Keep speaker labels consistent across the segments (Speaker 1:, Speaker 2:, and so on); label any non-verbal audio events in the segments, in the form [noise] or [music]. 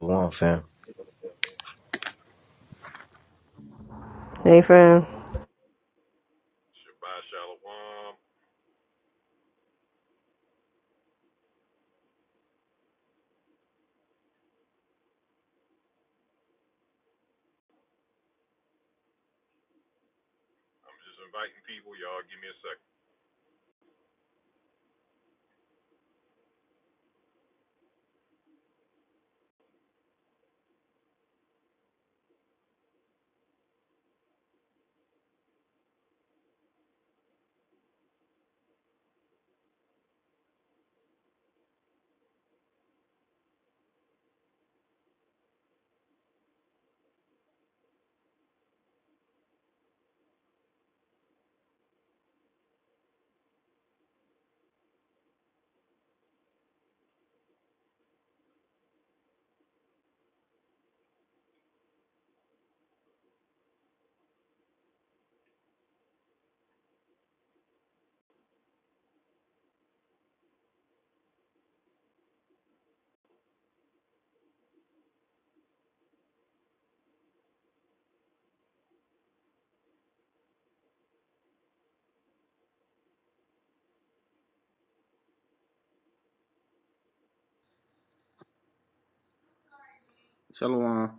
Speaker 1: One fam.
Speaker 2: Hey fam,
Speaker 3: Shalom.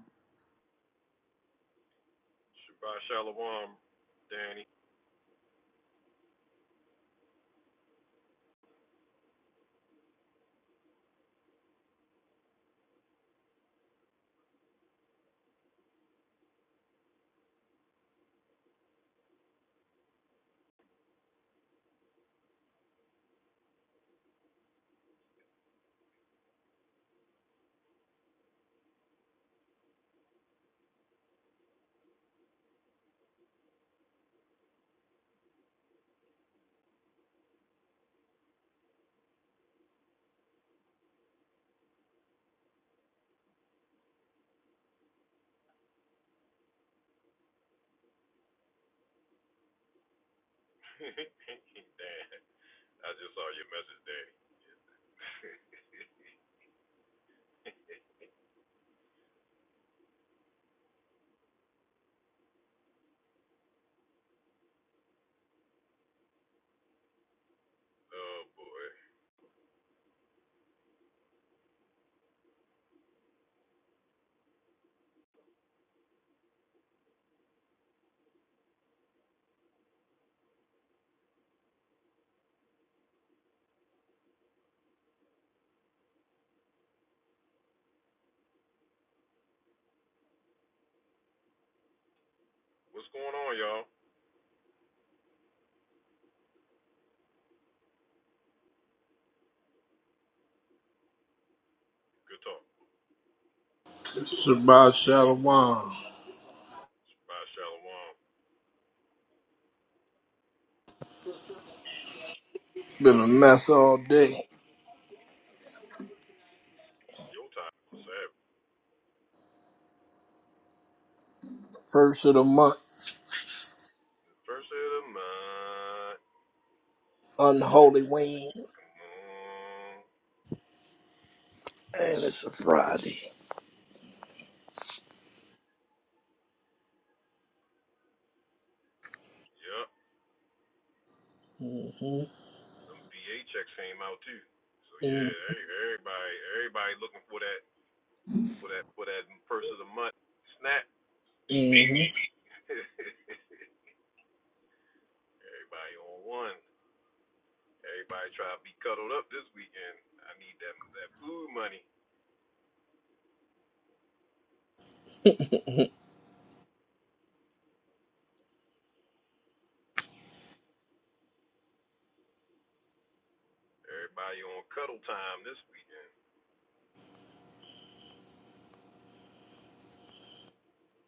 Speaker 4: Shabbat Shalom. Been a mess all day. First of the month, unholy wing, and it's a Friday. hmm hmm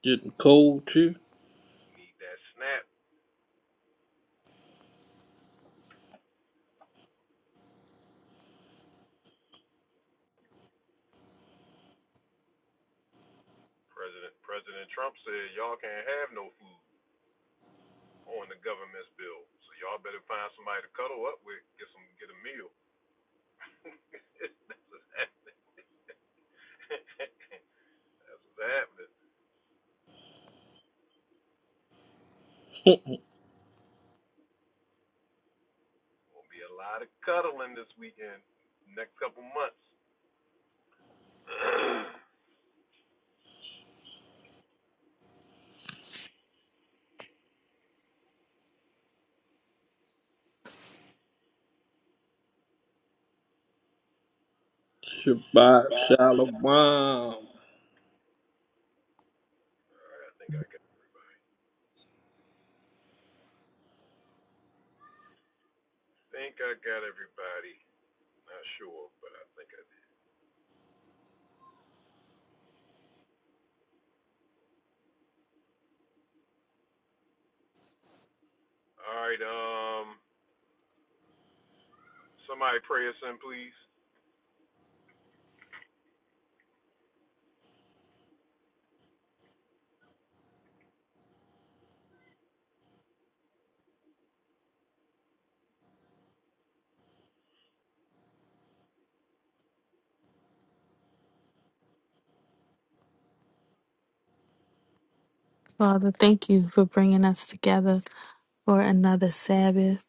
Speaker 4: Getting cold too. [laughs] Shabbat Shalom. Come
Speaker 5: Father, thank you for bringing us together for another Sabbath.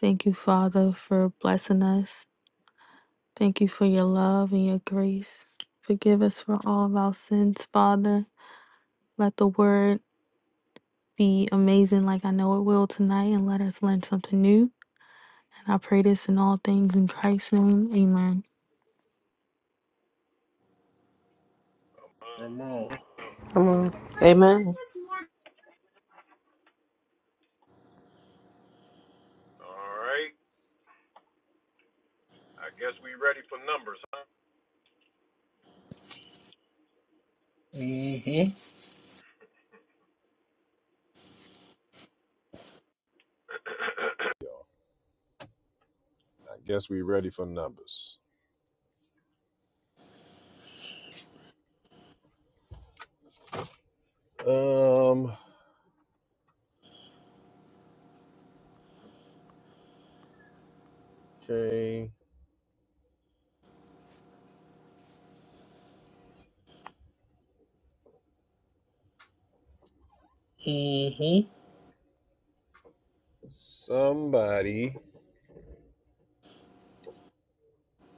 Speaker 5: Thank you, Father, for blessing us. Thank you for your love and your grace. Forgive us for all of our sins, Father. Let the word be amazing like I know it will tonight and let us learn something new. And I pray this in all things in Christ's name. Amen.
Speaker 4: on.
Speaker 2: I'm on
Speaker 6: Amen.
Speaker 4: hmm
Speaker 7: Um. Okay.
Speaker 4: hmm
Speaker 7: Somebody.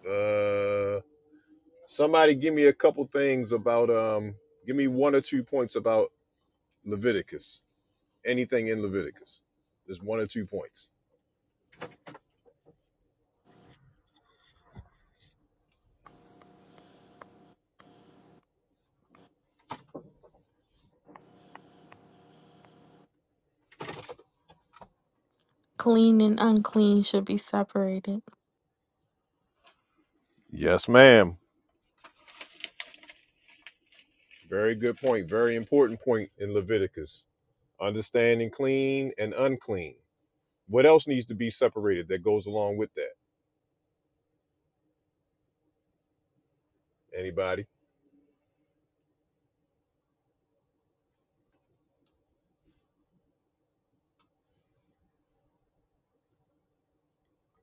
Speaker 7: Uh. Leviticus. There's one or two points.
Speaker 5: Clean and unclean should be separated.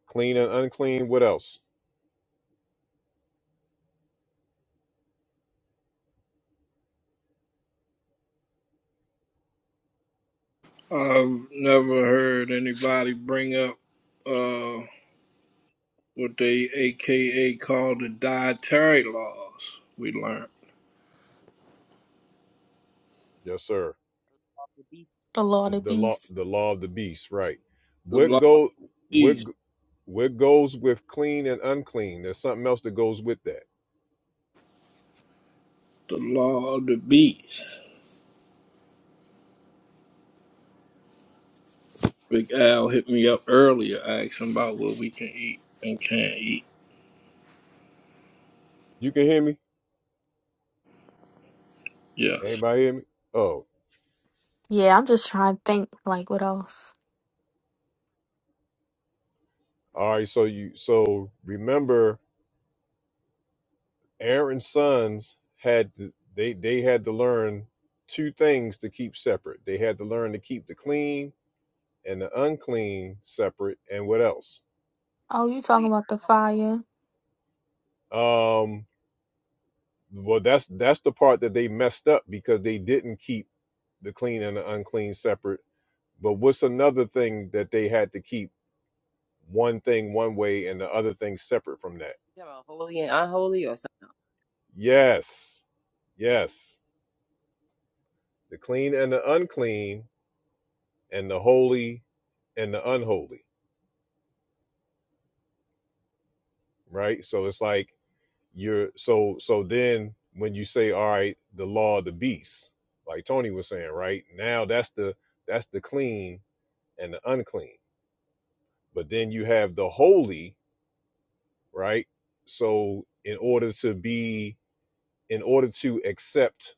Speaker 7: Clean and unclean. What else?
Speaker 4: I've never heard anybody bring up uh what they AKA call the dietary laws. We learned
Speaker 7: Yes, sir.
Speaker 8: to be
Speaker 5: The
Speaker 7: The
Speaker 5: Lord of
Speaker 7: the law.
Speaker 5: beasts.
Speaker 7: The law of the beast. Right.
Speaker 4: the law
Speaker 7: What
Speaker 4: of
Speaker 7: go?
Speaker 4: the
Speaker 7: What
Speaker 4: beast,
Speaker 7: What goes with clean and unclean? There's something else that goes with that.
Speaker 4: the law of the beast. Big Al hit me up earlier asking about what we can eat and can't eat.
Speaker 7: You can hear me?
Speaker 4: Yeah.
Speaker 7: Anybody hear me? Oh,
Speaker 5: Yeah, I'm just trying to think like what else.
Speaker 7: all right. So you so remember Aaron's sons had to, they they had to learn two things to keep separate. They had to learn to keep the clean and the unclean separate and what else
Speaker 5: Oh, you
Speaker 8: holy
Speaker 5: talking
Speaker 8: and
Speaker 5: about the fire.
Speaker 7: um well that's that's the part that they messed up because they didn't keep the clean and the unclean separate but what's another thing that they had to keep one thing one way and the other thing separate from that
Speaker 8: you talking about holy and unholy or something. else?
Speaker 7: yes yes the clean and the unclean and the holy and the unholy right so it's like you're so so then when you say all right the law of the beast like tony was saying right now that's the that's the clean and the unclean but then you have the holy right so in order to be in order to accept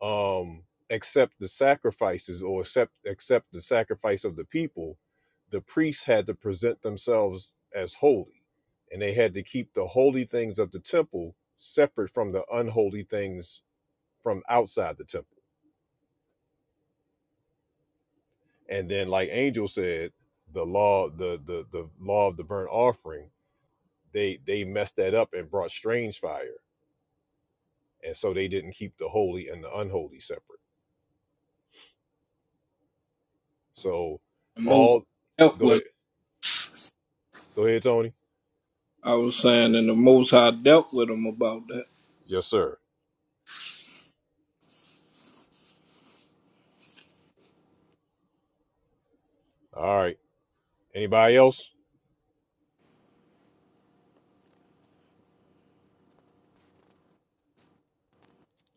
Speaker 7: um accept the sacrifices or accept accept the sacrifice of the people the priests had to present themselves as holy and they had to keep the holy things of the temple separate from the unholy things from outside the temple. And then, like Angel said, the law, the the the law of the burnt offering, they they messed that up and brought strange fire, and so they didn't keep the holy and the unholy separate. So
Speaker 4: The most
Speaker 7: all,
Speaker 4: I dealt
Speaker 7: go ahead,
Speaker 4: with
Speaker 7: go ahead, Tony.
Speaker 4: I was saying and the most High dealt with him about that.
Speaker 7: Yes, sir. All right. Anybody else?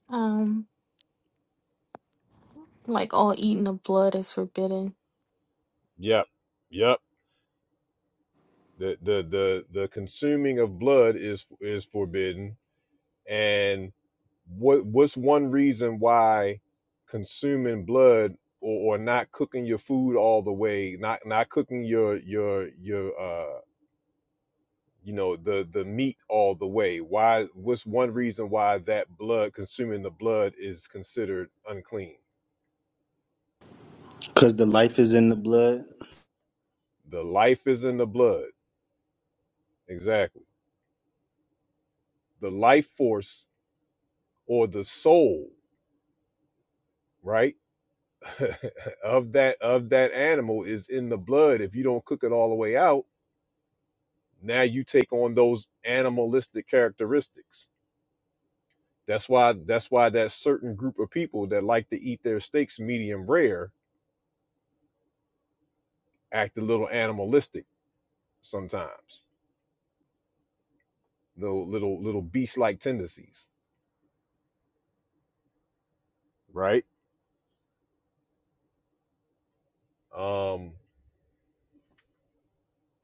Speaker 5: Um Like all eating of blood is forbidden.
Speaker 7: Yep, yep. The the the the consuming of blood is is forbidden, and. what what's one reason why consuming blood or, or not cooking your food all the way not not cooking your your your uh you know the the meat all the way why what's one reason why that blood consuming the blood is considered unclean
Speaker 3: Because the life is in the blood.
Speaker 7: the life is in the blood exactly the life force or the soul right [laughs] of that of that animal is in the blood if you don't cook it all the way out now you take on those animalistic characteristics that's why that's why that certain group of people that like to eat their steaks medium rare act a little animalistic sometimes little little little beast like tendencies right um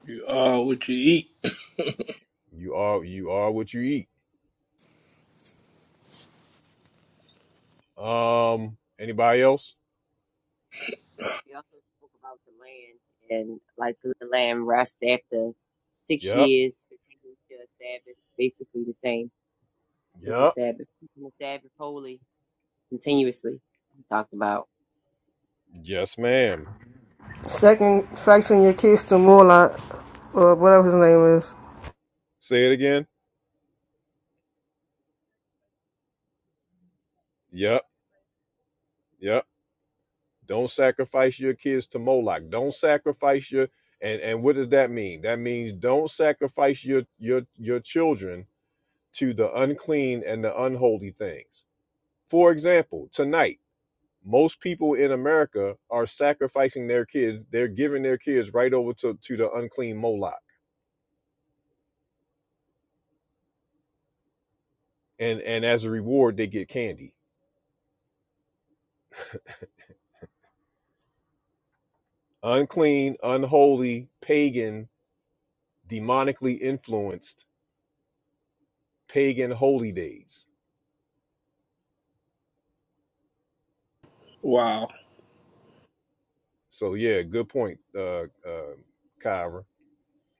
Speaker 4: You are what you eat.
Speaker 7: you are you are what you eat um anybody else
Speaker 8: We also spoke about the land and like the land rest after six
Speaker 7: yep
Speaker 8: years, continuous to a Sabbath, basically the same as the
Speaker 7: yep
Speaker 8: Sabbath. Keeping the Sabbath holy continuously. We talked about.
Speaker 7: yes ma'am
Speaker 2: second faxing your kids to Morlock or whatever his name is.
Speaker 7: say it again yep yep Don't sacrifice your kids to Moloch. Don't sacrifice your and and what does that mean? That means don't sacrifice your your your children to the unclean and the unholy things. For example, tonight most people in America are sacrificing their kids. They're giving their kids right over to to the unclean Moloch, and and as a reward they get candy. Unclean, unholy, pagan, demonically influenced pagan holy days
Speaker 4: Wow.
Speaker 7: So yeah, good point, uh, uh, Kyra.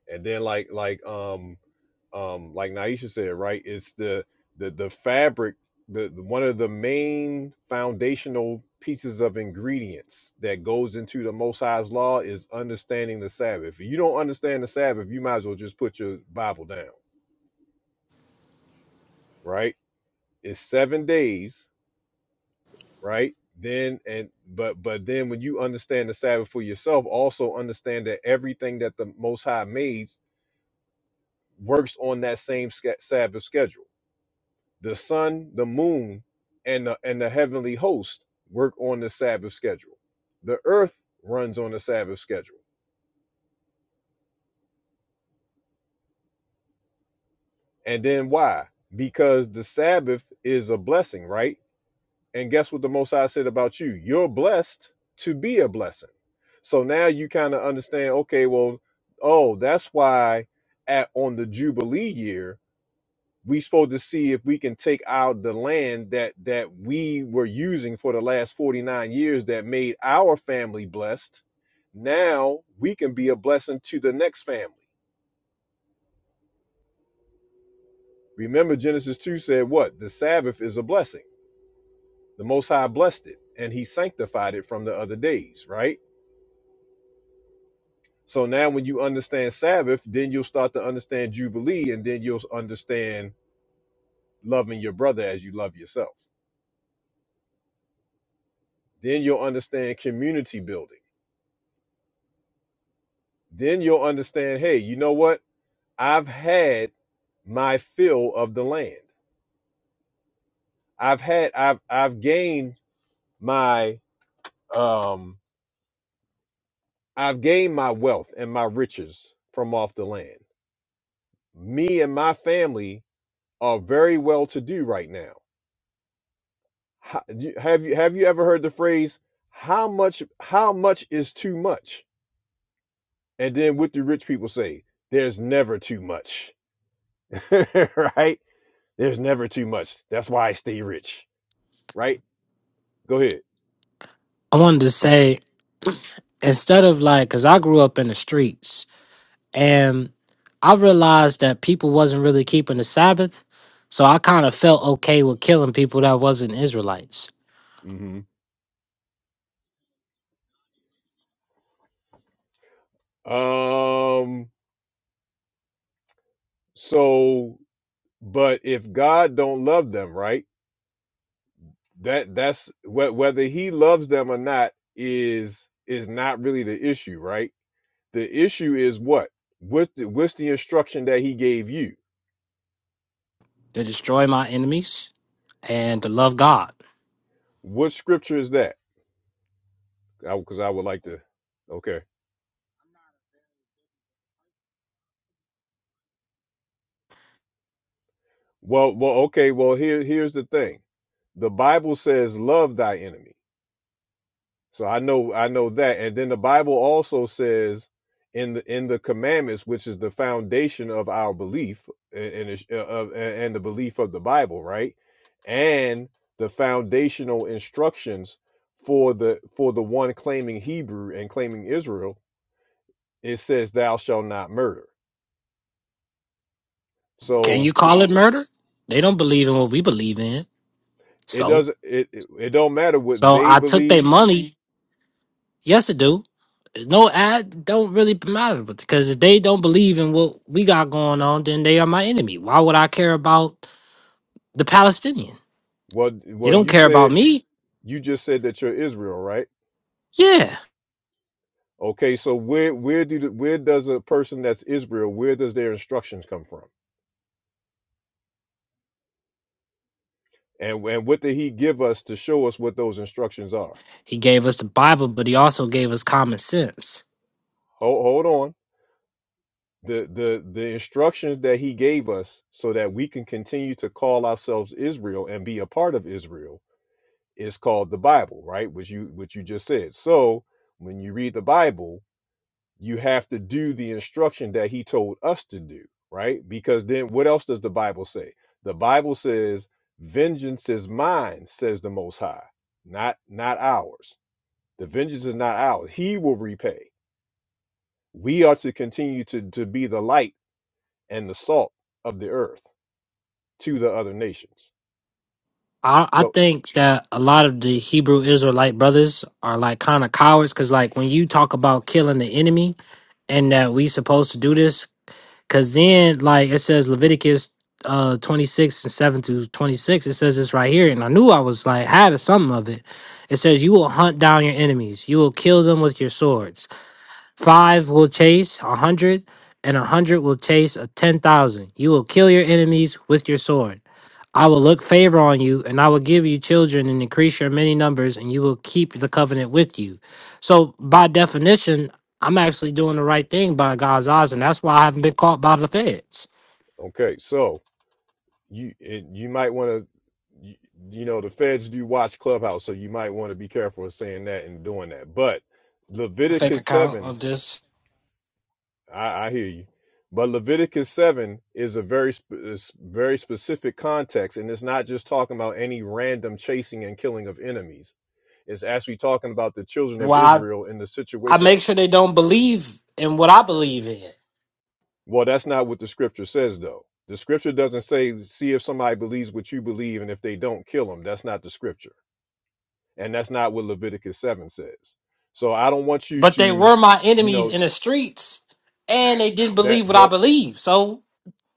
Speaker 7: And then like like um um like Naisha said, right? It's the the the fabric, the, the one of the main foundational pieces of ingredients that goes into the Most High's law is understanding the Sabbath. If you don't understand the Sabbath, you might as well just put your Bible down, right? It's seven days, right? Then and but but then when you understand the Sabbath for yourself, also understand that everything that the Most High made works on that same sch- Sabbath schedule. The sun, the moon, and the, and the heavenly host work on the Sabbath schedule. The earth runs on the Sabbath schedule. And then why? Because the Sabbath is a blessing, right? And guess what the Most High said about you? You're blessed to be a blessing. So now you kind of understand, okay, well, oh, that's why at on the Jubilee year, we supposed to see if we can take out the land that that we were using for the last 49 years that made our family blessed now we can be a blessing to the next family remember genesis 2 said what the sabbath is a blessing the most high blessed it and he sanctified it from the other days right so now when you understand sabbath then you'll start to understand jubilee and then you'll understand loving your brother as you love yourself then you'll understand community building Then you'll understand, hey, you know what? I've had my fill of the land. I've had I've I've gained my um I've gained my wealth and my riches from off the land. Me and my family are very well to do right now. How, you- have you have you ever heard the phrase how much how much is too much? And then what do rich people say? There's never too much. [laughs] right? There's never too much. That's why I stay rich, right? Go ahead.
Speaker 9: I wanted to say instead of like, cause I grew up in the streets and I realized that people wasn't really keeping the Sabbath, so I kind of felt okay with killing people that wasn't Israelites.
Speaker 7: hmm Um. So, but if God don't love them, right? That that's wh- whether He loves them or not is is not really the issue, right? The issue is what what's the, what's the instruction that He gave you?
Speaker 9: To destroy my enemies and to love God.
Speaker 7: What scripture is that? Because I would like to. Okay. Well, well, okay. Well, here here's the thing. The Bible says, "Love thy enemy." So I know I know that. And then the Bible also says in the in the commandments, which is the foundation of our belief and and, uh, of- and the belief of the Bible, right? And the foundational instructions for the for the one claiming Hebrew and claiming Israel, it says, "Thou shalt not murder."
Speaker 9: Can
Speaker 7: So
Speaker 9: you call it murder? They don't believe in what we believe in,
Speaker 7: it
Speaker 9: so
Speaker 7: doesn't it it, it don't matter what
Speaker 9: so
Speaker 7: they
Speaker 9: I took their
Speaker 7: believe.
Speaker 9: money Yes, it do. No, ad don't really matter because if they don't believe in what we got going on, then they are my enemy. Why would I care about the Palestinian?
Speaker 7: Well,
Speaker 9: They
Speaker 7: well,
Speaker 9: don't
Speaker 7: you
Speaker 9: care about
Speaker 7: said
Speaker 9: me.
Speaker 7: you just said that you're Israel, right?
Speaker 9: Yeah,
Speaker 7: Okay, so where where do the, where does a person that's Israel where does their instructions come from? And and what did he give us to show us what those instructions are?
Speaker 9: he gave us the Bible, but he also gave us common sense.
Speaker 7: Hold, hold on. The the the instructions that he gave us so that we can continue to call ourselves Israel and be a part of Israel is called the Bible, right? Which you which you just said. So when you read the Bible, you have to do the instruction that he told us to do, right? Because then what else does the Bible say? The Bible says, "Vengeance is mine," says the most high, not not ours. The vengeance is not ours. He will repay. We are to continue to to be the light and the salt of the earth to the other nations.
Speaker 9: I, I
Speaker 7: So,
Speaker 9: think that a lot of the Hebrew Israelite brothers are like kind of cowards because, like, when you talk about killing the enemy and that we supposed to do this Cause then, like it says Leviticus uh 26 and 7 through 26, it says this right here. And I knew I was like had a something of it. It says, You will hunt down your enemies, you will kill them with your swords. Five will chase a hundred, and a hundred will chase a ten thousand. You will kill your enemies with your sword. I will look favor on you, and I will give you children and increase your many numbers, and you will keep the covenant with you. So, by definition, I'm actually doing the right thing by God's eyes, and that's why I haven't been caught by the feds.
Speaker 7: okay, so you you might want to you, you know the feds do watch clubhouse so you might want to be careful of saying that and doing that but
Speaker 9: A fake
Speaker 7: leviticus
Speaker 9: account
Speaker 7: 7
Speaker 9: of this.
Speaker 7: i, I hear you but leviticus 7 is a very sp- very specific context and it's not just talking about any random chasing and killing of enemies it's actually talking about the children of
Speaker 9: Why
Speaker 7: israel in the
Speaker 9: I, I
Speaker 7: situation
Speaker 9: make sure they don't believe in what I believe in.
Speaker 7: well that's not what the scripture says though the scripture doesn't say see if somebody believes what you believe and if they don't kill them that's not the scripture and that's not what Leviticus 7 says. So I don't want you
Speaker 9: But they
Speaker 7: to,
Speaker 9: were my
Speaker 7: you
Speaker 9: enemies
Speaker 7: know,
Speaker 9: in the streets, and they didn't
Speaker 7: that
Speaker 9: believe what I
Speaker 7: that
Speaker 9: believe. So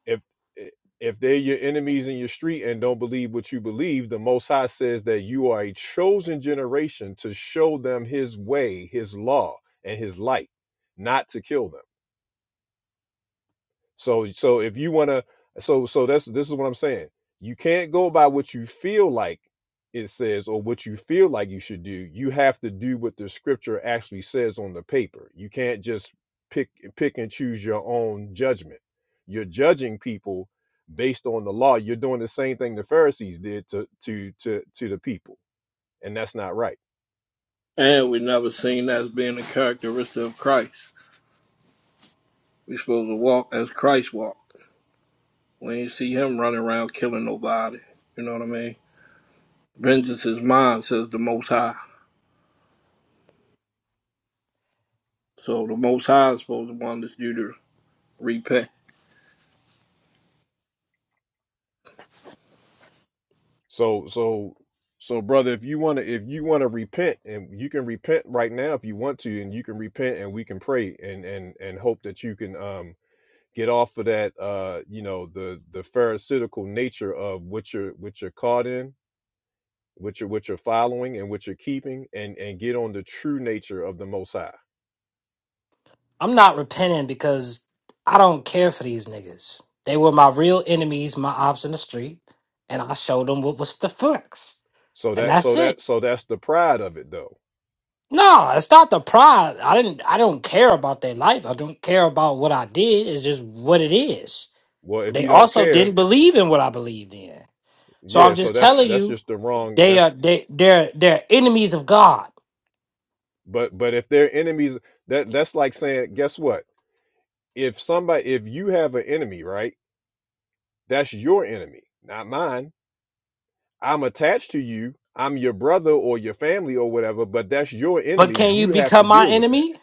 Speaker 7: if if they're your enemies in your street and don't believe what you believe, the Most High says that you are a chosen generation to show them His way, His law, and His light, not to kill them. So so if you want to so so that's this is what I'm saying. You can't go by what you feel like it says or what you feel like you should do. You have to do what the scripture actually says on the paper. You can't just pick pick and choose your own judgment. You're judging people based on the law. You're doing the same thing the Pharisees did to to to to the people. And that's not right.
Speaker 4: And we never seen that as being a characteristic of Christ. We supposed to walk as Christ walked. We ain't see him running around killing nobody. You know what I mean? Vengeance is mine, says the most high. So the most high is supposed to want this you to repay.
Speaker 7: So so so brother, if you want to if you want to repent and you can repent right now if you want to and you can repent and we can pray and and and hope that you can um get off of that uh you know the the pharisaical nature of what you're what you're caught in, what you're what you're following and what you're keeping and and get on the true nature of the most high.
Speaker 9: I'm not repenting because I don't care for these niggas. They were my real enemies, my ops in the street, and I showed them what was the facts,
Speaker 7: So
Speaker 9: and
Speaker 7: that
Speaker 9: that's
Speaker 7: so
Speaker 9: it.
Speaker 7: that so that's the pride of it though.
Speaker 9: No, it's not the pride. I didn't. I don't care about their life. I don't care about what I did. It's just what it is.
Speaker 7: Well, if
Speaker 9: They
Speaker 7: you don't
Speaker 9: also
Speaker 7: care,
Speaker 9: didn't believe in what I believed in. So
Speaker 7: yeah,
Speaker 9: I'm
Speaker 7: so
Speaker 9: just
Speaker 7: that's
Speaker 9: telling
Speaker 7: that's
Speaker 9: you,
Speaker 7: just the wrong
Speaker 9: they
Speaker 7: that's
Speaker 9: are they they're they're enemies of God.
Speaker 7: But but if they're enemies, that that's like saying, guess what? If somebody if you have an enemy, right? That's your enemy, not mine. I'm attached to you. I'm your brother or your family or whatever, but that's your
Speaker 9: But
Speaker 7: enemy.
Speaker 9: can you
Speaker 7: You have to
Speaker 9: become my
Speaker 7: deal with that.
Speaker 9: enemy?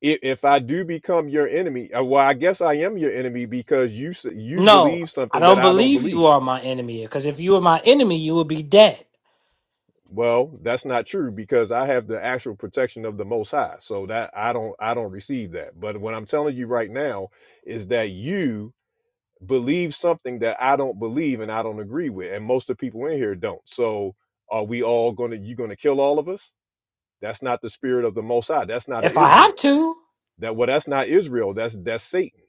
Speaker 7: If, if I do become your enemy, uh, well, I guess I am your enemy because you s- you
Speaker 9: No,
Speaker 7: believe
Speaker 9: I
Speaker 7: something that
Speaker 9: don't
Speaker 7: I don't
Speaker 9: believe you
Speaker 7: believe.
Speaker 9: are my enemy. Because if you were my enemy, you would be dead.
Speaker 7: Well, that's not true because I have the actual protection of the Most High, so that I don't I don't receive that. But what I'm telling you right now is that you believe something that I don't believe and I don't agree with, and most of the people in here don't. So, are we all going to? You going to kill all of us? That's not the spirit of the Most High. That's not of
Speaker 9: if I
Speaker 7: Israel.
Speaker 9: have to.
Speaker 7: That well, that's not Israel. That's that's Satan.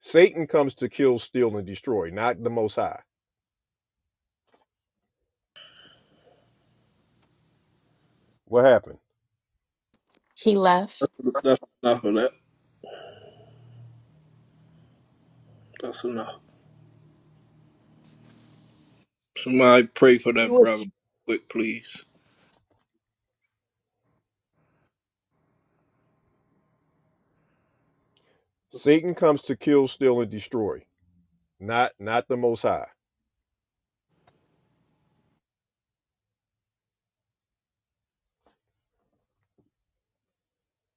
Speaker 7: Satan comes to kill, steal, and destroy, not the Most High. What happened?
Speaker 5: He left.
Speaker 4: That's enough of that. That's enough. Somebody pray for
Speaker 10: You
Speaker 4: that
Speaker 10: would.
Speaker 4: brother quick, please.
Speaker 7: Satan comes to kill, steal, and destroy, not not the Most High.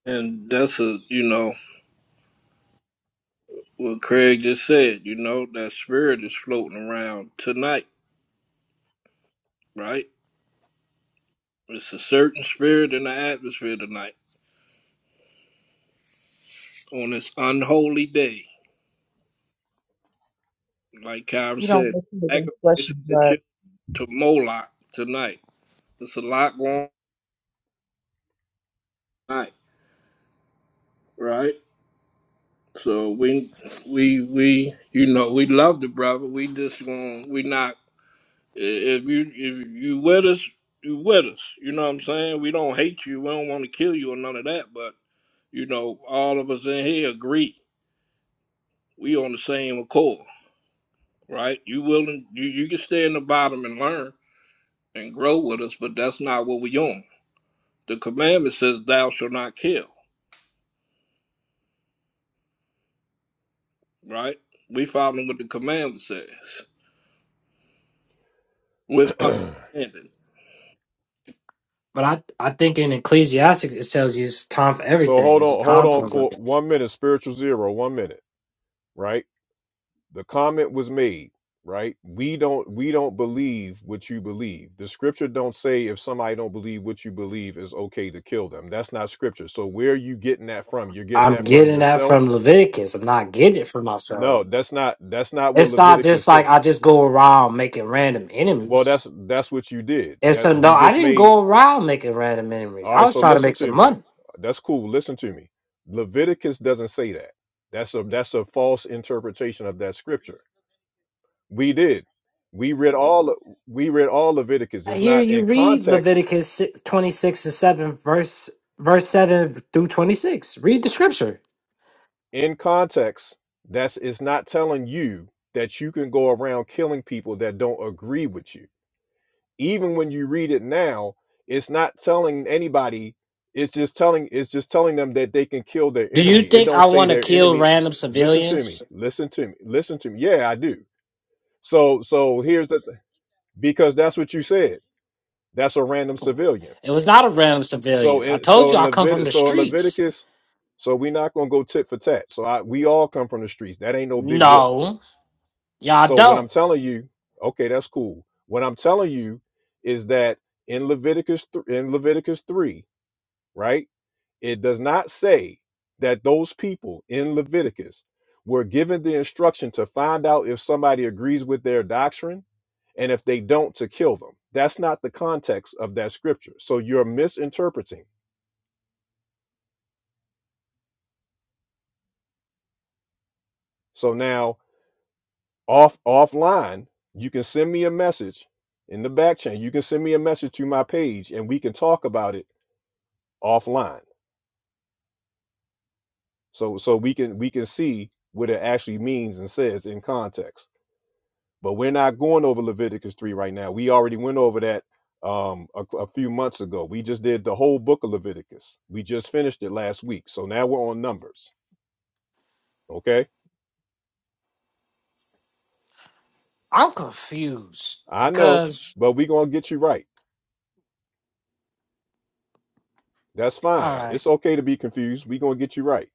Speaker 4: And that's a, you know, what Craig just said, you know, that spirit is floating around tonight, right? It's a certain spirit in the atmosphere tonight on this unholy day. Like Kyra
Speaker 10: you don't
Speaker 4: said,
Speaker 10: wrestle against flesh
Speaker 4: sacrifice
Speaker 10: and
Speaker 4: the
Speaker 10: blood.
Speaker 4: children to Moloch tonight. It's a lot going on tonight, right? So we, we, we, you know, we love the brother. We just going, we not If you if you with us, you with us. You know what I'm saying? We don't hate you. We don't want to kill you or none of that. But you know, all of us in here agree. We on the same accord, right? You willing? You you can stay in the bottom and learn and grow with us, but that's not what we on. The commandment says, "Thou shalt not kill." Right? We following what the commandment says with
Speaker 7: [clears throat] so
Speaker 4: understanding.
Speaker 9: But I, I think in Ecclesiastics it tells you it's time for everything.
Speaker 7: hold
Speaker 9: It's a
Speaker 7: on, hold
Speaker 9: time for
Speaker 7: on for
Speaker 9: everything.
Speaker 7: one minute. Spiritual zero, one minute, right? the comment was made right we don't we don't believe what you believe the scripture don't say if somebody don't believe what you believe is okay to kill them that's not scripture so where are you getting that from you're getting
Speaker 9: I'm
Speaker 7: that from
Speaker 9: getting that from
Speaker 7: yourself
Speaker 9: Leviticus. I'm not getting it from myself.
Speaker 7: no that's not that's not what
Speaker 9: It's not
Speaker 7: leviticus
Speaker 9: just like I
Speaker 7: says
Speaker 9: just go around making random
Speaker 7: well
Speaker 9: enemies.
Speaker 7: that's that's what you did
Speaker 9: It's
Speaker 7: that
Speaker 9: a no.
Speaker 7: you
Speaker 9: I
Speaker 7: just
Speaker 9: didn't
Speaker 7: made
Speaker 9: go around making random enemies.
Speaker 7: all
Speaker 9: I
Speaker 7: right
Speaker 9: was
Speaker 7: so
Speaker 9: trying to
Speaker 7: listen
Speaker 9: make
Speaker 7: to
Speaker 9: some
Speaker 7: me
Speaker 9: money.
Speaker 7: that's cool listen to me leviticus doesn't say that that's a that's a false interpretation of that scripture We did. We read all we read all Leviticus. It's
Speaker 9: Here
Speaker 7: not
Speaker 9: you
Speaker 7: in
Speaker 9: read
Speaker 7: context.
Speaker 9: Leviticus si- 26 and 7 verse verse 7 through 26. Read the scripture.
Speaker 7: In context, that's it's not telling you that you can go around killing people that don't agree with you. Even when you read it now, it's not telling anybody. It's just telling it's just telling them that they can kill their
Speaker 9: Do you
Speaker 7: enemy. It
Speaker 9: think
Speaker 7: don't
Speaker 9: I
Speaker 7: say
Speaker 9: want to
Speaker 7: their
Speaker 9: kill
Speaker 7: enemy.
Speaker 9: random
Speaker 7: Listen to me.
Speaker 9: civilians?
Speaker 7: Listen to me. Listen to me. Yeah, I do. So so here's the th- because that's what you said. That's a random
Speaker 9: people.
Speaker 7: civilian.
Speaker 9: It was not a random
Speaker 7: So
Speaker 9: civilians. I
Speaker 7: in
Speaker 9: told
Speaker 7: so
Speaker 9: you
Speaker 7: in
Speaker 9: I come from
Speaker 7: Levit
Speaker 9: the
Speaker 7: so in
Speaker 9: streets.
Speaker 7: Leviticus, so we're not gonna go tit for tat. So I we all come from the streets. That ain't no big whoop.
Speaker 9: No, y'all
Speaker 7: So what I'm
Speaker 9: don't.
Speaker 7: telling you, okay, that's cool. What I'm telling you is that in Leviticus th- in Leviticus three, right? It does not say that those people in Leviticus were given the instruction to find out if somebody agrees with their doctrine and if they don't to kill them. That's not the context of that scripture. So you're misinterpreting. So now off offline, you can send me a message in the back chain. You can send me a message to my page and we can talk about it offline. So so we can we can see what it actually means and says in context. But we're not going over Leviticus 3 right now. We already went over that um a, a few months ago. We just did the whole book of Leviticus. We just finished it last week. So now we're on numbers. Okay?
Speaker 9: I'm confused
Speaker 7: I know,
Speaker 9: because
Speaker 7: but we're gonna get you right. That's
Speaker 9: all
Speaker 7: fine.
Speaker 9: right,
Speaker 7: It's okay to be confused. We're gonna get you right.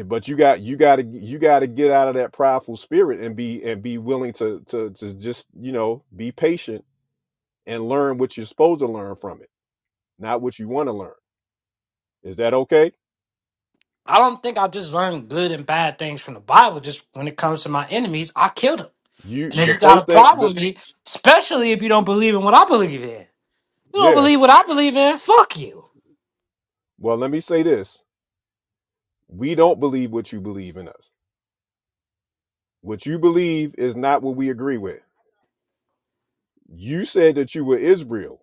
Speaker 7: Eh, but you got you got to you got to get out of that prideful spirit and be and be willing to to to just you know be patient and learn what you're supposed to learn from it not what you want to learn is that okay
Speaker 9: I don't think I just learned good and bad things from the Bible. Just when it comes to my enemies, I killed them.
Speaker 7: you
Speaker 9: And if
Speaker 7: the
Speaker 9: you got a
Speaker 7: first thing
Speaker 9: problem
Speaker 7: that
Speaker 9: with me, especially if you don't believe in what I believe in, you don't
Speaker 7: yeah
Speaker 9: believe what I believe in. Fuck you.
Speaker 7: well let me say this we don't believe what you believe in us what you believe is not what we agree with You said that you were Israel.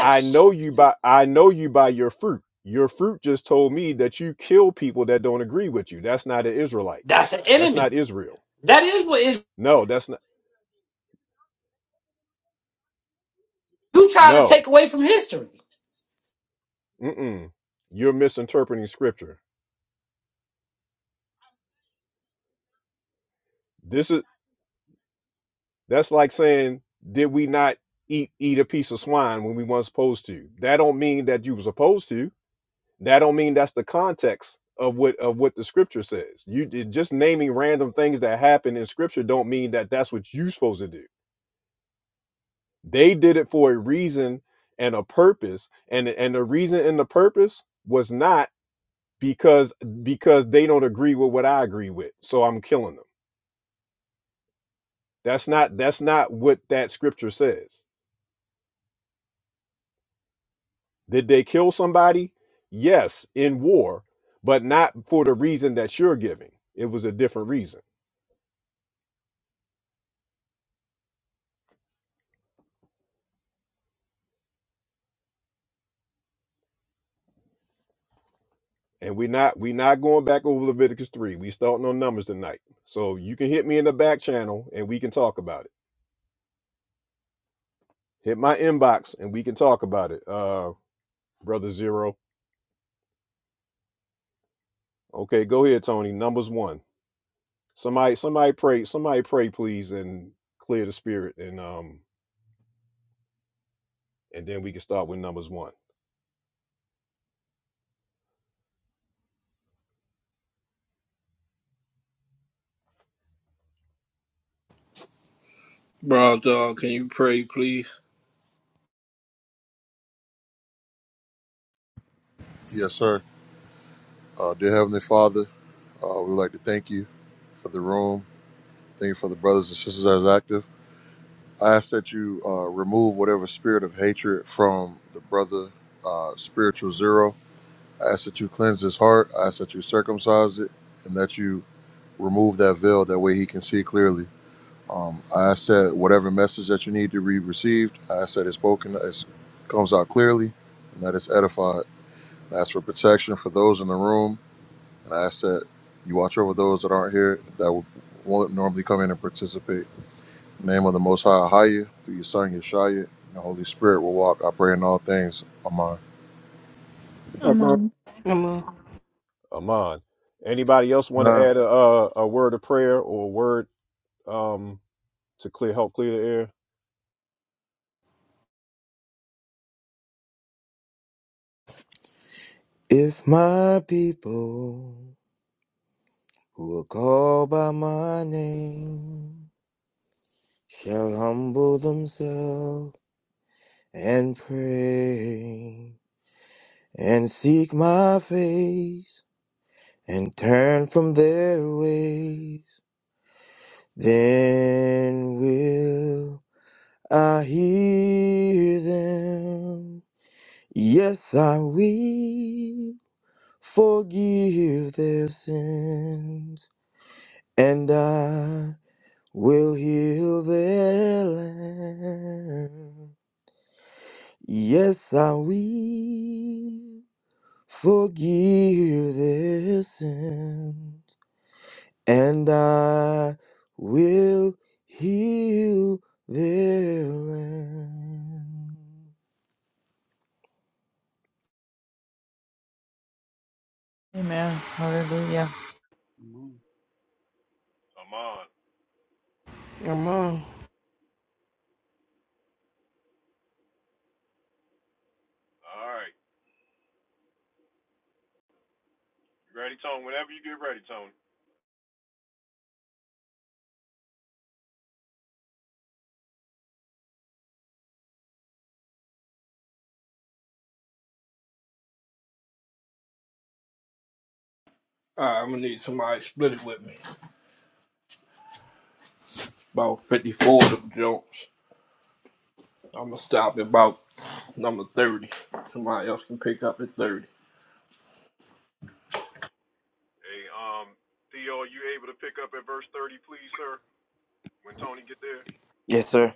Speaker 7: I know you by I know you by your fruit. Your fruit just told me that you kill people that don't agree with you. That's not an Israelite.
Speaker 9: that's an
Speaker 7: That's
Speaker 9: enemy.
Speaker 7: not Israel.
Speaker 9: That is what is
Speaker 7: No, that's not
Speaker 9: you trying to
Speaker 7: no.
Speaker 9: take away from history.
Speaker 7: Mm-mm. You're misinterpreting scripture. This is that's like saying, did we not eat eat a piece of swine when we weren't supposed to? That don't mean that you were supposed to That don't mean that's the context of what of what the scripture says. You it- just naming random things that happen in scripture don't mean that that's what you're supposed to do. They did it for a reason and a purpose, and and the reason and the purpose was not because because they don't agree with what I agree with, so I'm killing them. That's not that's not what that scripture says Did they kill somebody? Yes, in war, but not for the reason that you're giving. It was a different reason. And we are not we not going back over Leviticus 3. We starting on numbers tonight. So you can hit me in the back channel and we can talk about it. Hit my inbox and we can talk about it. Uh brother Zero. Okay, go ahead, Tony. Numbers one. Somebody, somebody pray, somebody pray, please, and clear the spirit, and um, and then we can start with numbers one.
Speaker 4: Bro, dog, can you pray, please?
Speaker 11: Yes, sir. Uh, dear Heavenly Father, uh, we would like to thank you for the room. Thank you for the brothers and sisters that are active. I ask that you uh, remove whatever spirit of hatred from the brother, uh, spiritual zero. I ask that you cleanse his heart. I ask that you circumcise it and that you remove that veil. That way he can see clearly. Um, I ask that whatever message that you need to be received, I ask that it's spoken, it comes out clearly, and that it's edified. I ask for protection for those in the room And I ask that you watch over those that aren't here that would- won't normally come in and participate. In the name of the Most High, Ahaya, through your Son, Yeshaya, and the Holy Spirit will walk. I pray in all things. Amen.
Speaker 4: I'm,
Speaker 5: I'm on
Speaker 2: I'm on.
Speaker 7: Aman. Anybody else want to
Speaker 1: Uh,
Speaker 7: add a, a a word of prayer or a word um to clear help clear the air?
Speaker 1: if my people who are called by my name shall humble themselves and pray and seek my face and turn from their ways, then will I hear them. Yes, I will forgive their sins and I will heal their land. Yes, I will forgive their sins, and I will heal their land.
Speaker 10: Amen. Hallelujah.
Speaker 12: Come on.
Speaker 2: I'm on.
Speaker 4: I'm gonna need somebody to split it with me. About 54 of them jokes. I'm gonna stop at about number 30. Somebody else can pick up at 30.
Speaker 1: Yes, sir.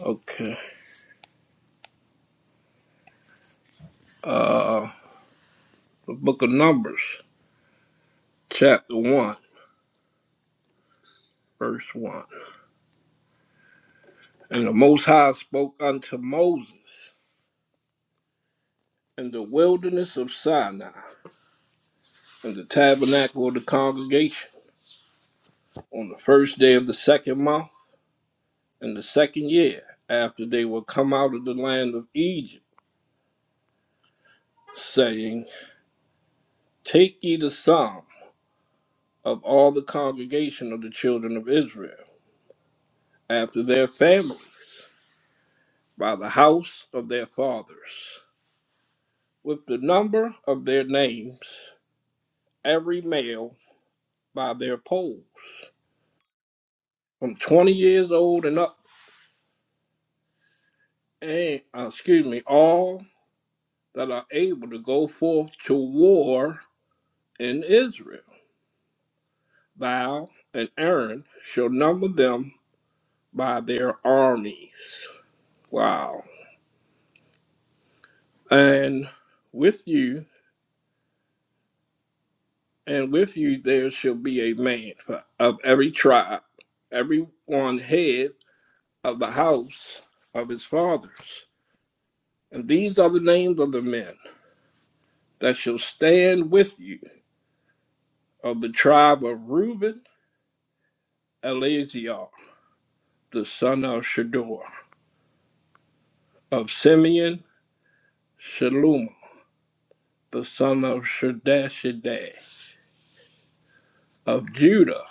Speaker 4: Okay. The book of Numbers, chapter 1, verse 1. And the Most High spoke unto Moses in the wilderness of Sinai, in the tabernacle of the congregation, on the first day of the second month, in the second year, after they were come out of the land of Egypt, saying, Take ye the sum of all the congregation of the children of Israel, after their families by the house of their fathers, with the number of their names, every male by their poles, from twenty years old and up, and uh, excuse me, all that are able to go forth to war in Israel. Thou and Aaron shall number them by their armies. Wow. And with you, and with you there shall be a man of every tribe, every one head of the house of his fathers. And these are the names of the men that shall stand with you of the tribe of Reuben, Eleazar, the son of Shador, of Simeon, Shalom, the son of Shadashidai; of Judah,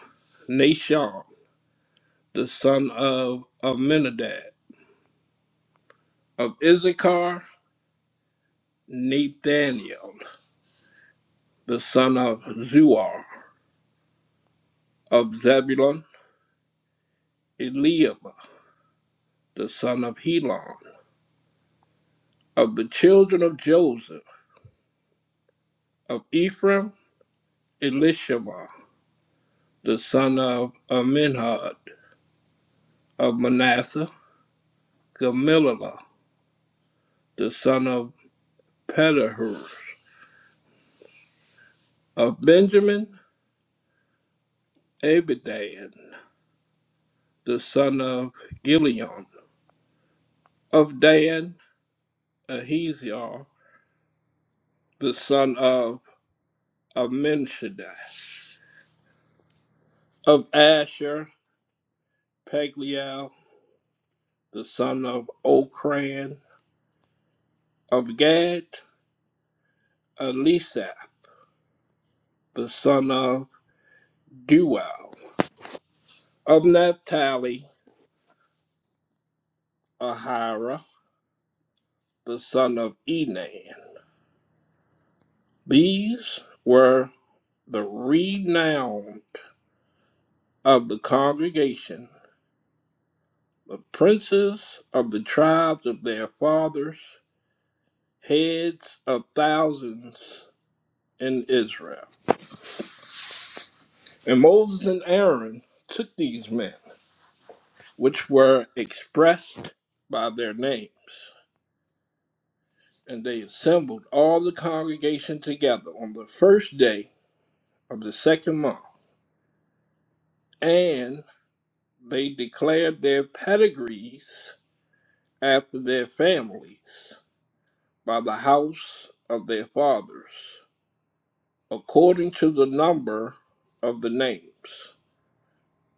Speaker 4: Nashon, the son of Amminadab, of Issachar, Nathaniel, the son of Zuar, of Zebulun, Eliab, the son of Helon, of the children of Joseph, of Ephraim, Elishama, the son of Aminhad, of Manasseh, Gamaliel, the son of Pedahur, of Benjamin, Abidan, the son of Gileon, of Dan, Ahaziel, the son of Aminshadai, of Asher, Pagliel, the son of Ocran, of Gad, Elisa, the son of Duel, Of Naphtali, Ahira, the son of Enan. These were the renowned of the congregation, the princes of the tribes of their fathers, heads of thousands in Israel. And Moses and Aaron took these men, which were expressed by their names, and they assembled all the congregation together on the first day of the second month. And They declared their pedigrees after their families by the house of their fathers, according to the number of the names,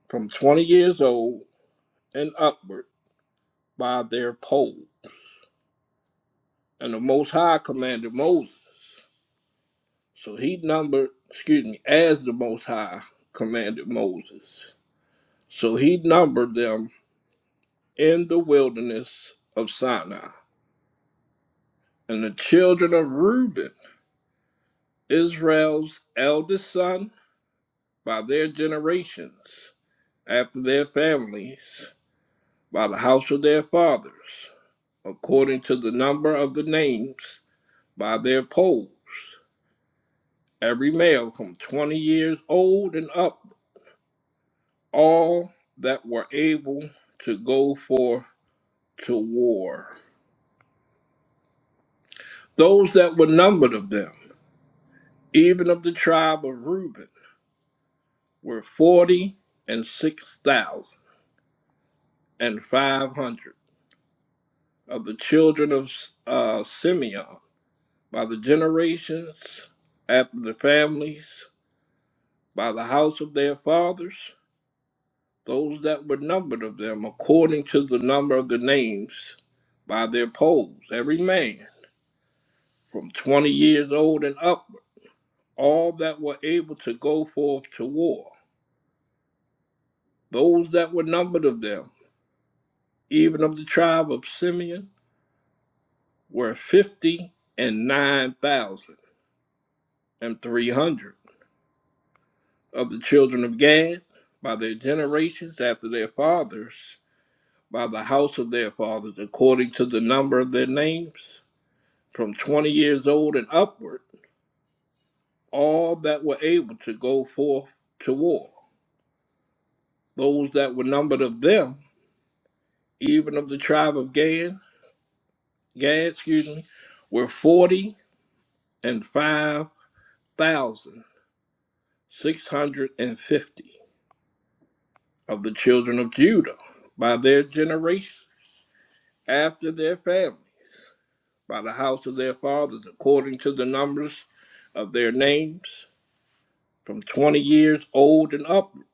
Speaker 4: from 20 years old and upward by their poll. And the Most High commanded Moses. So he numbered, excuse me, as the Most High commanded Moses. So he numbered them in the wilderness of Sinai. And the children of Reuben Israel's eldest son by their generations, after their families, by the house of their fathers, according to the number of the names, by their poles, every male from twenty years old and up, all that were able to go forth to war. Those that were numbered of them, even of the tribe of Reuben, were forty and six thousand and five hundred. of the children of uh, Simeon, by the generations after the families, by the house of their fathers, those that were numbered of them, according to the number of the names, by their poles, every man from twenty years old and upward, all that were able to go forth to war. Those that were numbered of them, even of the tribe of Simeon, were fifty and nine thousand and three hundred. of the children of Gad, by their generations after their fathers, by the house of their fathers, according to the number of their names, from twenty years old and upward, all that were able to go forth to war. Those that were numbered of them, even of the tribe of Gad, Gad, excuse me, were forty and five thousand six hundred and fifty of the children of Judah by their generation after their families by the house of their fathers according to the numbers of their names, from twenty years old and upward,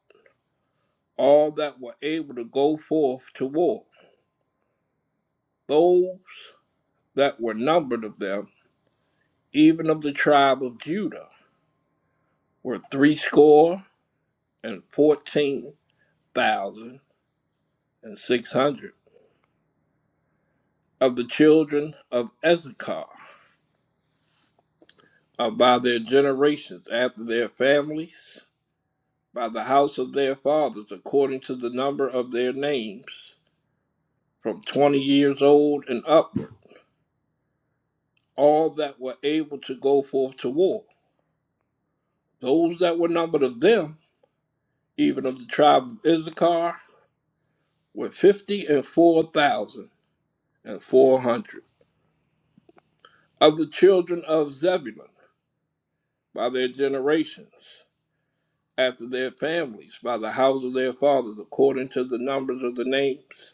Speaker 4: all that were able to go forth to war. Those that were numbered of them, even of the tribe of Judah, were threescore and fourteen thousand and six hundred. Of the children of Issachar, are by their generations after their families, by the house of their fathers, according to the number of their names from 20 years old and upward, all that were able to go forth to war. Those that were numbered of them, even of the tribe of Issachar, were 50 and 4,400. Of the children of Zebulun, by their generations, after their families, by the house of their fathers, according to the numbers of the names,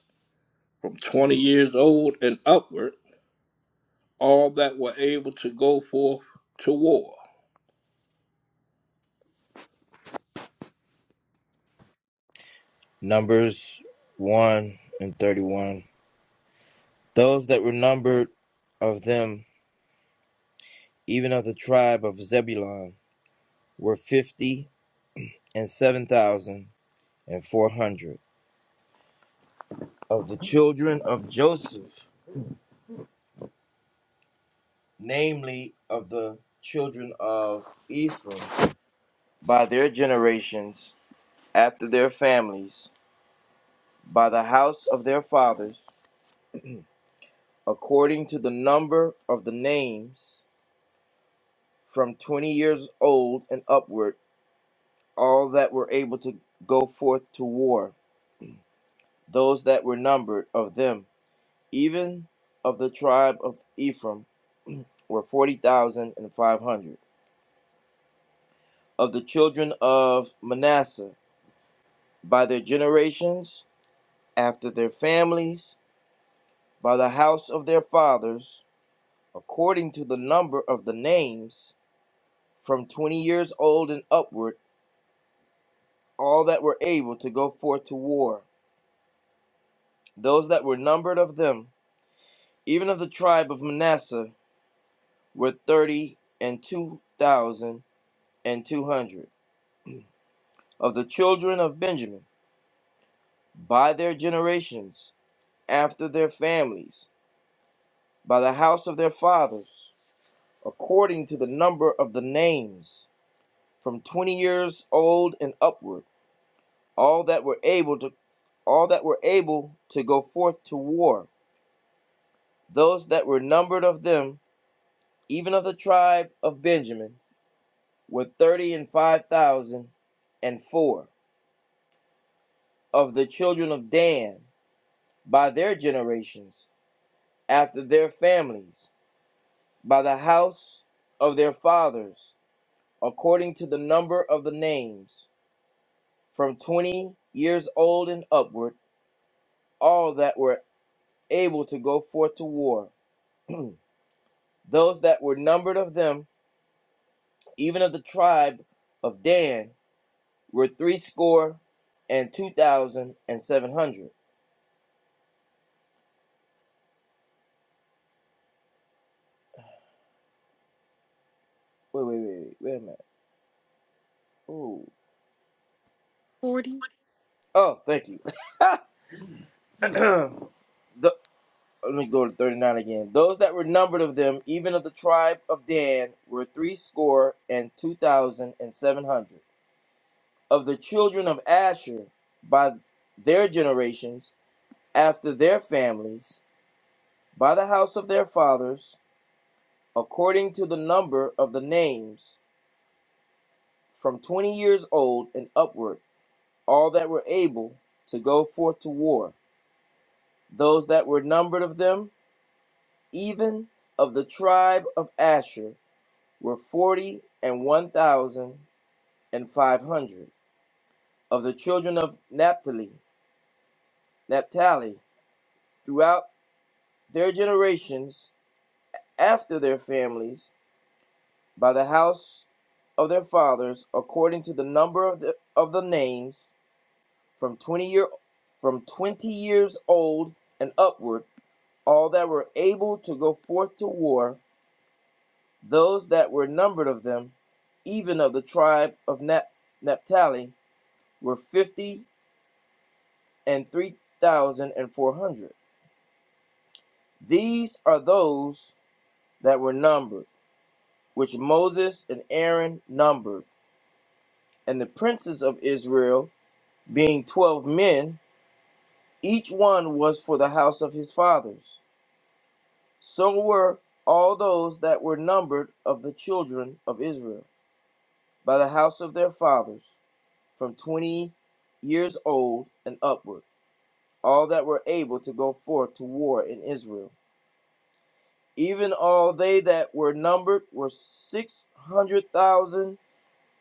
Speaker 4: from 20 years old and upward, all that were able to go forth to war.
Speaker 1: Numbers 1 and 31. Those that were numbered of them, even of the tribe of Zebulun, were 50,500 and seven thousand and four hundred of the children of Joseph, namely of the children of Ephraim, by their generations, after their families, by the house of their fathers, according to the number of the names, from twenty years old and upward, all that were able to go forth to war, those that were numbered of them, even of the tribe of Ephraim, were forty thousand and five hundred of the children of Manasseh by their generations, after their families, by the house of their fathers, according to the number of the names, from twenty years old and upward, all that were able to go forth to war. Those that were numbered of them, even of the tribe of Manasseh, were thirty and two thousand and two hundred. Of the children of Benjamin, by their generations, after their families, by the house of their fathers, according to the number of the names, from twenty years old and upward, all that were able to all that were able to go forth to war, those that were numbered of them, even of the tribe of Benjamin, were thirty and five thousand and four of the children of Dan by their generations, after their families, by the house of their fathers, according to the number of the names from twenty years old and upward, all that were able to go forth to war. [clears throat] Those that were numbered of them, even of the tribe of Dan, were threescore and two thousand and seven hundred. Wait, wait, wait, wait, wait a minute. Ooh.
Speaker 5: 40.
Speaker 1: Oh, thank you. [clears throat] The- let me go to 39 again. Those that were numbered of them, even of the tribe of Dan, were threescore and two thousand and seven hundred. of the children of Asher by their generations, after their families, by the house of their fathers, according to the number of the names, from twenty years old and upward, all that were able to go forth to war. Those that were numbered of them, even of the tribe of Asher, were forty and one thousand and five hundred. Of the children of Naphtali, Naphtali, throughout their generations, after their families by the house of their fathers according to the number of the, of the names from 20 year from 20 years old and upward all that were able to go forth to war those that were numbered of them even of the tribe of Nap- Naphtali were 50 and 3400 these are those that were numbered which Moses and Aaron numbered and the princes of Israel, being twelve men, each one was for the house of his fathers. So were all those that were numbered of the children of Israel, by the house of their fathers, from twenty years old and upward, all that were able to go forth to war in Israel. Even all they that were numbered were six hundred thousand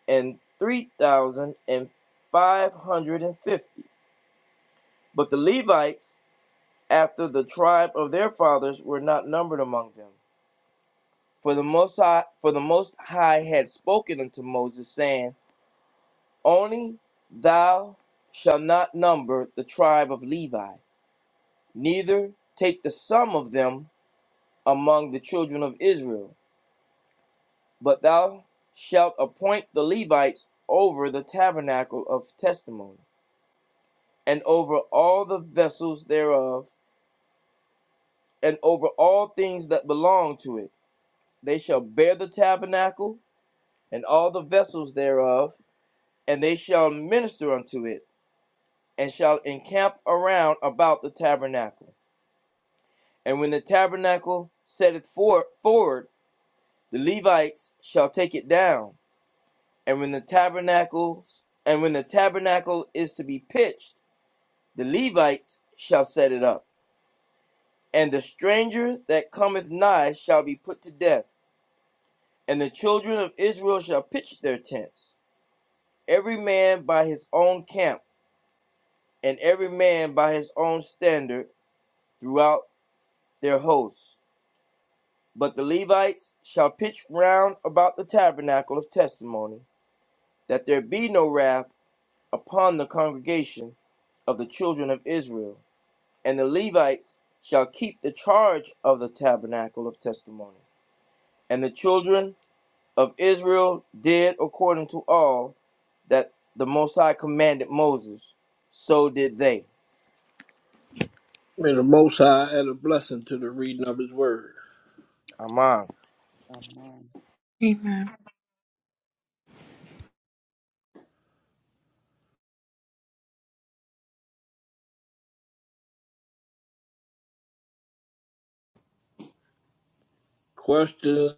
Speaker 1: and three thousand and five hundred and fifty. But the Levites after the tribe of their fathers were not numbered among them. For the most high, for the most high had spoken unto Moses, saying, Only thou shalt not number the tribe of Levi, neither take the sum of them among the children of Israel, but thou shalt appoint the Levites over the tabernacle of testimony, and over all the vessels thereof, and over all things that belong to it. They shall bear the tabernacle and all the vessels thereof, and they shall minister unto it, and shall encamp around about the tabernacle. And when the tabernacle setteth for- forward, the Levites shall take it down. And when the tabernacle and when the tabernacle is to be pitched, the Levites shall set it up. And the stranger that cometh nigh shall be put to death. And the children of Israel shall pitch their tents, every man by his own camp and every man by his own standard throughout their hosts. But the Levites shall pitch round about the tabernacle of testimony, that there be no wrath upon the congregation of the children of Israel. And the Levites shall keep the charge of the tabernacle of testimony. And the children of Israel did according to all that the Most High commanded Moses. So did they.
Speaker 4: May the Most High add a blessing to the reading of His Word.
Speaker 1: Amon.
Speaker 12: Come on.
Speaker 13: Amen.
Speaker 4: Question,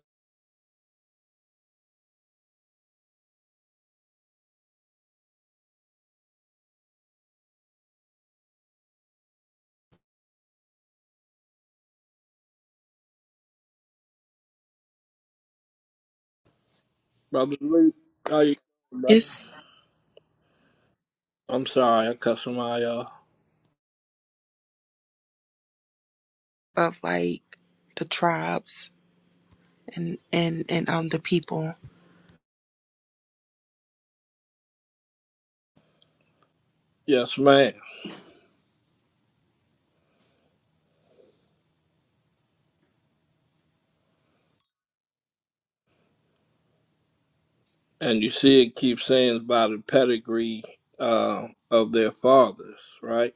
Speaker 4: Brother Luke, how you doing, brother? I'm sorry, I cussed my uh.
Speaker 13: Of like the tribes and and and um the people.
Speaker 4: Yes, ma'am. And you see, it keeps saying about the pedigree uh, of their fathers, right?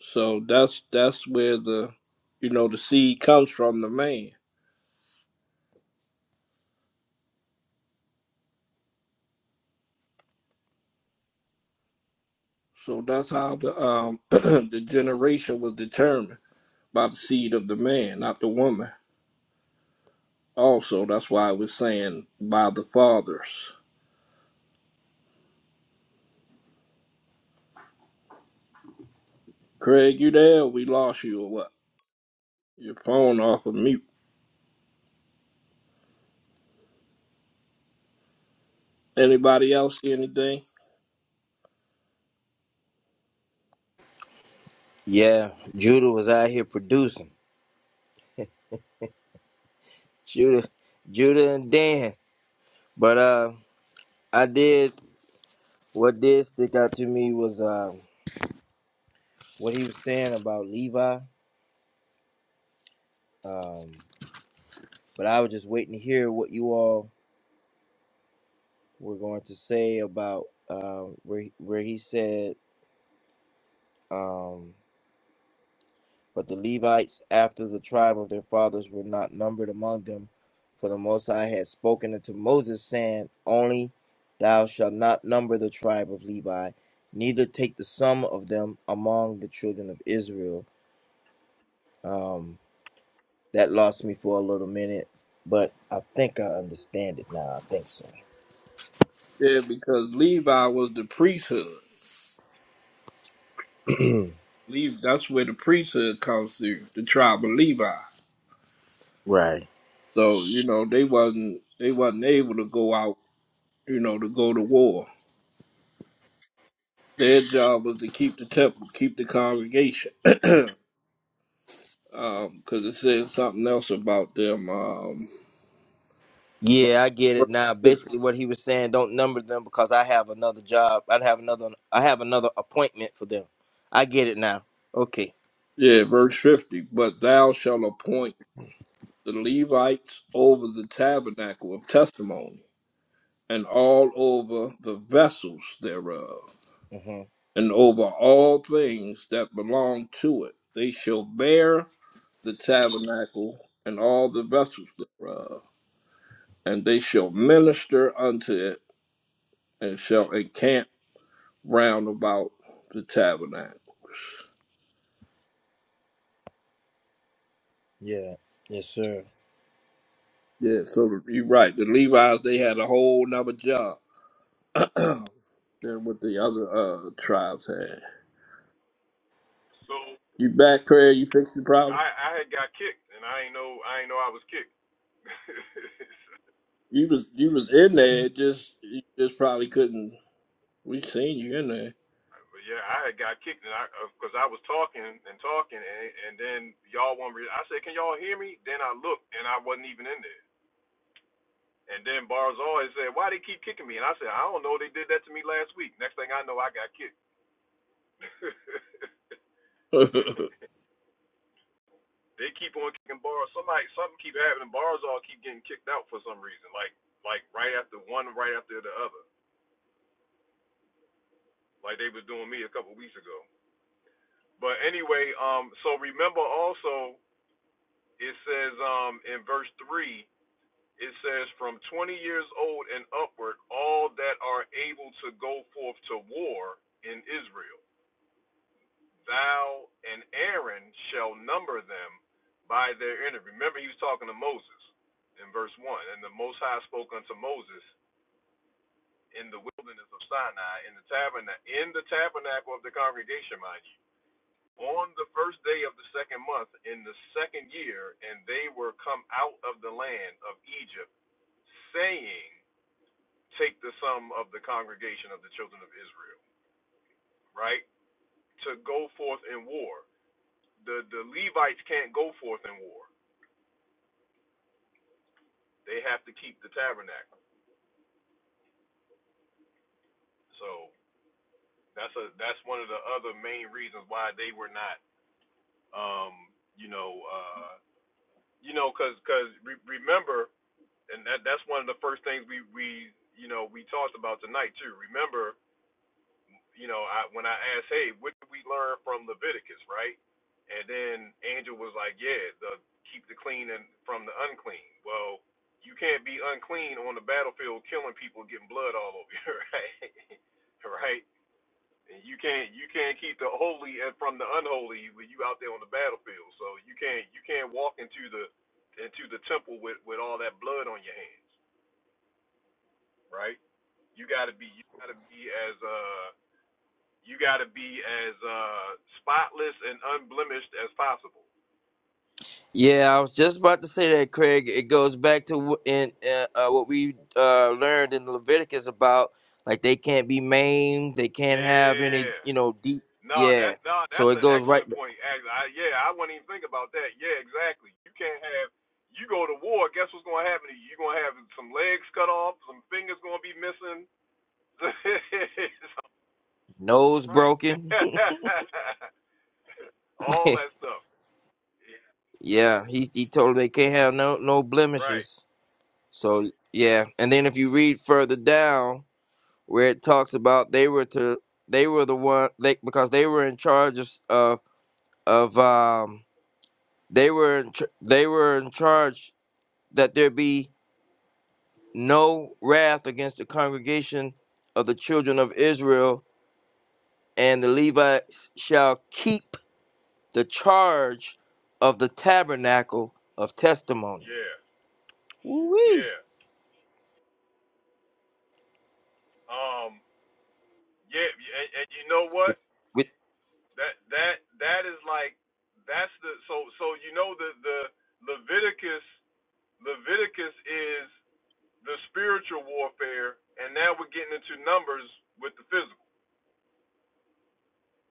Speaker 4: So that's that's where the you know the seed comes from the man. So that's how the um [clears throat] the generation was determined by the seed of the man, not the woman. Also, that's why I was saying by the fathers. Craig, you there? Or We lost you or what? Your phone off of mute. Anybody else see anything?
Speaker 1: Yeah, Judah was out here producing. Judah, Judah and Dan. But uh, I did what did stick out to me was uh what he was saying about Levi. Um, but I was just waiting to hear what you all were going to say about uh where where he said um But the Levites, after the tribe of their fathers, were not numbered among them, for the Most High had spoken unto Moses, saying, Only thou shalt not number the tribe of Levi, neither take the sum of them among the children of Israel. Um, that lost me for a little minute, but I think I understand it now. I think so.
Speaker 4: Yeah, because Levi was the priesthood.
Speaker 1: [clears throat]
Speaker 4: Levi, that's where the priesthood comes through, the tribe of Levi.
Speaker 1: right.
Speaker 4: So you know they wasn't they wasn't able to go out, you know, to go to war. Their job was to keep the temple, keep the congregation. [clears throat] Because it says something else about them. Um,
Speaker 1: Yeah, I get it now. Basically, what he was saying, don't number them because I have another job. I'd have another. I have another appointment for them. I get it now. Okay.
Speaker 4: yeah, verse fifty. But thou shalt appoint the Levites over the tabernacle of testimony, and all over the vessels thereof,
Speaker 1: hmm
Speaker 4: and over all things that belong to it. They shall bear the tabernacle and all the vessels thereof, and they shall minister unto it, and shall encamp round about the tabernacle.
Speaker 1: Yeah. Yes, sir.
Speaker 4: Yeah, so you're right. The Levites they had a whole nother job [clears throat] than what the other uh, tribes had. You back, Craig? You fixed the problem? You was you was in there. It just you just probably couldn't. We seen you in there. [laughs]
Speaker 1: Yeah, I was just about to say that, Craig. It goes back to wh- in uh, uh, what we uh, learned in Leviticus about like they can't be maimed, they can't have any, you know, deep. Yeah, so it goes right nose broken. [laughs] yeah, he he told them they can't have no no blemishes. So yeah, and then if you read further down where it talks about they were to they were the one they because they were in charge of of, of um they were in tr- they were in charge that there be no wrath against the congregation of the children of Israel and the Levites shall keep the charge of the tabernacle of testimony. Woo wee. With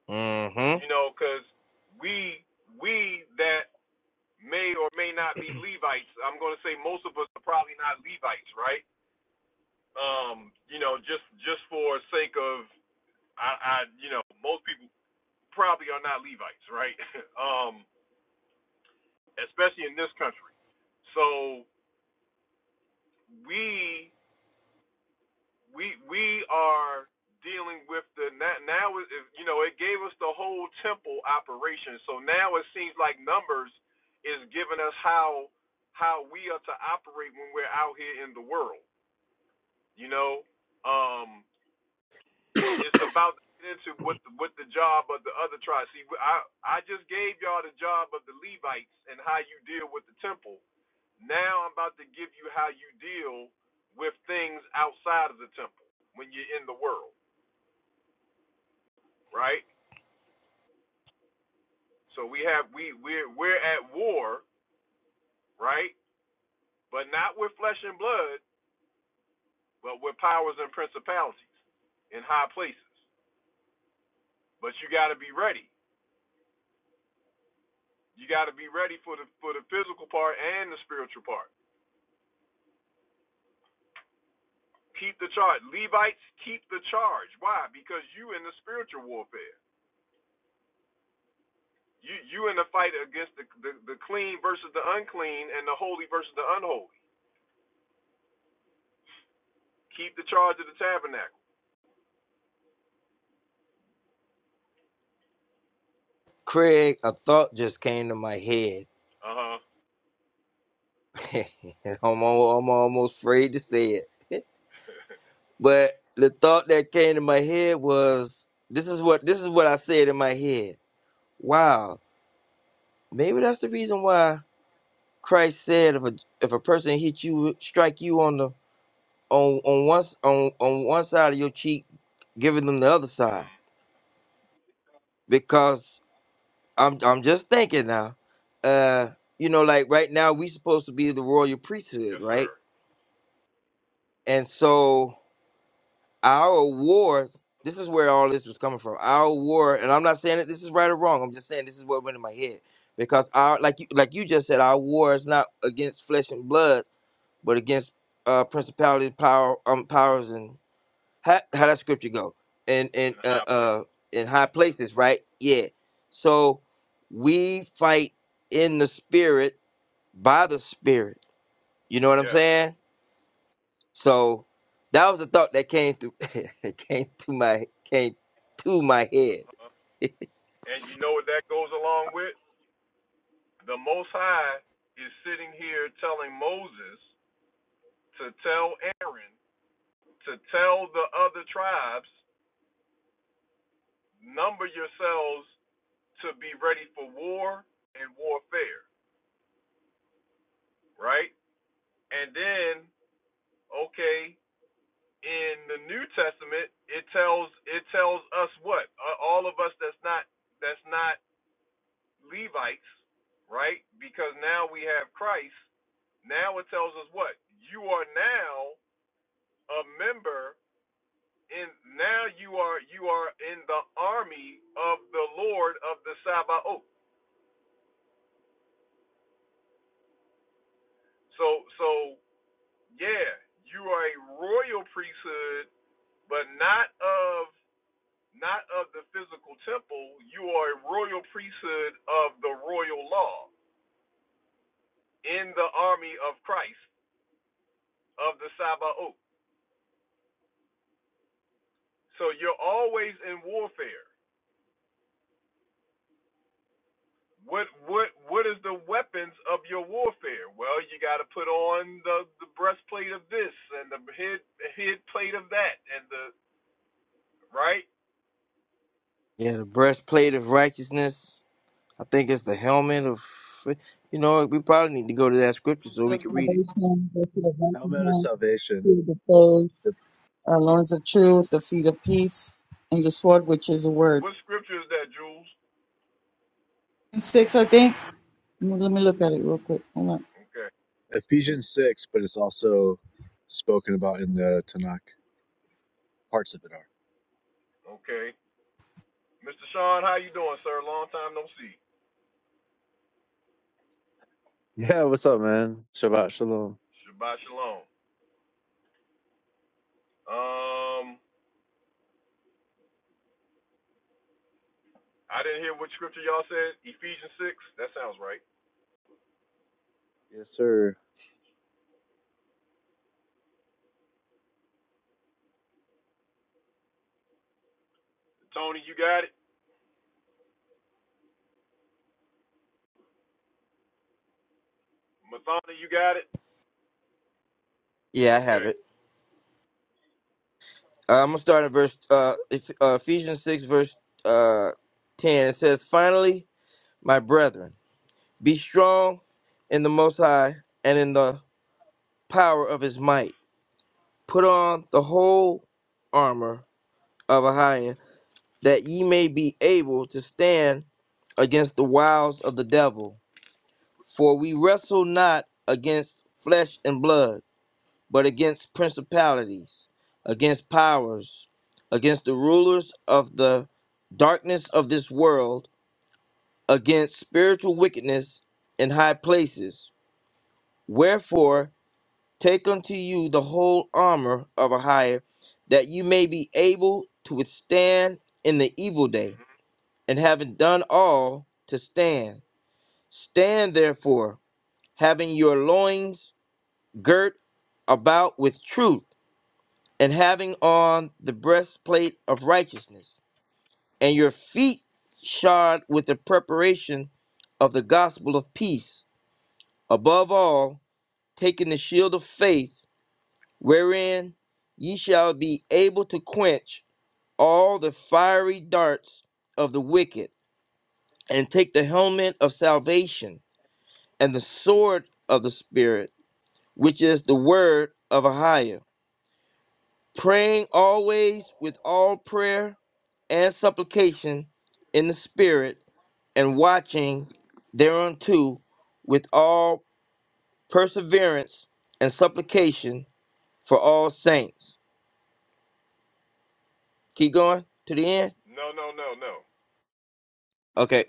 Speaker 1: mm-hmm. Craig, a thought just came to my head [laughs] I'm, al- I'm almost afraid to say it. [laughs] But the thought that came to my head was this is what this is what I said in my head. Wow, maybe that's the reason why Christ said if a if a person hit you strike you on the on on one s- on on one side of your cheek, giving them the other side. Because I'm I'm just thinking now, uh, you know, like right now we supposed to be the royal priesthood, right? And so Our war, this is where all this was coming from. Our war, and I'm not saying that this is right or wrong. I'm just saying this is what went in my head because our, like you, like you just said, our war is not against flesh and blood, but against uh, principalities, power, um, powers, and how how that scripture go and and uh, uh in high places, right? Yeah. So we fight in the spirit by the spirit. You know what I'm saying? So that was a thought that came through [laughs] it came through my came to my head. Yeah, the breastplate of righteousness. I think it's the helmet of you know, we probably need to go to that scripture so we
Speaker 10: Look
Speaker 1: can read it.
Speaker 10: salvation, go to the righteous
Speaker 14: Helmet of
Speaker 10: hand,
Speaker 14: salvation.
Speaker 10: fear the foes,
Speaker 14: E-,
Speaker 10: uh, loins of truth, the feet of peace, and your sword, which is the word. And six, I think. Let me let me look at it real quick. Hold on.
Speaker 14: Ephesians 6, but it's also spoken about in the Tanakh. Parts of it are. Yeah, what's up, man? Shabbat shalom. Yes, sir.
Speaker 1: Yeah, I have it. Uh, I'm gonna start at verse uh, Eph- uh Ephesians six verse uh ten. It says, Finally, my brethren, be strong in the most high and in the power of his might. Put on the whole armor of Ahiah that ye may be able to stand against the wiles of the devil. For we wrestle not against flesh and blood, but against principalities, against powers, against the rulers of the darkness of this world, against spiritual wickedness in high places. Wherefore, take unto you the whole armor of a higher, that you may be able to withstand in the evil day and having done all to stand. Stand therefore, having your loins girt about with truth, and having on the breastplate of righteousness, and your feet shod with the preparation of the gospel of peace. Above all, taking the shield of faith, wherein ye shall be able to quench all the fiery darts of the wicked, and take the helmet of salvation and the sword of the Spirit, which is the word of Ahiah, praying always with all prayer and supplication in the Spirit, and watching thereunto with all perseverance and supplication for all saints. Keep going to the end. Okay.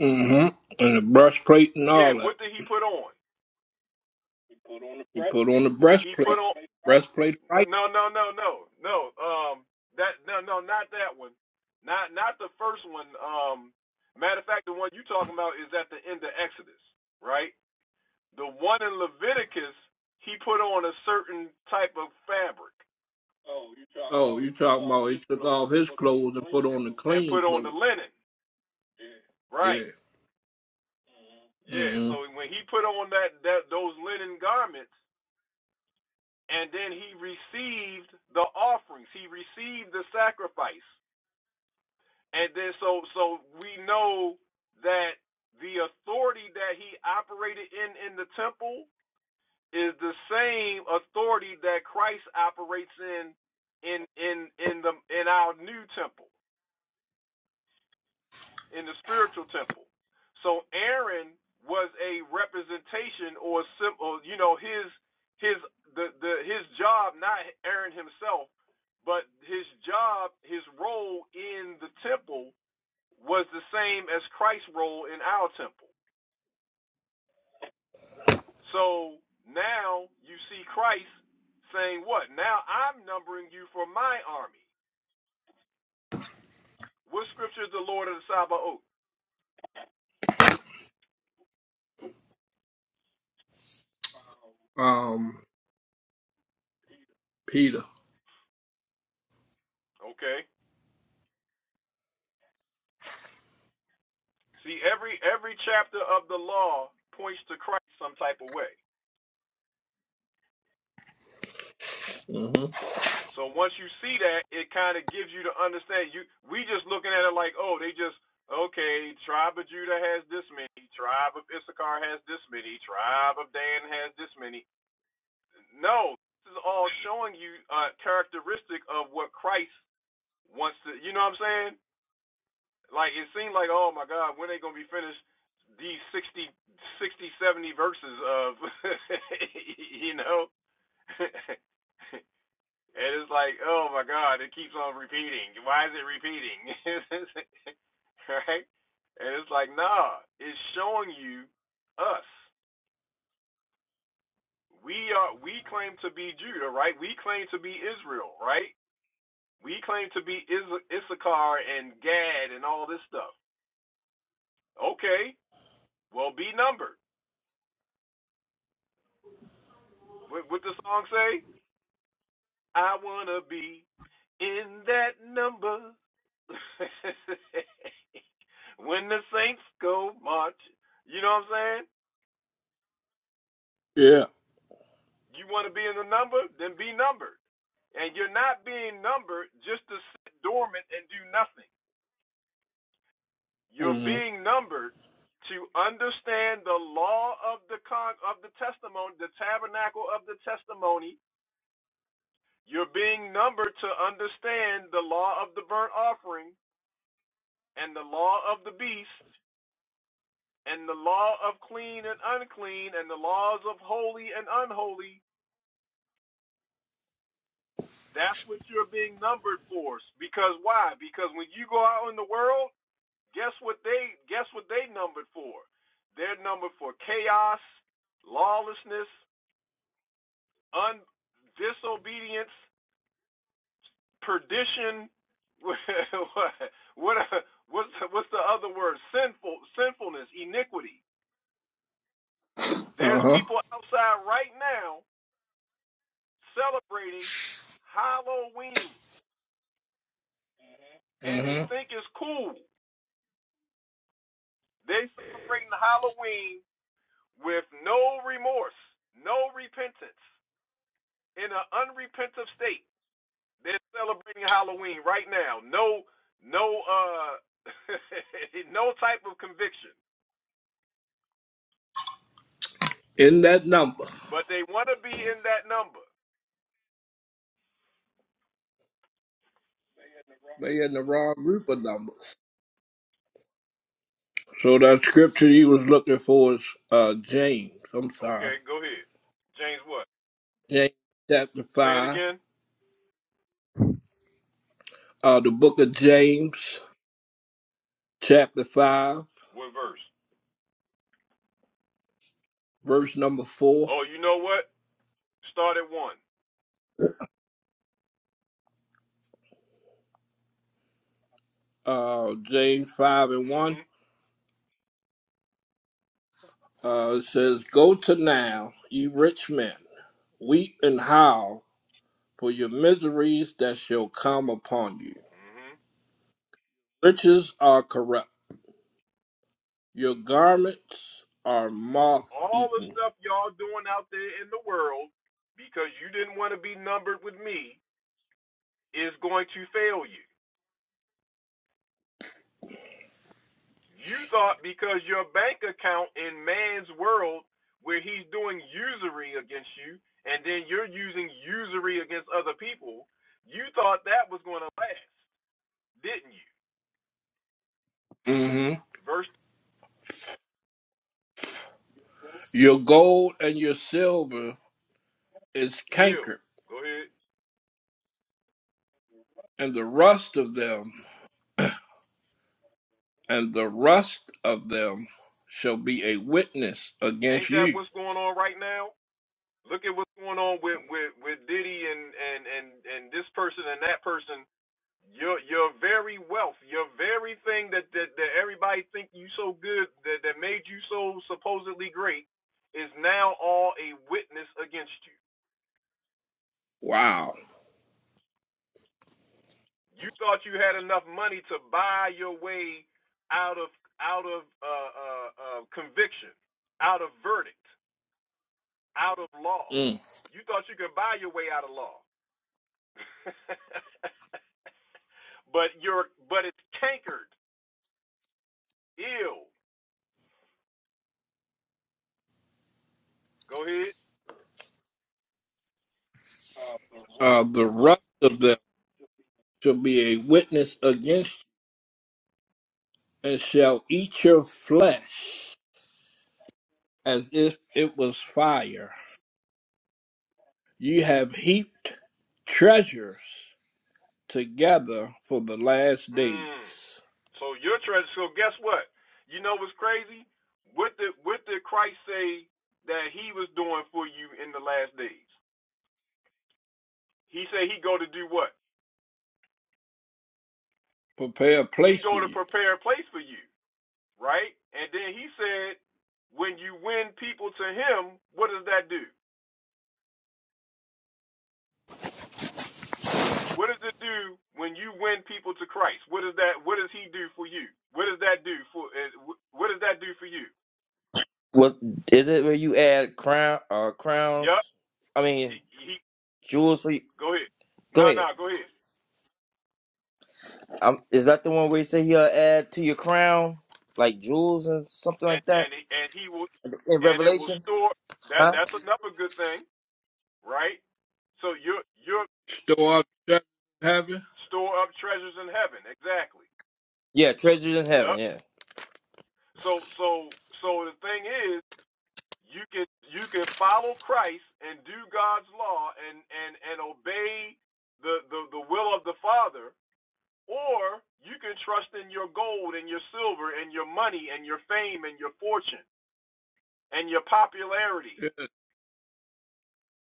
Speaker 4: mm-hmm. And the breastplate and all that. He put on the breastplate. Breastplate, right? Oh, you talking about he took off his clothes and put on the clean clothes? Yeah. Mm-hmm. Um, Peter. Mm-hmm. Yeah. Mm-hmm. Uh huh. Mm-hmm. In that number, they in the wrong group of numbers. So that scripture he was looking for is uh James. I'm sorry. James chapter 5, uh, the book of James chapter 5, verse number 4, uh, James 5 and 1. Uh, it says, Go to now, ye rich men, weep and howl for your miseries that shall come upon you. Riches are corrupt, your garments are moth eaten. hmm Your gold and your silver is cankered, and the rust of them. and the rest of them shall be a witness against you. Wow. Mm. Uh, the rest of them shall be a witness against you, and shall eat your flesh as if it was fire. You have heaped treasures together for the last days. Prepare a place for you.
Speaker 1: What is it where you add crown uh crowns? I mean jewels for you. Go ahead. Um, is that the one where he said he'll add to your crown, like jewels and something like that in Revelation? Huh?
Speaker 4: Store up treasure in heaven.
Speaker 1: Yeah, treasures in heaven. Yeah.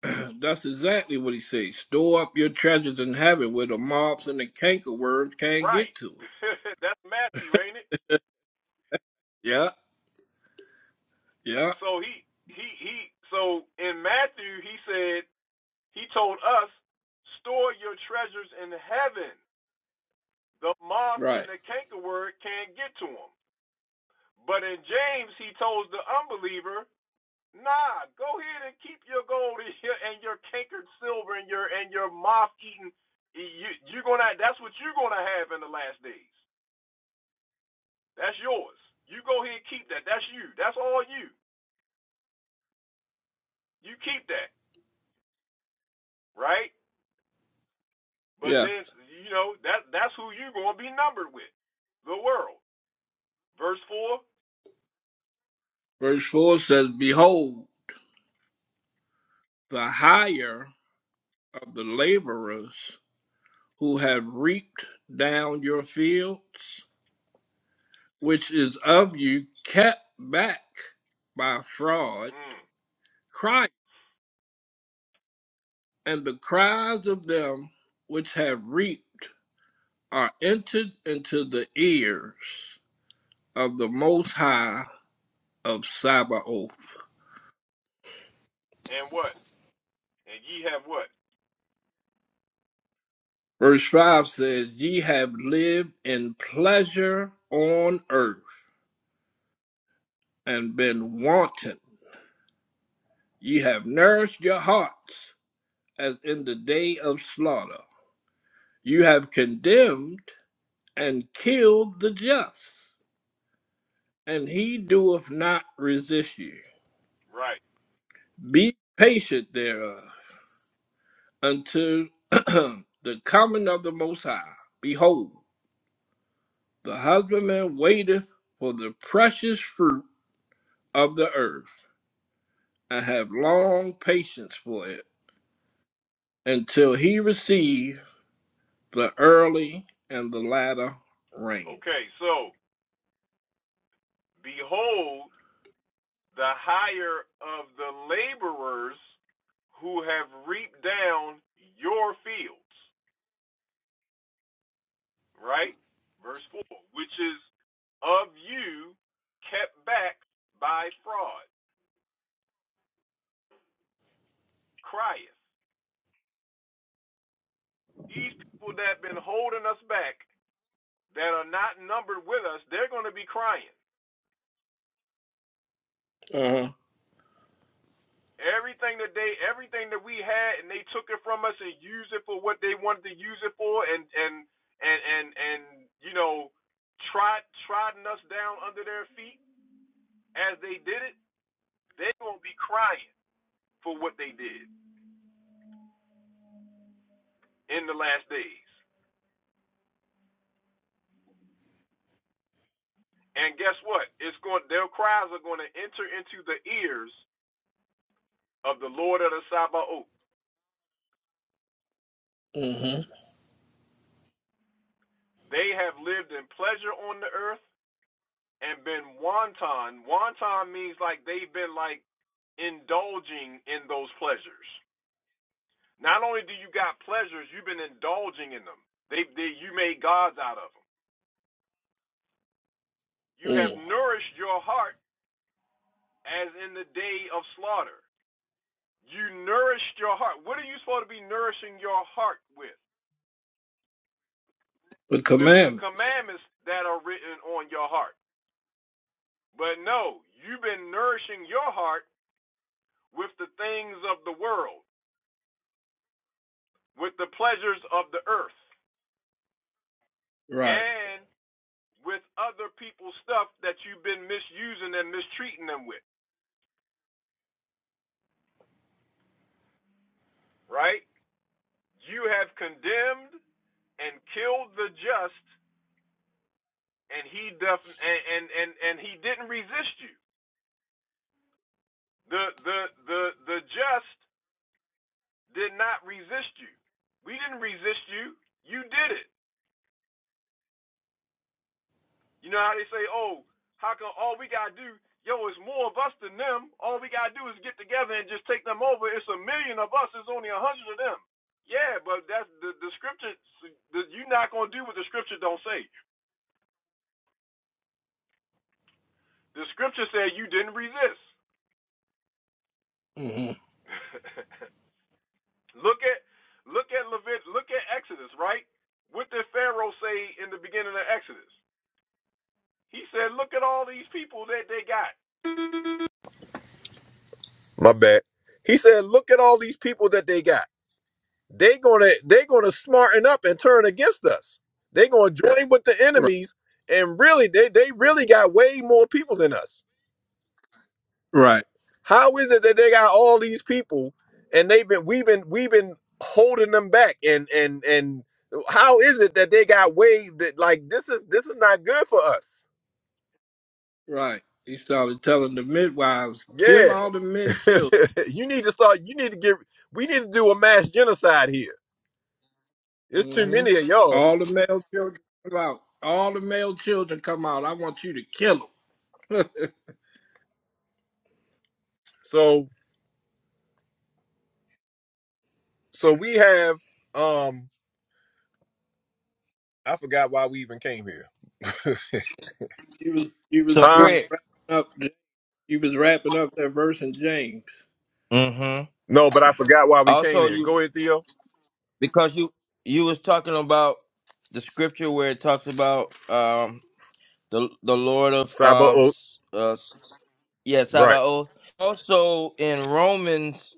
Speaker 4: [clears throat] That's exactly what he says. Store up your treasures in heaven where the moths and the cankerworms can't get to it. Yeah, yeah, right. Yes. Verse 4 says, Behold, the hire of the laborers who have reaped down your fields, which is of you kept back by fraud, cry. And the cries of them which have reaped are entered into the ears. of the Most High of Sabaoth. Verse 5 says, Ye have lived in pleasure on earth and been wanton. Ye have nourished your hearts as in the day of slaughter. You have condemned and killed the just, and he doeth not resist you. Be patient thereof until [clears throat] the coming of the Most High. Behold, The husbandman waiteth for the precious fruit of the earth, and have long patience for it, until he receive the early and the latter rain. Uh huh. Mm hmm. Mm. The commandments. Right. Mm
Speaker 7: My bad. He said, "Look at all these people that they got. They gonna they gonna smarten up and turn against us. They gonna join with the
Speaker 4: hmm. Right.
Speaker 7: enemies, and really they they really got way more people than us."
Speaker 4: Right.
Speaker 7: How is it that they got all these people and they've been we've been we've been holding them back and and and how is it that they got way that like this is this is not good for us?
Speaker 4: Right. He started telling the midwives, kill
Speaker 7: Yeah.
Speaker 4: all the men children.
Speaker 7: [laughs] you need to start you need to get we need to do a mass genocide here. It's
Speaker 4: Mm
Speaker 7: too
Speaker 4: hmm.
Speaker 7: many of y'all.
Speaker 4: All the male children come out. All the male children come out. I want you to kill them. [laughs]
Speaker 7: So so we have um I forgot why we even came here. [laughs]
Speaker 4: You was you was
Speaker 1: So
Speaker 4: you
Speaker 7: Huh?
Speaker 4: was
Speaker 1: Craig.
Speaker 4: wrapping up you was wrapping up that verse in James.
Speaker 1: Mm-hmm.
Speaker 7: No, but I forgot why we came
Speaker 1: Also,
Speaker 7: here.
Speaker 1: you
Speaker 7: Go ahead, Theo.
Speaker 1: because you you was talking about the scripture where it talks about um the the Lord of
Speaker 7: Saba
Speaker 1: um
Speaker 7: Oak.
Speaker 1: s- uh s- yeah
Speaker 7: Right.
Speaker 1: Sabaoth. Also in Romans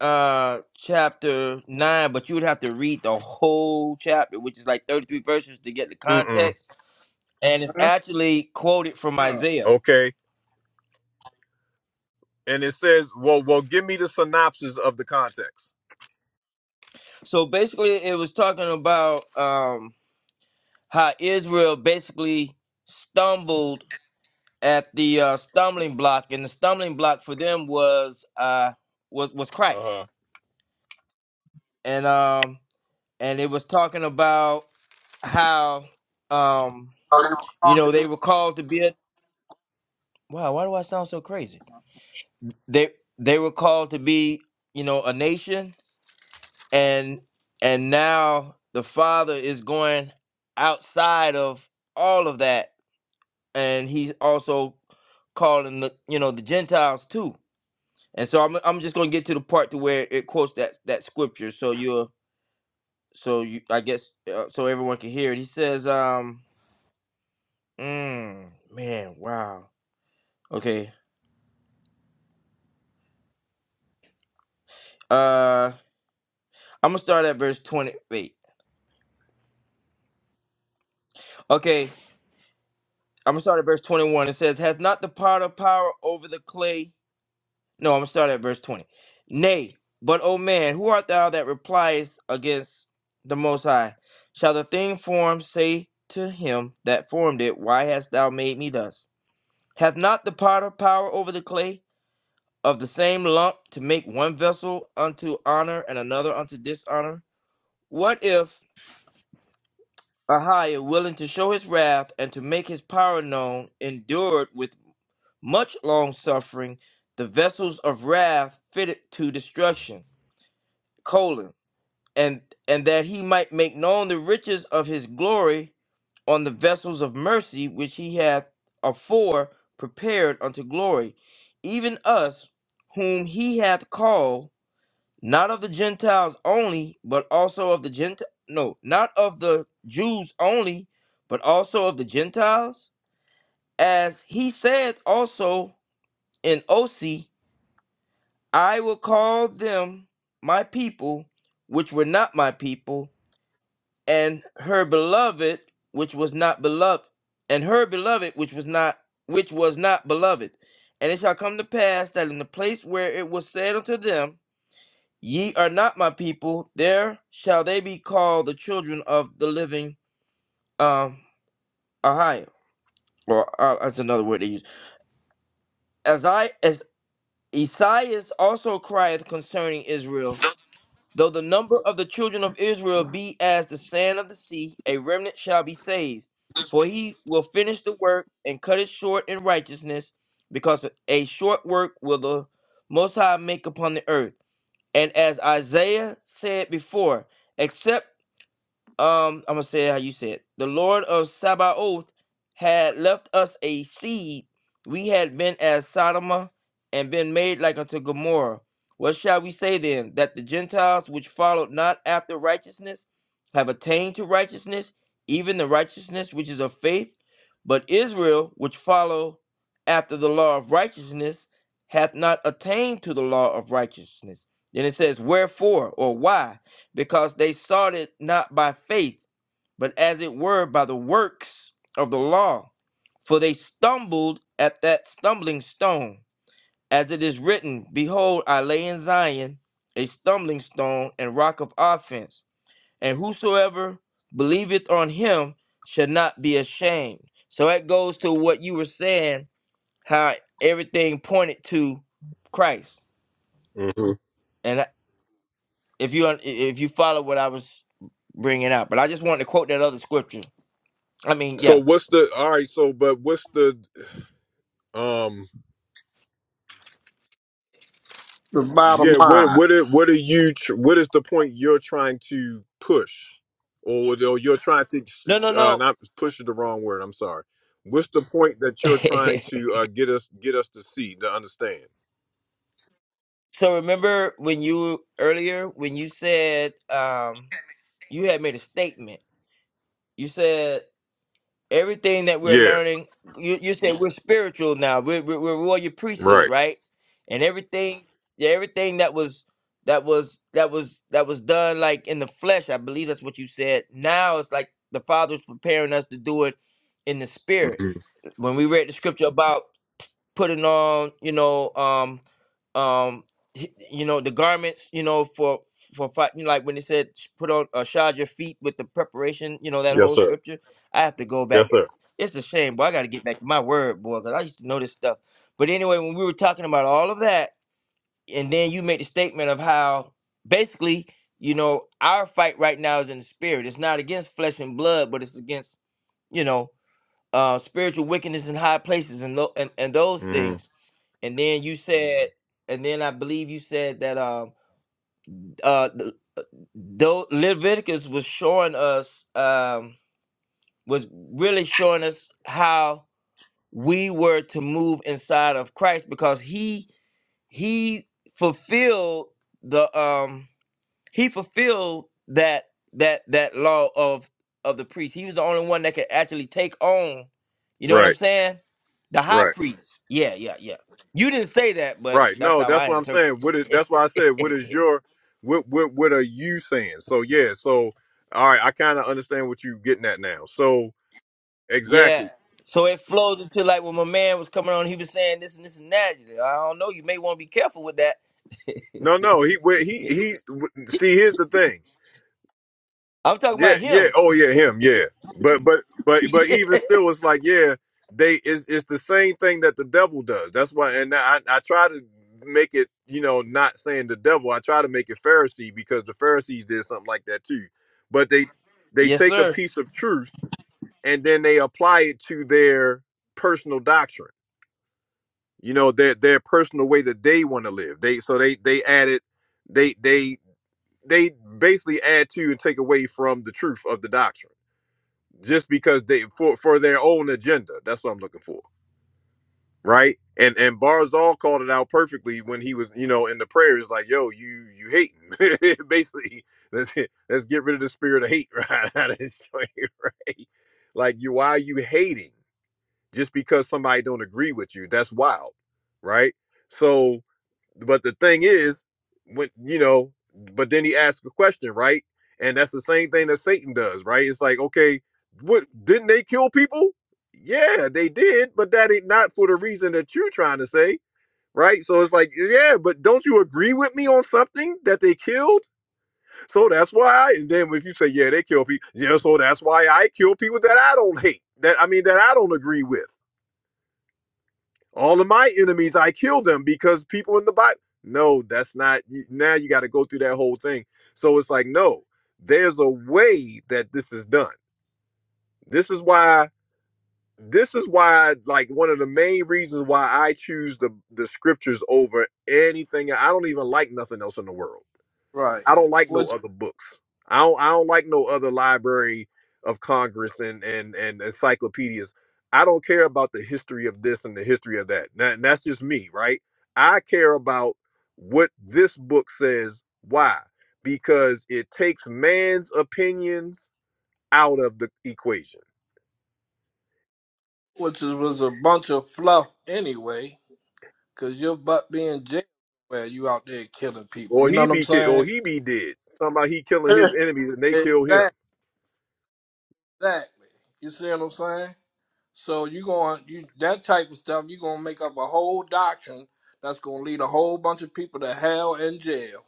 Speaker 1: uh chapter nine, but you would have to read the whole chapter, which is like thirty three verses to get the
Speaker 7: Mm-mm.
Speaker 1: context and it's
Speaker 4: Huh?
Speaker 1: actually quoted from
Speaker 4: Wow.
Speaker 1: Isaiah.
Speaker 7: Okay. and it says, "Well, well, give me the synopsis of the context."
Speaker 1: So basically, it was talking about um, how Israel basically stumbled at the uh, stumbling block, and the stumbling block for them was uh, was was Christ,
Speaker 7: Uh-huh.
Speaker 1: and um, and it was talking about how um, you know they were called to be a wow. Why do I sound so crazy? They they were called to be you know a nation and and now the father is going outside of all of that and he's also calling the you know the gentiles too and so i'm, I'm just going to get to the part to where it quotes that that scripture so you're so you i guess uh, so everyone can hear it he says um mm, man wow okay uh i'm going to start at verse 28 okay i'm going to start at verse 21 it says has not the potter power over the clay No, I'm gonna start at verse 20. Nay, but O man, who art thou that repliest against the Most High? Shall the thing formed say to him that formed it, Why hast thou made me thus? Hath not the potter power over the clay of the same lump to make one vessel unto honor and another unto dishonor? What if Ahiah, willing to show his wrath and to make his power known, endured with much long suffering the vessels of wrath fitted to destruction? colon and and that he might make known the riches of his glory on the vessels of mercy which he hath afore prepared unto glory, even us whom he hath called, not of the Gentiles only, but also of the Gent no, not of the Jews only, but also of the Gentiles. As he said also in Osi, I will call them my people, which were not my people, and her beloved which was not beloved and her beloved which was not which was not beloved and it shall come to pass that in the place where it was said unto them ye are not my people there shall they be called the children of the living um ahio or uh, that's another word they use as i as esaias also crieth concerning israel Though the number of the children of Israel be as the sand of the sea, a remnant shall be saved. For he will finish the work and cut it short in righteousness, because a short work will the Most High make upon the earth. And as Isaiah said before, except um, I'm gonna say it how you said. The Lord of Sabaoth had left us a seed. We had been as Sodom and been made like unto Gomorrah. What shall we say then? That the Gentiles which followed not after righteousness have attained to righteousness, even the righteousness which is of faith. But Israel, which follow after the law of righteousness, hath not attained to the law of righteousness. Then it says, Wherefore or why? because they sought it not by faith, but as it were by the works of the law. For they stumbled at that stumbling stone. As it is written, Behold, I lay in Zion a stumbling stone and rock of offense, and whosoever believeth on him shall not be ashamed. So that goes to what you were saying, how everything pointed to Christ.
Speaker 7: hmm
Speaker 1: and. If you if you follow what I was bringing out, but I just wanted to quote that other scripture. I mean,
Speaker 7: So
Speaker 1: yeah.
Speaker 7: what's the all right? So, but what's the um?
Speaker 4: The bottom
Speaker 7: Yeah, what
Speaker 4: line.
Speaker 7: what are, what are you? tr- What is the point you're trying to push, or, or you're trying to
Speaker 1: No, no,
Speaker 7: uh,
Speaker 1: no.
Speaker 7: not push is the wrong word? I'm sorry. What's the point that you're trying to uh, get us get us to see to understand?
Speaker 1: [laughs] so remember when you earlier when you said um you had made a statement. You said everything that we're
Speaker 7: Yeah,
Speaker 1: learning you, you said we're spiritual now we're, we're, we're royal priesthood
Speaker 7: right.
Speaker 1: right and everything yeah everything that was that was that was that was done like in the flesh i believe that's what you said now it's like the father's preparing us to do it in the spirit
Speaker 7: hmm
Speaker 1: when we read the scripture about putting on, you know, um, um, h- you know, the garments, you know, for for fight. You know, like when it said, sh- put on, uh, shod your feet with the preparation. You know, that
Speaker 7: Yes,
Speaker 1: whole
Speaker 7: sir.
Speaker 1: scripture. I have to go back.
Speaker 7: Yes, sir.
Speaker 1: It's a shame, boy. I got to get back to my word, boy, because I used to know this stuff. But anyway, when we were talking about all of that, and then you made the statement of how basically, you know, our fight right now is in the spirit. It's not against flesh and blood, but it's against, you know, uh, spiritual wickedness in high places and, lo- and and those
Speaker 7: hmm
Speaker 1: things and then you said, and then I believe you said that um uh th- though Leviticus was showing us um was really showing us how we were to move inside of Christ because he he fulfilled the um he fulfilled that that that law of of the priest. He was the only one that could actually take on, you know what I'm
Speaker 7: Right,
Speaker 1: saying? The high
Speaker 7: right.
Speaker 1: priest. Yeah, yeah, yeah. You didn't say that, but
Speaker 7: Right.
Speaker 1: that's
Speaker 7: No,
Speaker 1: how
Speaker 7: that's
Speaker 1: I
Speaker 7: what I'm
Speaker 1: interpret
Speaker 7: saying. What is that's why I said
Speaker 1: it.
Speaker 7: what is your what what what are you saying? So yeah, so all right, I kind of understand what you are getting at now. So
Speaker 1: Yeah.
Speaker 7: exactly.
Speaker 1: So it flows into like when my man was coming on, he was saying this and this and that. I don't know. You may want to be careful with that.
Speaker 7: No, no, he wh- he he wh- see here's the thing.
Speaker 1: I'm talking
Speaker 7: Yeah,
Speaker 1: about
Speaker 7: yeah.
Speaker 1: him.
Speaker 7: Oh, yeah, him. Yeah, but but
Speaker 1: [laughs]
Speaker 7: but but
Speaker 1: yeah.
Speaker 7: even still, it's like yeah, they it's it's the same thing that the devil does. That's why, and I I try to make it you know not saying the devil. I try to make it Pharisee because the Pharisees did something like that too. But they they
Speaker 1: Yes,
Speaker 7: take a
Speaker 1: sir.
Speaker 7: piece of truth and then they apply it to their personal doctrine. You know their their personal way that they want to live. They so they they added they they they basically add to and take away from the truth of the doctrine just because they for for their own agenda. That's what I'm looking for, right? And and Barzal called it out perfectly when he was, you know, in the prayers, like, "Yo, you you hating." [laughs] Basically, let's let's get rid of the spirit of hate [laughs] right out of this joint, [laughs] right? Like, you why are you hating? just because somebody don't agree with you that's wild right so but the thing is when you know but then he asked a question right and that's the same thing that satan does right it's like okay what didn't they kill people yeah they did but that ain't not for the reason that you're trying to say right so it's like yeah but don't you agree with me on something that they killed so that's why I, and then if you say yeah they kill people yeah so that's why i kill people that i don't hate that i mean that i don't agree with all of my enemies i kill them because people in the bible no that's not now you got to go through that whole thing so it's like no there's a way that this is done this is why this is why like one of the main reasons why i choose the the scriptures over anything i don't even like nothing else in the world
Speaker 4: Right.
Speaker 7: I don't like no
Speaker 4: Which
Speaker 7: other books. I don't I don't like no other library of Congress and and and encyclopedias. I don't care about the history of this and the history of that. That- And that's just me, right? I care about what this book says. Why? Because it takes man's opinions out of the equation.
Speaker 4: which is, was a bunch of fluff anyway, because your butt being jail where you out there killing people.
Speaker 7: Or
Speaker 4: You know
Speaker 7: he
Speaker 4: what I'm
Speaker 7: be ki- or
Speaker 4: saying?
Speaker 7: he be dead. Talking about he killing his
Speaker 4: [laughs]
Speaker 7: enemies and they kill him.
Speaker 4: exactly. Exactly. You see what I'm saying? So you going you that type of stuff, you're gonna make up a whole doctrine that's gonna lead a whole bunch of people to hell and jail,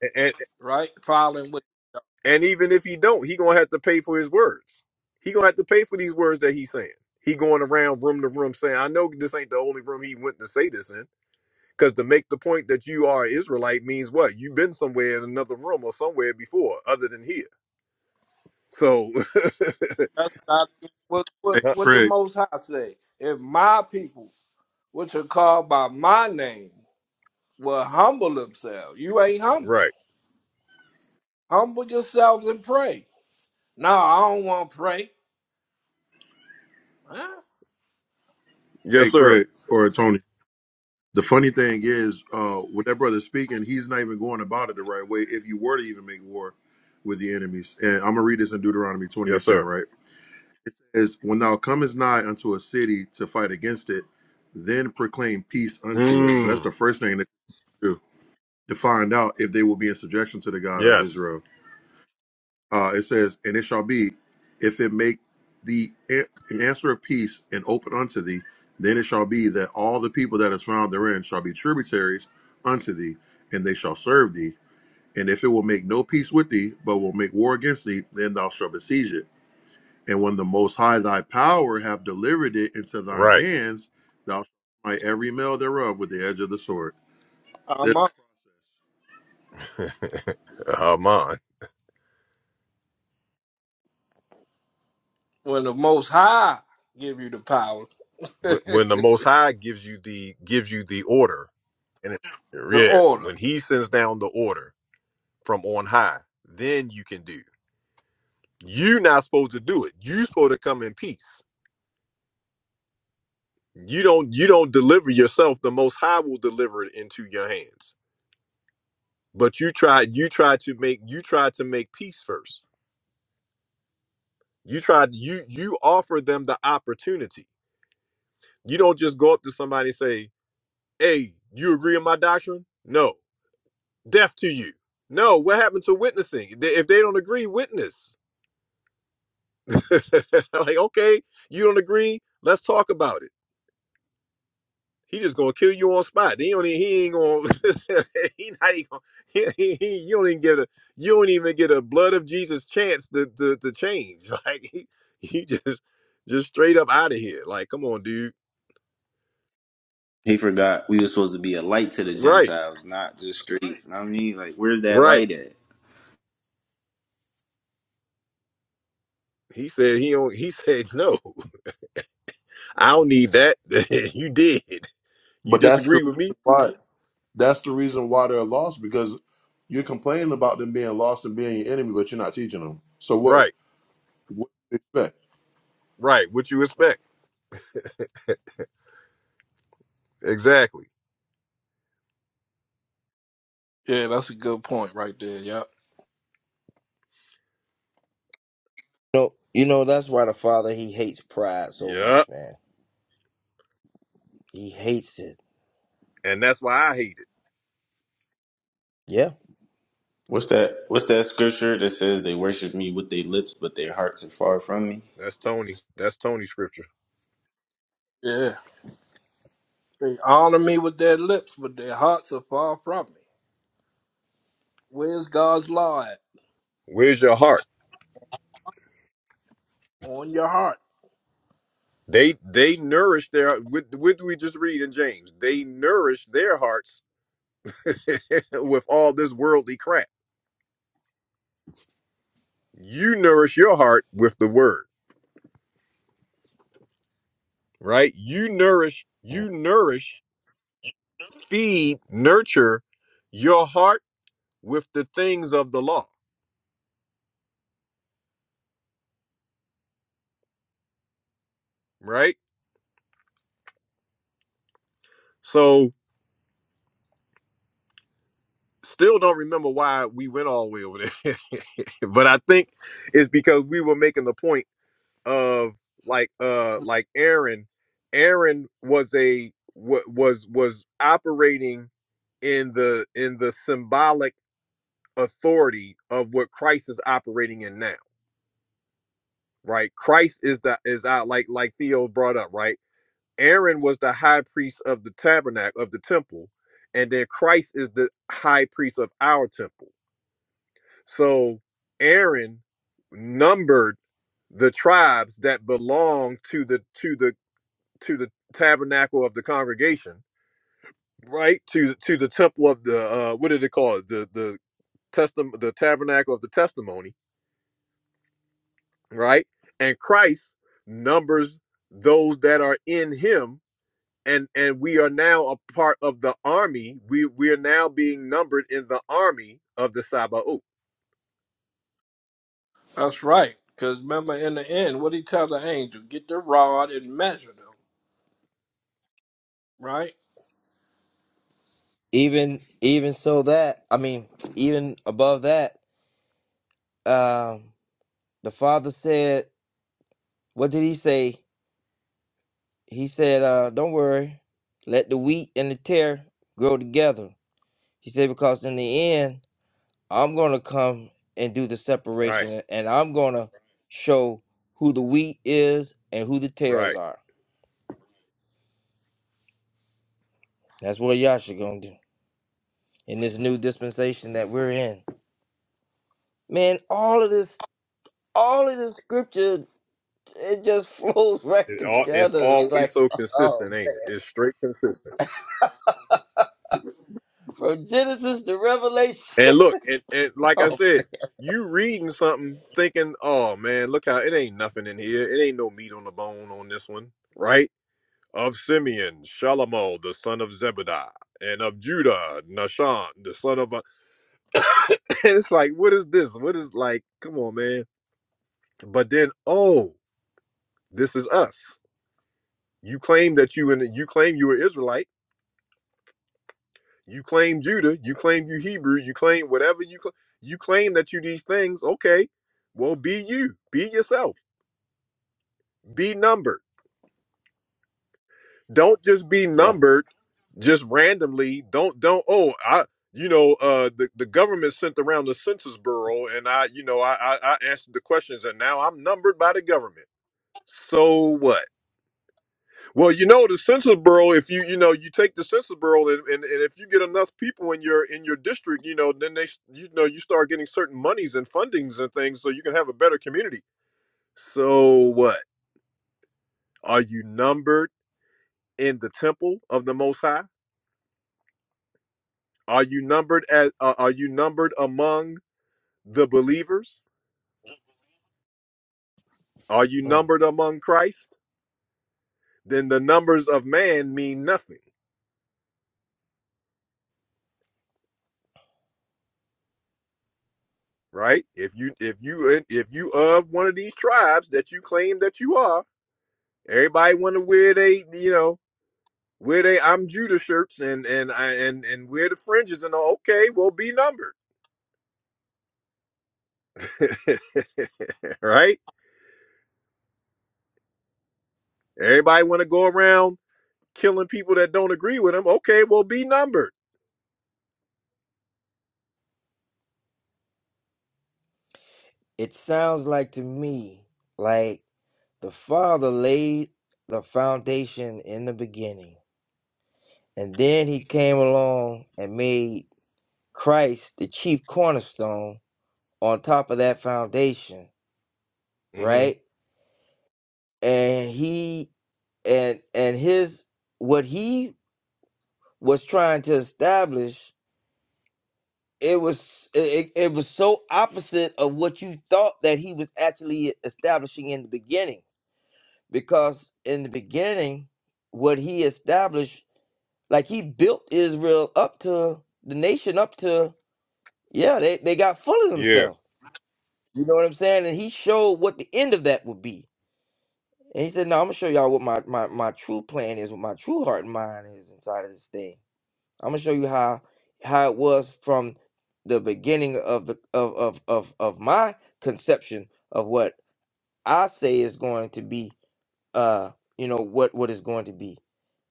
Speaker 7: And, and
Speaker 4: right? Filing with.
Speaker 7: And even if he don't, he gonna have to pay for his words. He gonna have to pay for these words that he's saying. He going around room to room saying, "I know this ain't the only room he went to say this in." Because to make the point that you are an Israelite means what? You've been somewhere in another room or somewhere before, other than here. So,
Speaker 4: That's not even what, what,
Speaker 15: Hey
Speaker 7: [laughs] huh,
Speaker 4: what the
Speaker 15: Craig,
Speaker 4: Most High say. If my people, which are called by my name, will humble themselves, you ain't humble.
Speaker 7: right?
Speaker 4: Humble yourselves and pray. No, I don't want to pray. Huh?
Speaker 7: Yes,
Speaker 15: hey
Speaker 7: sir.
Speaker 15: Craig, or Tony. The funny thing is, uh, with that brother speaking, he's not even going about it the right way. If you were to even make war with the enemies, and I'm gonna read this in Deuteronomy 20 and
Speaker 7: Yes,
Speaker 15: 10,
Speaker 7: sir.
Speaker 15: right? It says, "When thou comest nigh unto a city to fight against it, then proclaim peace unto it." So that's
Speaker 7: Mm,
Speaker 15: the first thing to do to find out if they will be in subjection to the God of
Speaker 7: yes.
Speaker 15: Israel. Uh, it says, and it shall be, if it make the an an answer of peace and open unto thee, then it shall be that all the people that is found therein shall be tributaries unto thee, and they shall serve thee. And if it will make no peace with thee, but will make war against thee, then thou shalt besiege it. And when the Most High thy power have delivered it into thine
Speaker 7: Right.
Speaker 15: hands, thou shalt smite every male thereof with the edge of the sword.
Speaker 4: I'm
Speaker 15: There's-
Speaker 4: up
Speaker 7: [laughs] Haman.
Speaker 4: when the Most High give you the power, [laughs] the
Speaker 7: When when the Most High gives you the gives you the order, and it, yeah,
Speaker 4: order.
Speaker 7: when He sends down the order, from on high. Then you can do. You're not supposed to do it. You're supposed to come in peace. You don't you don't deliver yourself. The most high will deliver it into your hands. But you tried you tried to make you tried to make peace first. You tried you you offer them the opportunity. You don't just go up to somebody and say, Hey, you agree with my doctrine? No. Deaf to you. No, what happened to witnessing? If they if they don't agree, witness. [laughs] like, okay, you don't agree? Let's talk about it. He just gonna kill you on spot. He don't. e- He ain't gonna. [laughs] he not even. He, he, he, you don't even get a. You don't even get a blood of Jesus chance to to, to change. [laughs] Like he, he just just straight up out of here. Like come on, dude.
Speaker 3: He forgot we were supposed to be a light to the
Speaker 7: Right,
Speaker 3: Gentiles, not just straight. You know what I mean? Like, where's that
Speaker 7: right.
Speaker 3: light at?
Speaker 7: He said he don't. He said no. [laughs] I don't need that. [laughs] you did. You
Speaker 15: But that's the
Speaker 7: disagree with me.
Speaker 15: reason why. That's the reason why they're lost because you're complaining about them being lost and being your enemy, but you're not teaching them. So what?
Speaker 7: Right,
Speaker 15: What do you expect?
Speaker 7: right. What you expect? Exactly.
Speaker 4: Yeah, that's a good point right there. Yep.
Speaker 1: No, you know that's why the father he hates pride so
Speaker 7: Yup.
Speaker 1: much, man. He hates it.
Speaker 7: And that's why I hate it.
Speaker 1: Yeah.
Speaker 3: What's that? What's that scripture that says they worship me with their lips, but their hearts are far from me?
Speaker 7: That's Tony. That's Tony scripture.
Speaker 4: Yeah. They honor me with their lips, but their hearts are far from me. Where's God's law at?
Speaker 7: Where's your heart?
Speaker 4: On your heart.
Speaker 7: They they nourish their what, what do we just read in James? They nourish their hearts [laughs] with all this worldly crap. You nourish your heart with the word, right? You nourish,
Speaker 1: Mm.
Speaker 7: you nourish, feed, nurture your heart with the things of the law, right? So still don't remember why we went all the way over there. [laughs] but I think it's because we were making the point of like uh like Aaron Aaron was a was was operating in the in the symbolic authority of what Christ is operating in now right Christ is the is out like like Theo brought up right Aaron was the high priest of the tabernacle of the temple and then Christ is the high priest of our temple so Aaron numbered the tribes that belong to the to the to the tabernacle of the congregation, right? To to the temple of the uh what did they call it? The the testim the tabernacle of the testimony, right? And Christ numbers those that are in him and and we are now a part of the army. We we are now being numbered in the army of the Sabaoth.
Speaker 4: That's right. Because remember, in the end, what he tell the angel? Get the rod and measure them, right?
Speaker 1: Even even so that I mean even above that, um, the father said, what did he say? He said, uh, "Don't worry, let the wheat and the tear grow together." He said, because in the end. I'm going to come and do the separation
Speaker 7: Right.
Speaker 1: a- and I'm going to show who the wheat is and who the
Speaker 7: Right.
Speaker 1: tares are. That's what Yasha going to do in this new dispensation that we're in. Man, all of this, all of this scripture, it just [laughs] flows right
Speaker 7: It all, it's
Speaker 1: together. It's
Speaker 7: always
Speaker 1: like,
Speaker 7: so
Speaker 1: oh,
Speaker 7: consistent, ain't
Speaker 1: man.
Speaker 7: it? It's straight consistent.
Speaker 1: from Genesis to Revelation. [laughs]
Speaker 7: And look, and, and like I
Speaker 1: Oh,
Speaker 7: said, you reading something thinking, oh man, look how it ain't nothing in here. It ain't no meat on the bone on this one, right? Of Simeon, Shalamol, the son of Zebediah, and of Judah, Nashan, the son of. A... [coughs] and it's like, what is this? What is like? Come on, man. But then, oh, this is us. You claim that you and you claim you were Israelite You claim Judah, you claim you Hebrew, you claim whatever you cl- you claim that you these things. Okay, well, be you, be yourself, be numbered. Don't just be
Speaker 1: yeah.
Speaker 7: numbered, just randomly. Don't don't. Oh, I you know uh the, the government sent around the census bureau, and I you know I, I I answered the questions, and now I'm numbered by the government. So what? Well, you know the census bureau. If you you know you take the census bureau, and, and, and if you get enough people in your in your district, you know then they s- you know you start getting certain monies and fundings and things, so you can have a better community. So what are you numbered in the temple of the Most High? Are you numbered as uh, are you numbered among the believers? Are you
Speaker 1: Mm.
Speaker 7: numbered among Christ? Then the numbers of man mean nothing, right? If you if you if you of one of these tribes that you claim that you are Everybody want to wear they, you know, wear they I'm Judah shirts and and I and and wear the fringes and all. Okay, well, be numbered, [laughs] right? Everybody want to go around killing people that don't agree with them. Okay, well, be numbered.
Speaker 1: It sounds like to me, like the Father laid the foundation in the beginning And then he came along and made Christ the chief cornerstone on top of that foundation,
Speaker 7: hmm
Speaker 1: right? And he and and his what he was trying to establish it was it, it was so opposite of what you thought that he was actually establishing in the beginning because in the beginning what he established like he built israel up to the nation up to yeah they, they got full of
Speaker 7: Yeah.
Speaker 1: themselves You know what I'm saying? And he showed what the end of that would be. And he said, No, I'm gonna show y'all what my, my, my true plan is, what my true heart and mind is inside of this thing. I'm gonna show you how how it was from the beginning of the of of of, of my conception of what I say is going to be uh you know what what is going to be.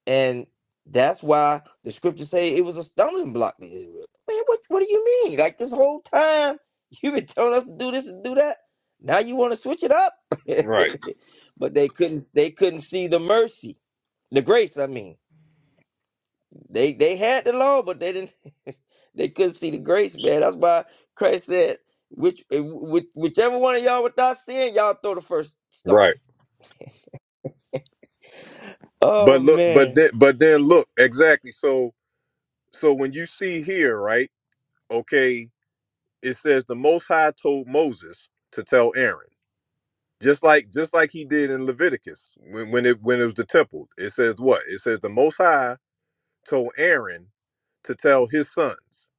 Speaker 1: And that's why the scriptures say it was a stumbling block to Israel. Man, what what do you mean? Like this whole time [laughs] you've been telling us to do this and do that. Now you want to switch it up?
Speaker 7: Right.
Speaker 1: [laughs] but they couldn't they couldn't see the mercy. The grace, I mean. They they had the law, but they didn't [laughs] they couldn't see the grace, man. That's why Christ said, which eh, which whichever one of y'all without sin, y'all throw the first stone.
Speaker 7: Right. But
Speaker 1: Oh
Speaker 7: look, but
Speaker 1: man.
Speaker 7: then, but then look, exactly. So, so when you see here, right? Okay, it says the Most High told Moses to tell Aaron. Just like just like he did in Leviticus when, when it when it was the temple. It says what? It says the most high told Aaron to tell his sons.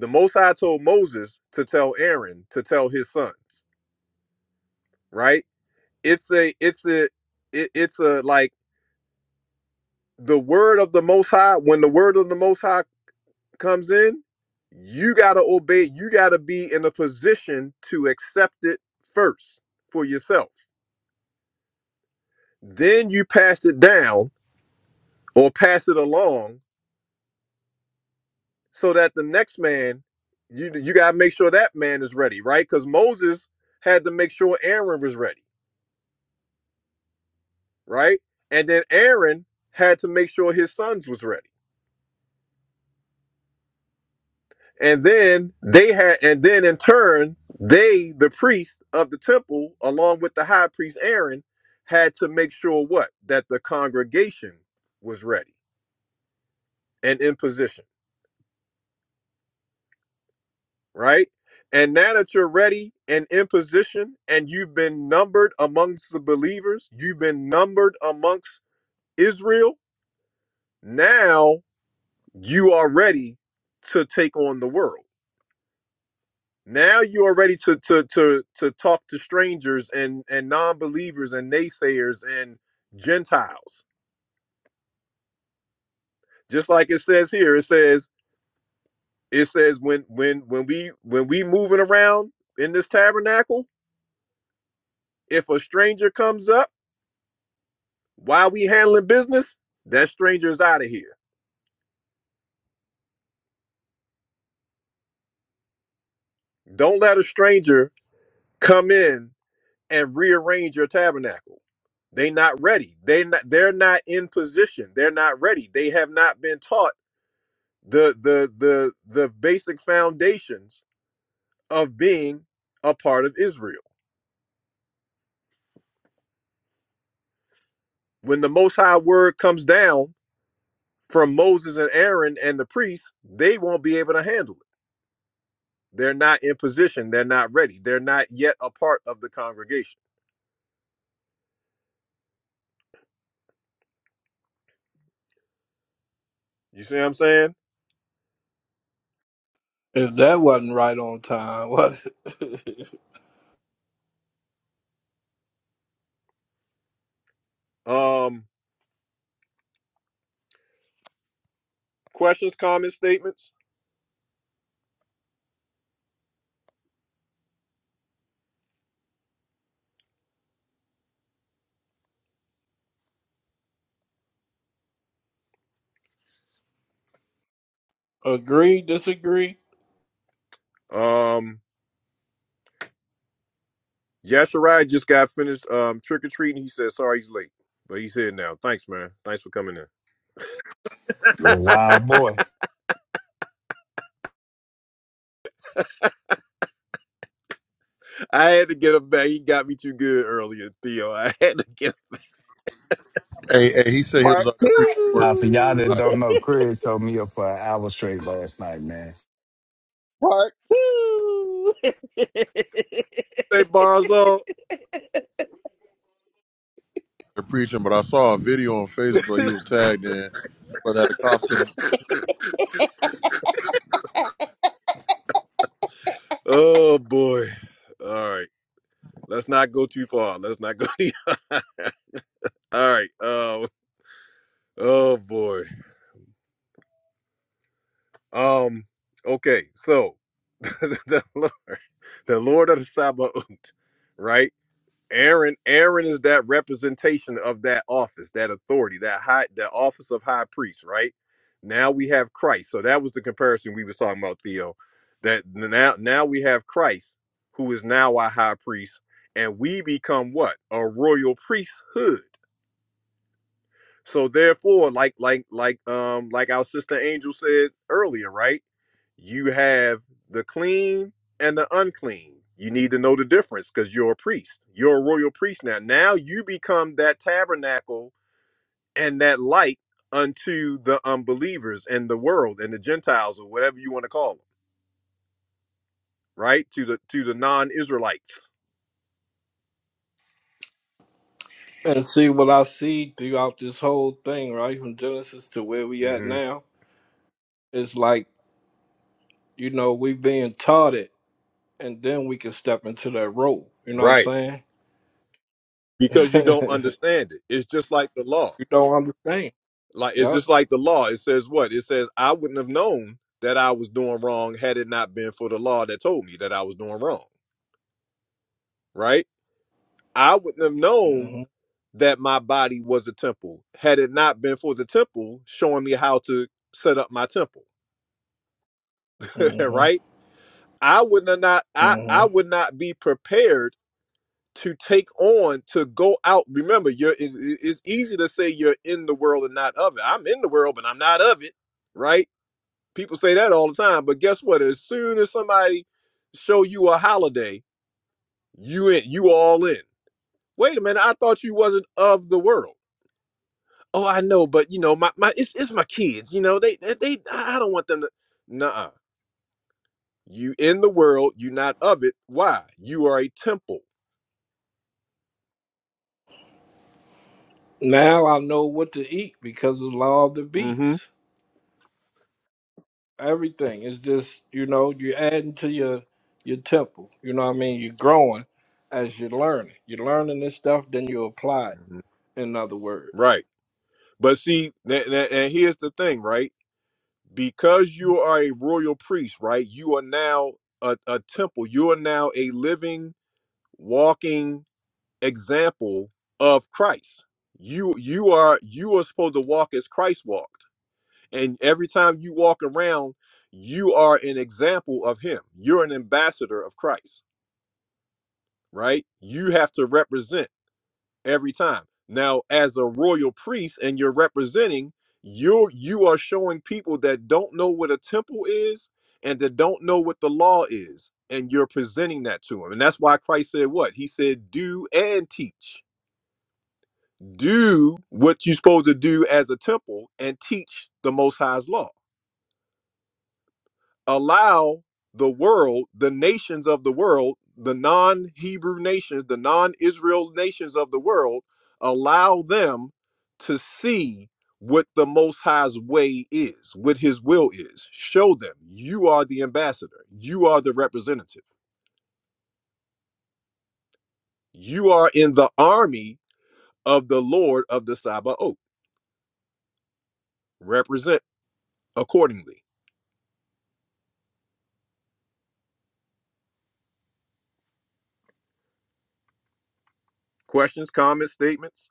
Speaker 7: The Most High told Moses to tell Aaron to tell his sons. Right? It's a it's a it, it's a like the word of the Most High. When the word of the Most High comes in, you gotta obey. You gotta be in a position to accept it first for yourself. Then you pass it down or pass it along so that the next man you you got to make sure that man is ready right because moses had to make sure aaron was ready right and then aaron had to make sure his sons was ready and then they had and then in turn they the priest of the temple along with the high priest aaron had to make sure what that the congregation was ready and in position right? And now that you're ready and in position and you've been numbered amongst the believers, you've been numbered amongst Israel, now you are ready to take on the world. Now you are ready to to to to talk to strangers and and non-believers and naysayers and Gentiles. Just like it says here, it says it says when when when we when we moving around in this tabernacle, if a stranger comes up While we handling business, that stranger is out of here. Don't let a stranger come in and rearrange your tabernacle. They not ready. They not, they're not in position. They're not ready. They have not been taught the the the the basic foundations of being a part of Israel. When the most high word comes down from Moses and Aaron and the priests, they won't be able to handle it. They're not in position. They're not ready. They're not yet a part of the congregation. You see what I'm saying?
Speaker 4: If that wasn't right on time, what? [laughs]
Speaker 7: Um, questions, comments, statements.
Speaker 4: Agree, disagree,
Speaker 7: Um, Yashirai just got finished um trick or treating. He said sorry he's late, but he's here now. Thanks, man. Thanks for coming in.
Speaker 16: You're
Speaker 7: [laughs]
Speaker 16: a wild boy.
Speaker 7: I had to get him back. He got me too good earlier, Theo. I had to get. him
Speaker 15: Hey, hey, he said he was
Speaker 1: Part
Speaker 15: out there preaching the word.
Speaker 16: Now, for y'all
Speaker 1: two. [laughs]
Speaker 16: that
Speaker 15: I,
Speaker 16: don't know, Chris told me up for an hour straight last night, man.
Speaker 1: Part two. [laughs]
Speaker 7: Hey, Bonzo.
Speaker 15: they're preaching, but I saw a video on Facebook he was tagged in, but had a costume.
Speaker 7: Oh boy. All right. Let's not go too far. Let's not go. [laughs] too. All right. Uh, oh boy. Um. Okay. So [laughs] the Lord, the Lord of the Sabbath, right? Aaron. Aaron is that representation of that office, that authority, that high, the office of high priest, right? Now we have Christ. So that was the comparison we was talking about, Theo. That now, now we have Christ, who is now our high priest, and we become what a royal priesthood So therefore, like like like um like our sister Angel said earlier, right? You have the clean and the unclean. You need to know the difference because you're a priest. You're a royal priest now. Now you become that tabernacle and that light unto the unbelievers and the world and the Gentiles or whatever you want to call them, right? To the to the non-Israelites.
Speaker 4: and see what I see throughout this whole thing, right? From Genesis to where we at
Speaker 7: hmm
Speaker 4: now. It's like, you know, we being taught it, and then we can step into that role. You know what
Speaker 7: Right.
Speaker 4: I'm
Speaker 7: Because you
Speaker 4: saying?
Speaker 7: don't
Speaker 4: [laughs]
Speaker 7: understand it. It's just like the law.
Speaker 4: you don't understand.
Speaker 7: Like it's
Speaker 4: Yep.
Speaker 7: just like the law. It says what? It says I wouldn't have known that I was doing wrong had it not been for the law that told me that I was doing wrong. Right? I wouldn't have known
Speaker 4: hmm
Speaker 7: that my body was a temple had it not been for the temple showing me how to set up my temple. [laughs]
Speaker 4: hmm
Speaker 7: right? I would not not I I
Speaker 4: hmm
Speaker 7: would not be prepared to take on to go out. Remember, you're it, it- it's easy to say you're in the world and not of it. I'm in the world, but I'm not of it. Right? People say that all the time, but guess what? As soon as somebody show you a holiday, you in, you all in. Wait a minute, I thought you wasn't of the world. Oh, I know, but you know, my, my it's it's my kids. You know, they they, they I don't want them to. Nuh-uh. you in the world, you not of it. Why? You are a temple.
Speaker 4: Now I know what to eat because of the law of the
Speaker 7: Mm-hmm.
Speaker 4: beast. everything. It's just you know you're adding to your your temple. You know what I mean. You're growing as you're learning. You're learning this stuff, then you apply it.
Speaker 7: hmm
Speaker 4: In other words,
Speaker 7: Right. But see, tha- tha- and here's the thing, right? Because you are a royal priest, right? You are now a, a temple. You are now a living, walking example of Christ. You you are you are supposed to walk as Christ walked. And every time you walk around, you are an example of him. You're an ambassador of Christ, right? You have to represent every time. Now, as a royal priest and you're representing, you are you are showing people that don't know what a temple is and that don't know what the law is, and you're presenting that to them. And that's why Christ said what? He said, "Do and teach." do what you're supposed to do as a temple and teach the most high's law allow the world the nations of the world the non-hebrew nations the non-israel nations of the world allow them to see what the most high's way is what his will is show them you are the ambassador you are the representative you are in the army of the lord of the Sabbath. represent accordingly questions comments statements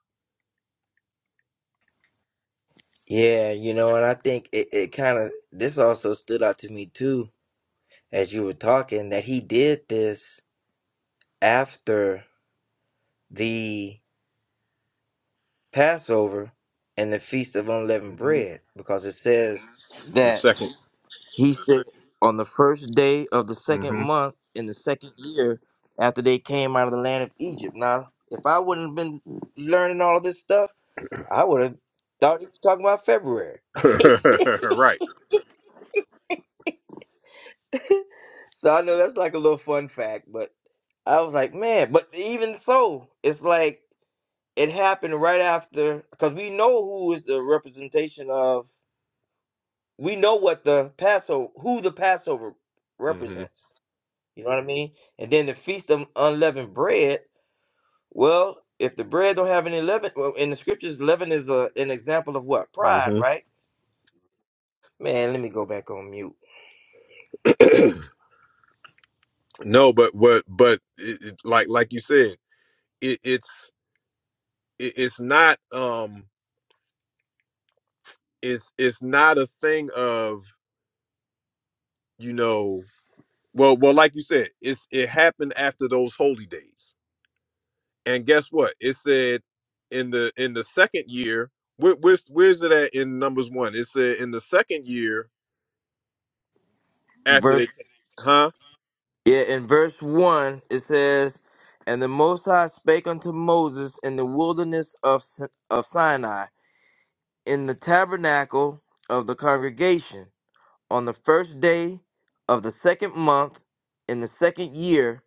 Speaker 1: Yeah, you know, and I think it, it kind of this also stood out to me too as you were talking that he did this after the Passover and the Feast of Unleavened
Speaker 7: hmm
Speaker 1: Bread because it says
Speaker 7: The
Speaker 1: that
Speaker 7: second.
Speaker 1: he said on the first day of the second
Speaker 7: hmm
Speaker 1: month in the second year after they came out of the land of Egypt. Now, if I wouldn't have been learning all of this stuff, I would have thought you were talking about February. [laughs]
Speaker 7: [laughs] right.
Speaker 1: so I know that's like a little fun fact, but I was like, man, but even so, it's like it happened right after because we know who is the representation of we know what the Passover who the Passover
Speaker 7: hmm
Speaker 1: represents. You know what I mean? And then the feast of unleavened bread, well, if the bread don't have any leaven, well, in the scriptures, leaven is a, an example of what? Pride,
Speaker 7: hmm
Speaker 1: right? Man, let me go back on mute.
Speaker 7: No, but what? But it, it, like like you said, it, it's it, it's not um it's it's not a thing of you know well well like you said it's it happened after those holy days and guess what it said in the in the second year where, where's where's it at in numbers one it said in the second year after
Speaker 1: verse.
Speaker 7: they came. Huh?
Speaker 1: Yeah, in verse 1, it says, And the Most High spake unto Moses in the wilderness of, Sin- of Sinai, in the tabernacle of the congregation, on the first day of the second month, in the second year,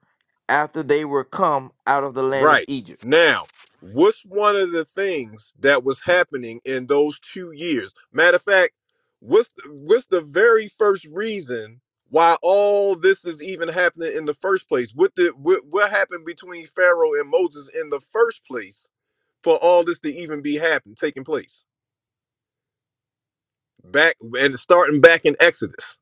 Speaker 1: after they were come out of the land of
Speaker 7: Right.
Speaker 1: Egypt.
Speaker 7: Now, what's one of the things that was happening in those two years? Matter of fact, what's what's the very first reason why all this is even happening in the first place? What did what, what happened between Pharaoh and Moses in the first place for all this to even be happening, taking place? Back and starting back in Exodus.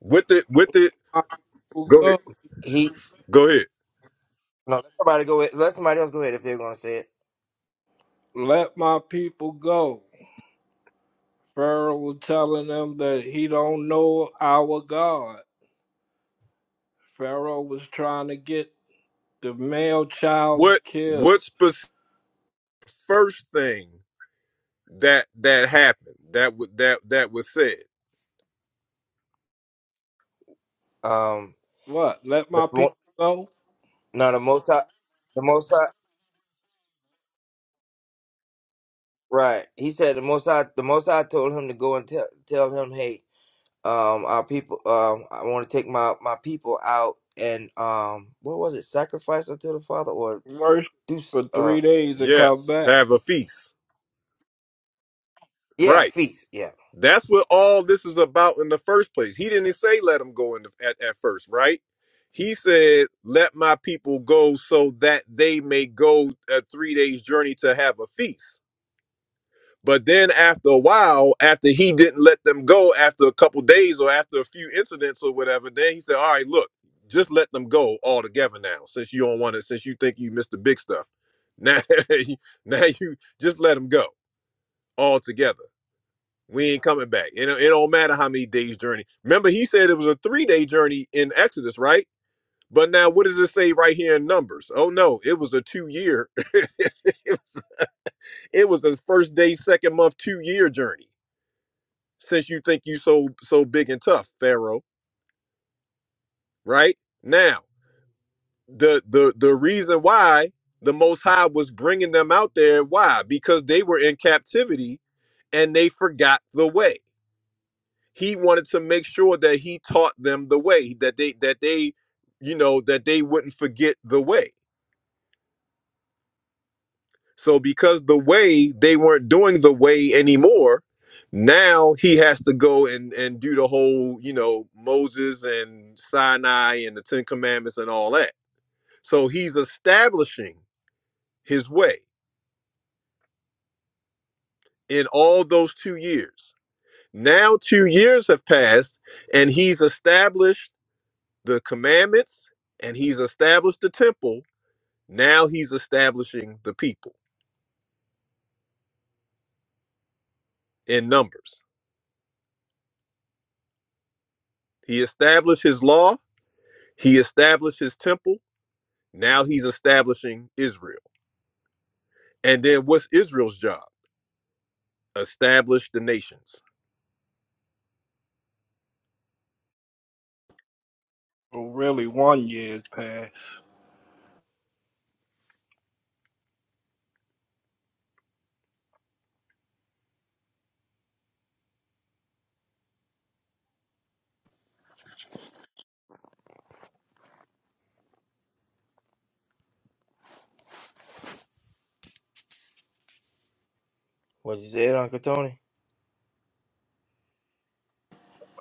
Speaker 7: What did what did
Speaker 4: my people
Speaker 7: go ahead.
Speaker 4: go.
Speaker 1: He
Speaker 7: Go ahead.
Speaker 1: no, let somebody go ahead. Let somebody else go ahead if they're gonna say it.
Speaker 4: Let my people go. Pharaoh was telling them that he don't know our God. Pharaoh was trying to get the male child's
Speaker 7: What
Speaker 4: killed.
Speaker 7: what's the first thing that that happened that wa- that that was said
Speaker 1: Um,
Speaker 4: What? Let
Speaker 1: the
Speaker 4: my people
Speaker 1: fo-
Speaker 4: go.
Speaker 1: no, the Most High, the Most High, right? He said the Most High, the Most High told him to go and tell tell him, hey, um our people um I want to take my my people out and um what was it sacrifice unto the father or
Speaker 4: Worship
Speaker 1: do s-
Speaker 4: for three
Speaker 1: uh
Speaker 4: days and come
Speaker 7: yes
Speaker 4: back.
Speaker 7: have a feast
Speaker 1: yeah
Speaker 7: right
Speaker 1: feast yeah
Speaker 7: that's what all this is about in the first place he didn't say let them go in the, at, at first right he said let my people go so that they may go a three days journey to have a feast But then after a while, after he didn't let them go after a couple days or after a few incidents or whatever, then he said, All right, look, just let them go all together now, since you don't want to, since you think you missed the big stuff. Now, [laughs] you- now you just let them go all together. We ain't coming back. It, don't- it don't matter how many days journey. Remember, he said it was a three day journey in Exodus, right? But now, what does it say right here in Numbers? Oh no, it was a two year. [laughs] it was it was his first day, second month, two year journey. since you think you so so big and tough, Pharaoh. Right now, the the the reason why the Most High was bringing them out there, why? Because they were in captivity and they forgot the way. He wanted to make sure that he taught them the way that they that they, you know, that they wouldn't forget the way So because the way they weren't doing the way anymore, now he has to go and and do the whole, you know, Moses and Sinai and the 10 commandments and all that. So he's establishing his way in all those 2 years. Now 2 years have passed and he's established the commandments and he's established the temple. Now he's establishing the people in numbers. He established his law, he established his temple, Now he's establishing Israel. And then what's Israel's job? Establish the nations.
Speaker 4: Well, really, one year passed.
Speaker 1: what you said Uncle Tony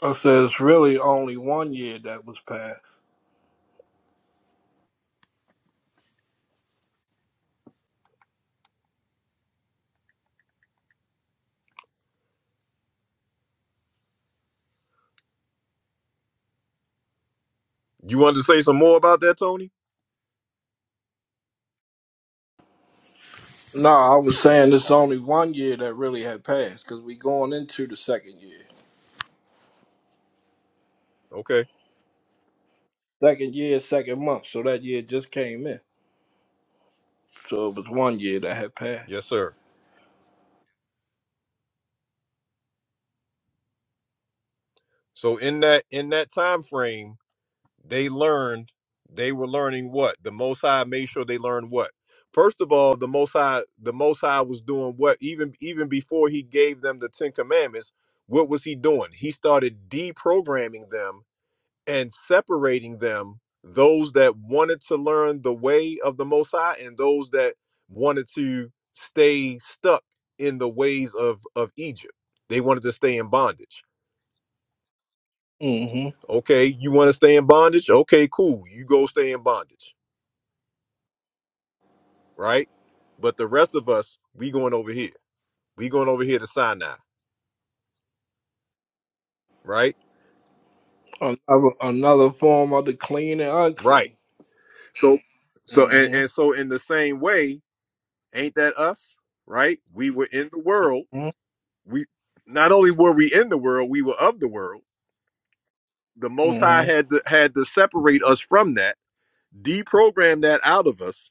Speaker 4: I said it's really only one year that was passed.
Speaker 7: You want to say some more about that, Tony?
Speaker 4: No, I was saying it's only one year that really had passed because we going into the second year.
Speaker 7: Okay.
Speaker 4: Second year, second month, so that year just came in. So it was one year that had passed.
Speaker 7: Yes, sir. So in that in that time frame, they learned they were learning what? The Most High made sure they learned what? First of all, the Most High the Most High was doing what even even before he gave them the Ten Commandments, what was he doing? He started deprogramming them and separating them those that wanted to learn the way of the most high and those that wanted to stay stuck in the ways of of egypt they wanted to stay in bondage
Speaker 4: hmm
Speaker 7: okay you want to stay in bondage okay cool you go stay in bondage right but the rest of us we going over here we going over here to sinai right
Speaker 4: Another, another form of the clean and
Speaker 7: right
Speaker 4: unclean.
Speaker 7: so so and, and
Speaker 4: hmm
Speaker 7: so in the same way ain't that us right we were in the world we not only were we in the world, we were of the world. The Most High
Speaker 4: hmm
Speaker 7: had to had to separate us from that, deprogram that out of us,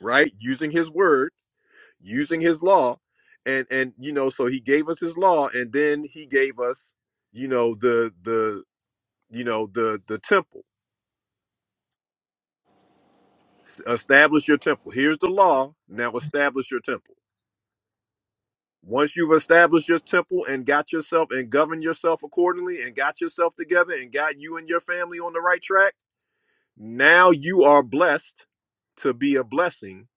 Speaker 7: right? Using His Word, using His law, and and you know, so He gave us His law, and then He gave us, you know, the the you know the the temple. S- Establish your temple. Here's the law. Now establish your temple. Once you've established your temple and got yourself and governed yourself accordingly and got yourself together and got you and your family on the right track Now you are blessed to be a blessing.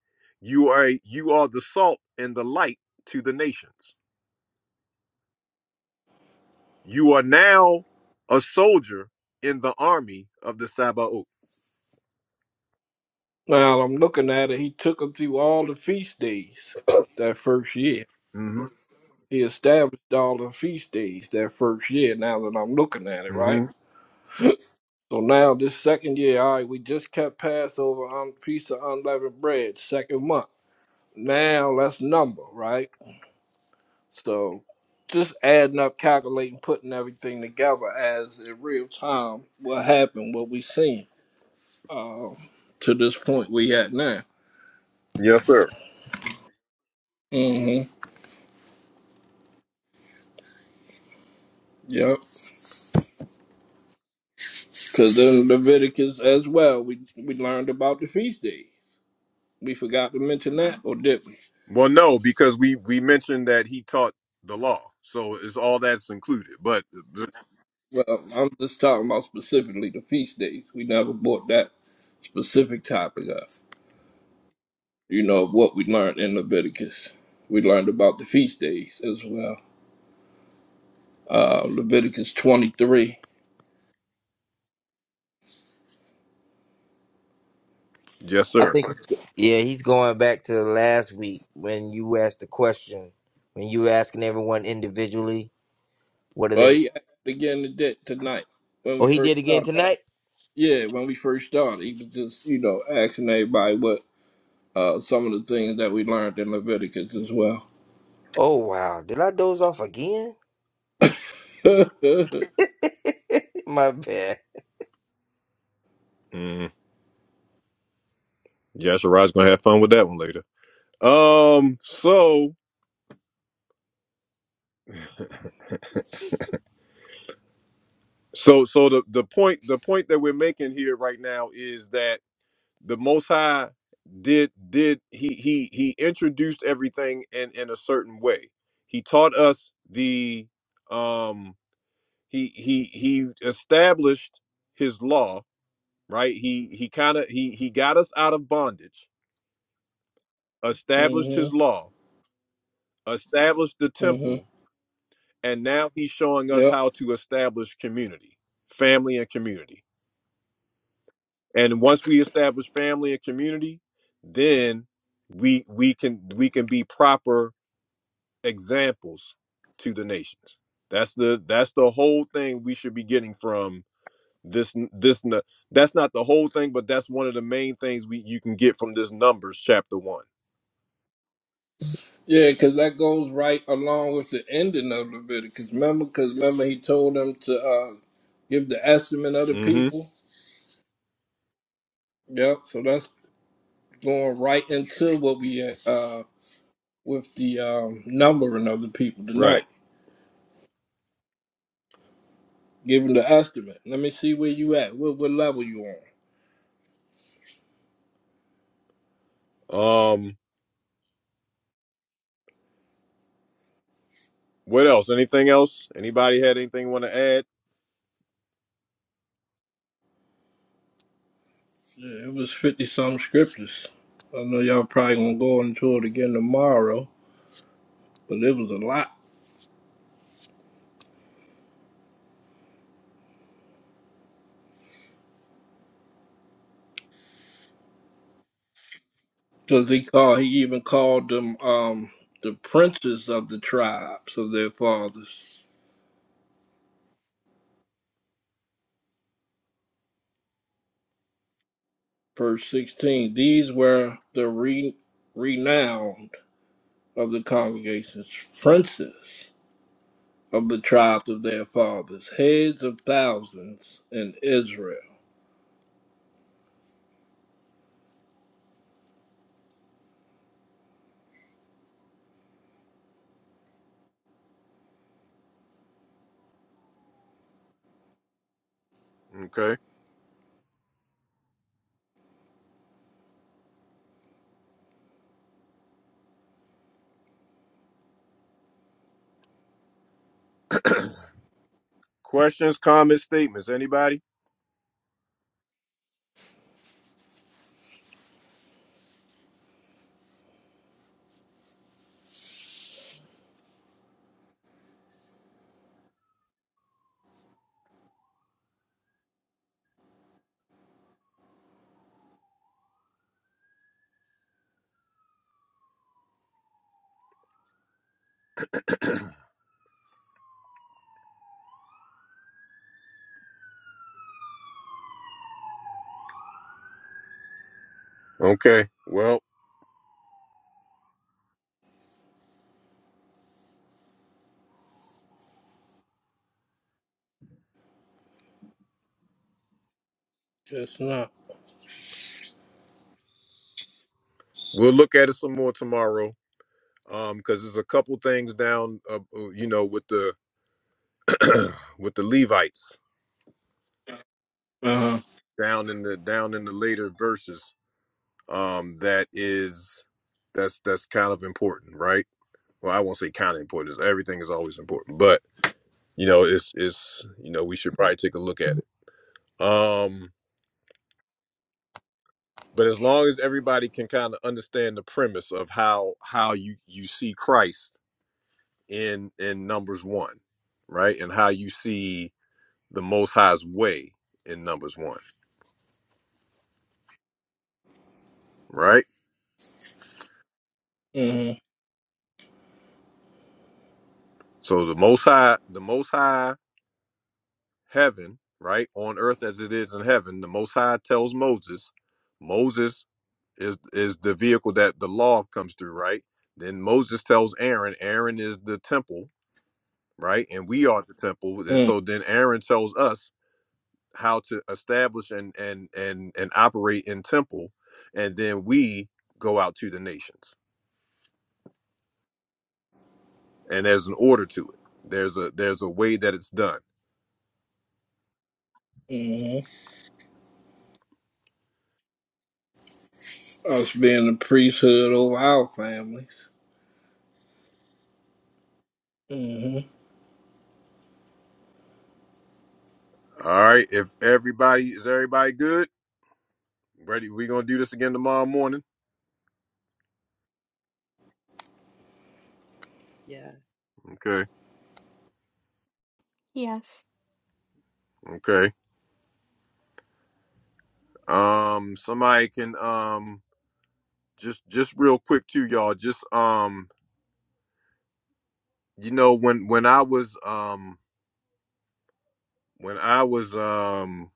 Speaker 7: You are you are the salt and the light to the nations. You are now a soldier in the army of the Sabaoth.
Speaker 4: Now I'm looking at it. He took them through all the feast days that first year.
Speaker 7: hmm
Speaker 4: He established all the feast days that first year. Now that I'm looking at it, right?
Speaker 7: hmm
Speaker 4: So now this second year, all right, we just kept Passover on piece of unleavened bread, second month. Now let's number, right? So just adding up, calculating, putting everything together as in real time what happened, what we seen uh, to this point we at now.
Speaker 7: Yes, sir.
Speaker 4: Mm-hmm. Yep. Because in Leviticus as well, we we learned about the feast days. We forgot to mention that, or did we?
Speaker 7: Well, no, because we we mentioned that he taught the law, so it's all that's included. But but-
Speaker 4: Well, I'm just talking about specifically the feast days. We never brought that specific topic of, you know, what we learned in Leviticus. We learned about the feast days as well. Uh, Leviticus 23.
Speaker 7: yes,
Speaker 1: I
Speaker 7: sir.
Speaker 1: think yeah he's going back to last week when you asked the question when you were asking everyone individually what are
Speaker 4: Well,
Speaker 1: they
Speaker 4: he asked again today, tonight when
Speaker 1: oh
Speaker 4: we
Speaker 1: he
Speaker 4: first
Speaker 1: did again
Speaker 4: started.
Speaker 1: tonight
Speaker 4: Yeah, when we first started, he was just, you know, asking everybody what uh, some of the things that we learned in Leviticus as well.
Speaker 1: oh wow did I doze off again
Speaker 4: [laughs]
Speaker 1: [laughs] my bad
Speaker 7: Mm. Yeah, Shiraz's gonna have fun with that one later. Um. So [laughs] so so the the point the point that we're making here right now is that. the most high did did he he he introduced everything in in a certain way he taught us the um he he he established his law right he he kind of he he got us out of bondage established
Speaker 4: hmm
Speaker 7: his law established the
Speaker 4: hmm
Speaker 7: temple and now he's showing us
Speaker 4: Yep.
Speaker 7: how to establish community family and community and once we establish family and community then we we can we can be proper examples to the nations. That's the that's the whole thing we should be getting from this this that's not the whole thing, but that's one of the main things we you can get from this Numbers chapter one.
Speaker 4: Yeah, because that goes right along with the ending of Leviticus. Remember, because remember he told them to uh, give the estimate of the
Speaker 7: Mm-hmm.
Speaker 4: people Yep. So that's going right into what we uh with the um numbering of the people tonight,
Speaker 7: Right.
Speaker 4: giving the estimate. Let me see where you at. What what level you on?
Speaker 7: Um. What else? Anything else? Anybody had anything want to add?
Speaker 4: Yeah, it was fifty some scriptures. I know y'all probably gonna go into it again tomorrow, but it was a lot because he called, he even called them um the princes of the tribes of their fathers. Verse sixteen. These were the re- renowned of the congregations, princes. of the tribes of their fathers, heads of thousands in Israel.
Speaker 7: Okay. Questions, comments, statements. Anybody? Okay. Well,
Speaker 4: That's not.
Speaker 7: we'll look at it some more tomorrow. Um, because there's a couple things down, uh, uh, you know, with the [clears throat] with the Levites
Speaker 4: Uh huh.
Speaker 7: down in the down in the later verses um that is that's that's kind of important right well i won't say kind of important 'cause everything is always important but you know it's it's you know we should probably take a look at it um but as long as everybody can kind of understand the premise of how how you you see christ in in numbers one right and how you see the most high's way in numbers one right
Speaker 4: Mm
Speaker 7: so the most high the most high heaven, right? On earth as it is in heaven, the most high tells Moses, Moses is is the vehicle that the law comes through, right? Then Moses tells Aaron, Aaron is the temple, right? And we are the temple. And
Speaker 4: hmm.
Speaker 7: so then Aaron tells us how to establish and and and and operate in temple, and then we go out to the nations. And there's an order to it. There's a there's a way that it's done.
Speaker 4: Mm-hmm. Us being the priesthood over our families. hmm
Speaker 7: All right. If everybody is everybody good? Ready? We're gonna do this again tomorrow morning.
Speaker 12: Yes.
Speaker 7: Okay,
Speaker 5: Yes.
Speaker 7: okay. Um, somebody can um just just real quick too, y'all. Just um, you know, when when I was um when I was um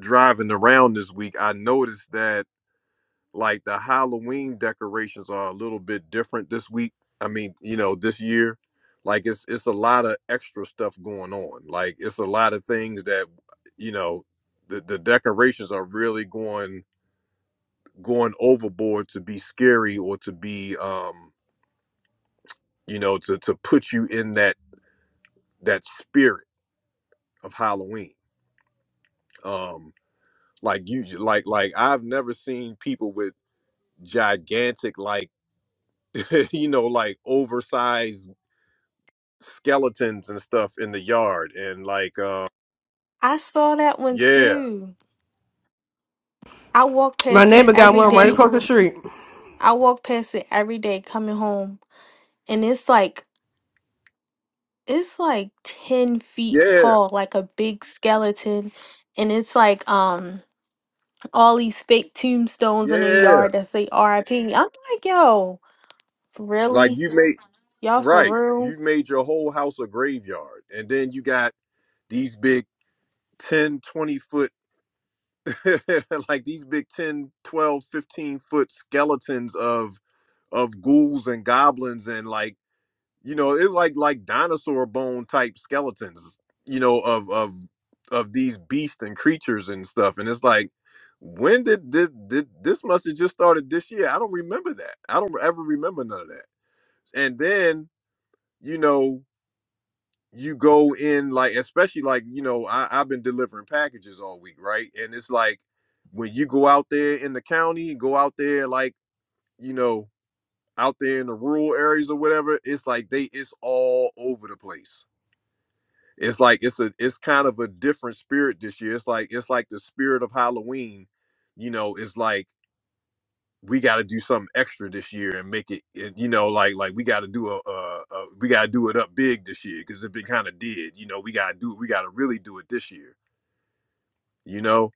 Speaker 7: driving around this week, I noticed that like the Halloween decorations are a little bit different this week. I mean, you know, this year, like it's it's a lot of extra stuff going on. Like it's a lot of things that you know the the decorations are really going going overboard to be scary or to be um you know to to put you in that that spirit of halloween um like you like like i've never seen people with gigantic like [laughs] you know like oversized skeletons and stuff in the yard and like uh
Speaker 5: I saw that one
Speaker 7: yeah
Speaker 5: too. I walk
Speaker 2: My
Speaker 5: past it
Speaker 2: neighbor got
Speaker 5: every
Speaker 2: one right
Speaker 5: day.
Speaker 2: across the street.
Speaker 5: I walk past it every day coming home. And it's like, it's like 10 feet
Speaker 7: yeah
Speaker 5: tall, like a big skeleton. And it's like, um, all these fake tombstones in the
Speaker 7: yeah
Speaker 5: yard that say RIP. I'm like, yo,
Speaker 7: like
Speaker 5: really?
Speaker 7: you made
Speaker 5: Y'all for
Speaker 7: right
Speaker 5: real?
Speaker 7: you made your whole house a graveyard and then you got these big 10, 20 foot [laughs] like these big 10, 12, 15 foot skeletons of of ghouls and goblins and like you know it like like dinosaur bone type skeletons you know of of of these beasts and creatures and stuff and it's like when did this did this must have just started this year i don't remember that i don't ever remember none of that and then you know you go in like especially like you know I, i've been delivering packages all week right and it's like when you go out there in the county go out there like you know out there in the rural areas or whatever it's like they it's all over the place it's like it's a it's kind of a different spirit this year it's like it's like the spirit of halloween you know it's like we got to do something extra this year and make it it- you know like like we got to do a, a, a we got to do it up big this year because it been kind of did you know we got to do we got to really do it this year you know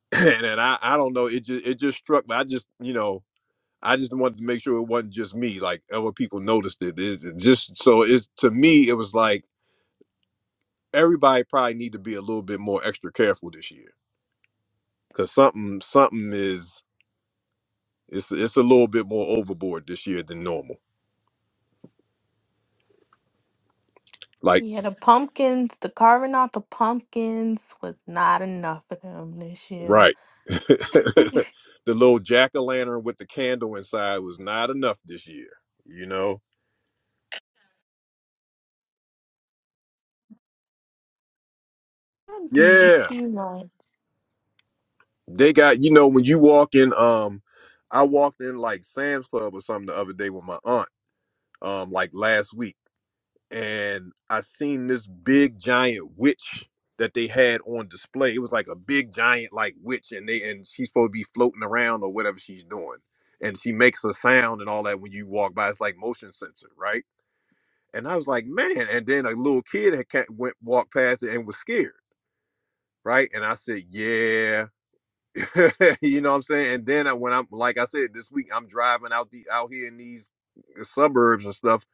Speaker 7: [clears throat] [laughs] and, and i i don't know it just it just struck me i just you know i just wanted to make sure it wasn't just me like other people noticed it. it is just so it's to me it was like everybody probably need to be a little bit more extra careful this year because something something is it's it's a little bit more overboard this year than normal like
Speaker 5: Yeah, the pumpkins, the carving out the pumpkins was not enough for them this year.
Speaker 7: Right. [laughs]
Speaker 5: [laughs]
Speaker 7: the little jack o' lantern with the candle inside was not enough this year, you know?
Speaker 5: I do
Speaker 7: Yeah.
Speaker 5: too much.
Speaker 7: They got, you know, when you walk in, um, I walked in like Sam's Club or something the other day with my aunt, um, like last week, and I seen this big giant witch that they had on display. It was like a big giant like witch, and they and she's supposed to be floating around or whatever she's doing. And she makes a sound and all that when you walk by. It's like motion sensor, right? And I was like, man. And then a little kid had ca- went walked past it and was scared, right? And I said, yeah, [laughs] you know what I'm saying. And then I, when I'm like I said this week, I'm driving out the out here in these uh, suburbs and stuff,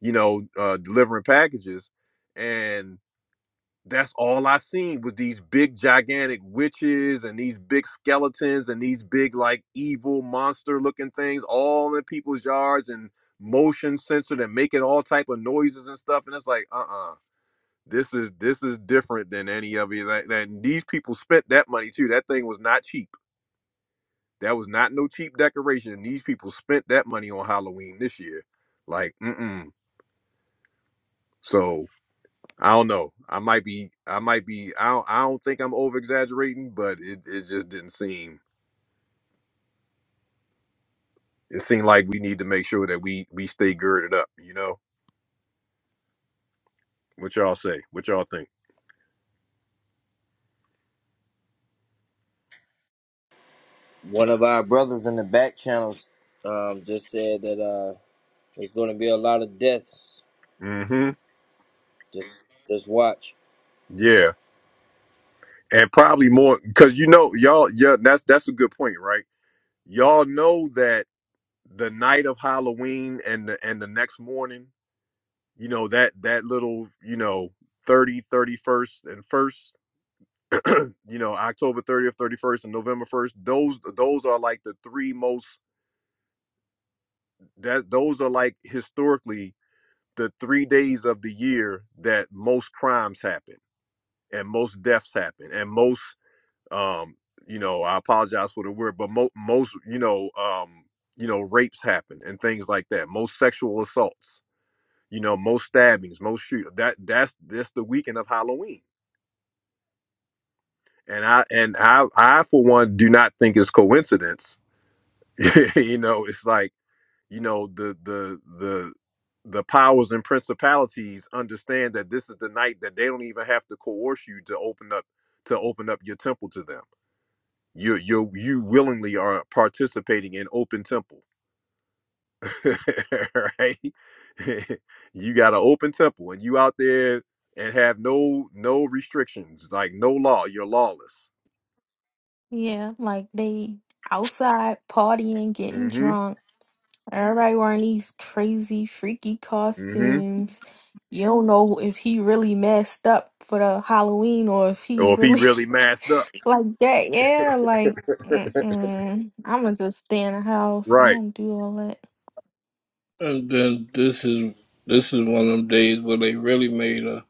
Speaker 7: you know, uh, delivering packages, and that's all I seen was these big gigantic witches and these big skeletons and these big like evil monster looking things all in people's yards and motion sensor that making all type of noises and stuff and it's like uh-uh this is this is different than any of it. That, that these people spent that money too. That thing was not cheap. That was not no cheap decoration. And these people spent that money on Halloween this year. Like, mm-mm. So I don't know. I might be. I might be. I don't, I don't think I'm over exaggerating, but it, it just didn't seem. It seemed like we need to make sure that we we stay girded up. You know what y'all say? What y'all think?
Speaker 1: one of our brothers in the back channels um just said that uh there's going to be a lot of deaths
Speaker 7: Mm-hmm.
Speaker 1: Just just watch.
Speaker 7: Yeah, and probably more because you know y'all. Yeah, that's that's a good point, right? Y'all know that the night of Halloween and the and the next morning, you know, that that little, you know, thirty thirty first and first, you know, October 30th, 31st and November 1st, those those are like the three most that those are like historically the three days of the year that most crimes happen and most deaths happen and most um you know, I apologize for the word, but mo- most, you know, um, you know, rapes happen and things like that. Most sexual assaults you know most stabbings most shoot that that's that's the weekend of halloween and i and i i for one do not think it's coincidence [laughs] you know it's like you know the the the the powers and principalities understand that this is the night that they don't even have to coerce you to open up to open up your temple to them you you you willingly are participating in open temple [laughs] right? [laughs] you got an open temple and you out there and have no no restrictions, like no law. You're lawless.
Speaker 5: Yeah, like they outside partying, getting
Speaker 7: Mm-hmm.
Speaker 5: drunk. Everybody wearing these crazy, freaky
Speaker 7: Mm-hmm.
Speaker 5: costumes. You don't know if he really messed up for the Halloween or if he
Speaker 7: Or if he
Speaker 5: really
Speaker 7: really masked up.
Speaker 5: [laughs] like that. Yeah, like
Speaker 7: [laughs]
Speaker 5: mm-mm. I'ma just stay in the house. I
Speaker 7: Right.
Speaker 5: don't do all that.
Speaker 4: And then this is this is one of them days where they really made a,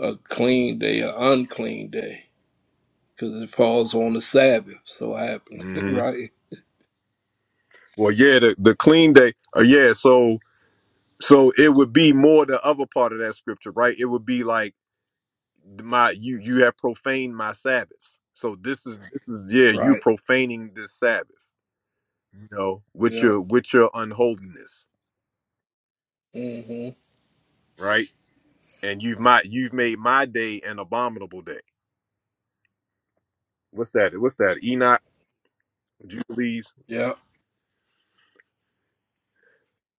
Speaker 4: a clean day, an unclean day, because it falls on the Sabbath. So happening, [laughs]
Speaker 7: Mm-hmm.
Speaker 4: right?
Speaker 7: Well, yeah, the, the clean day. Uh, yeah, so so it would be more the other part of that scripture, right? It would be like my you you have profaned my Sabbaths. So this is this is yeah, you're
Speaker 4: Right.
Speaker 7: profaning this Sabbath, you know, with
Speaker 4: Yep.
Speaker 7: your with your unholiness.
Speaker 4: hmm
Speaker 7: right? And you've my you've made my day an abominable day. What's that? What's that? Enoch, Jubilees.
Speaker 4: Yep.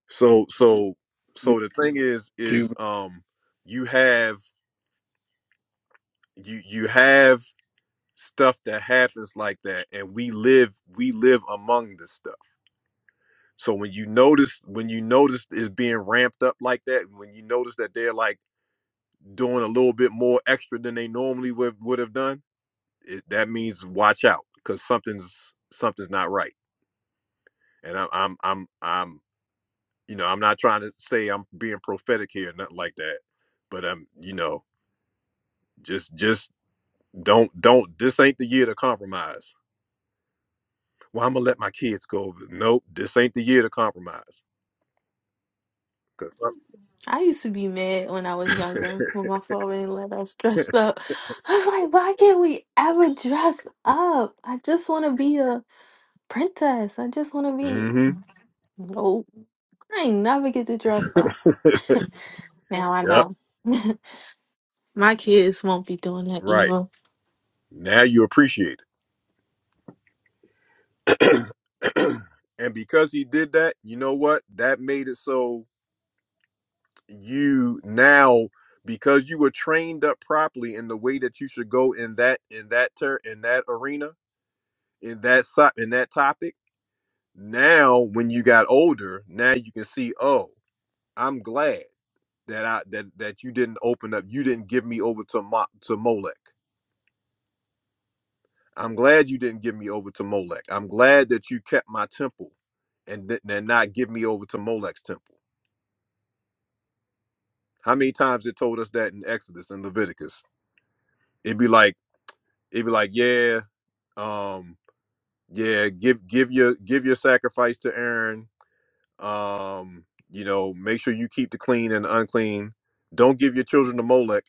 Speaker 7: So so
Speaker 4: Yep.
Speaker 7: so the thing is is
Speaker 4: You-
Speaker 7: um you have you you have stuff that happens like that and we live we live among this stuff. So when you notice when you notice it's being ramped up like that, when you notice that they're like doing a little bit more extra than they normally would would have done, it, that means watch out because something's something's not right and I'm I'm I'm I'm you know I'm not trying to say I'm being prophetic here, nothing like that. But I'm, you know, just just don't don't. This ain't the year to compromise. Well, I'm gonna let my kids go over. Nope, this ain't the year to compromise. 'Cause I'm-
Speaker 5: I used to be mad when I was younger when my father didn't let us
Speaker 7: [laughs]
Speaker 5: dress up. I was like, why can't we ever dress up? I just want to be a princess. I just want to be.
Speaker 7: mm-hmm.
Speaker 5: Nope. I ain't never get to dress up. [laughs] now I
Speaker 7: Yep.
Speaker 5: know. [laughs] my kids won't be doing that
Speaker 7: Right.
Speaker 5: either.
Speaker 7: Now you appreciate it. [clears throat] and because he did that, you know what? That made it so you now because you were trained up properly in the way that you should go in that in that ter- in that arena in that so- in that topic. Now, when you got older, now you can see. Oh, I'm glad that I that that you didn't open up. You didn't give me over to Mo, to Molech. I'm glad you didn't give me over to Molech. I'm glad that you kept my temple, and did and not give me over to Molech's temple. How many times it told us that in Exodus and Leviticus? It'd be like it'd be like yeah, um, yeah. Give give your give your sacrifice to Aaron Um, you know, make sure you keep the clean and the unclean. Don't give your children to Molech.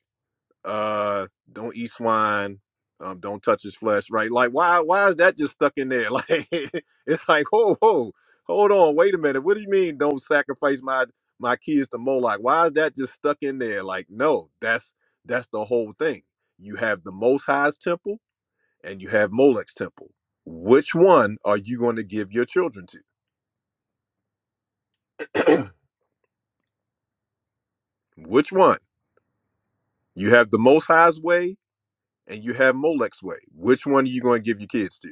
Speaker 7: Uh, don't eat swine. Um, don't touch his flesh. Right? Like, why? Why is that just stuck in there? [laughs] Like, it's like, whoa, whoa, hold on, wait a minute. What do you mean? Don't sacrifice my my kids to Moloch? Why is that just stuck in there? Like, no, that's that's the whole thing. You have the Most High's temple and you have Molech's temple. Which one are you going to give your children to? [clears throat] Which one? You have the Most High's way and you have Molech's way. Which one are you going to give your kids to?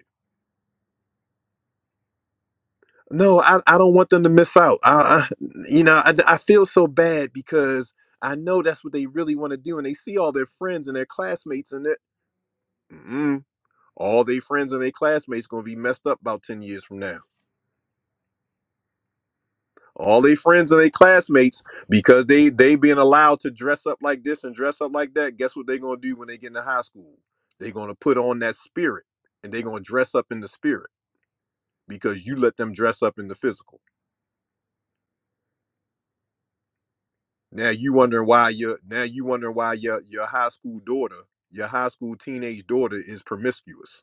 Speaker 7: No, I, I don't want them to miss out. I, I you know, I, I feel so bad because I know that's what they really want to do, and they see all their friends and their classmates and their mm all their friends and their classmates going to be messed up about ten years from now. All their friends and their classmates because they they being allowed to dress up like this and dress up like that. Guess what they're going to do when they get into high school? They're going to put on that spirit and they're going to dress up in the spirit because you let them dress up in the physical. Now you wondering why your now you wondering why your your high school daughter, your high school teenage daughter is promiscuous.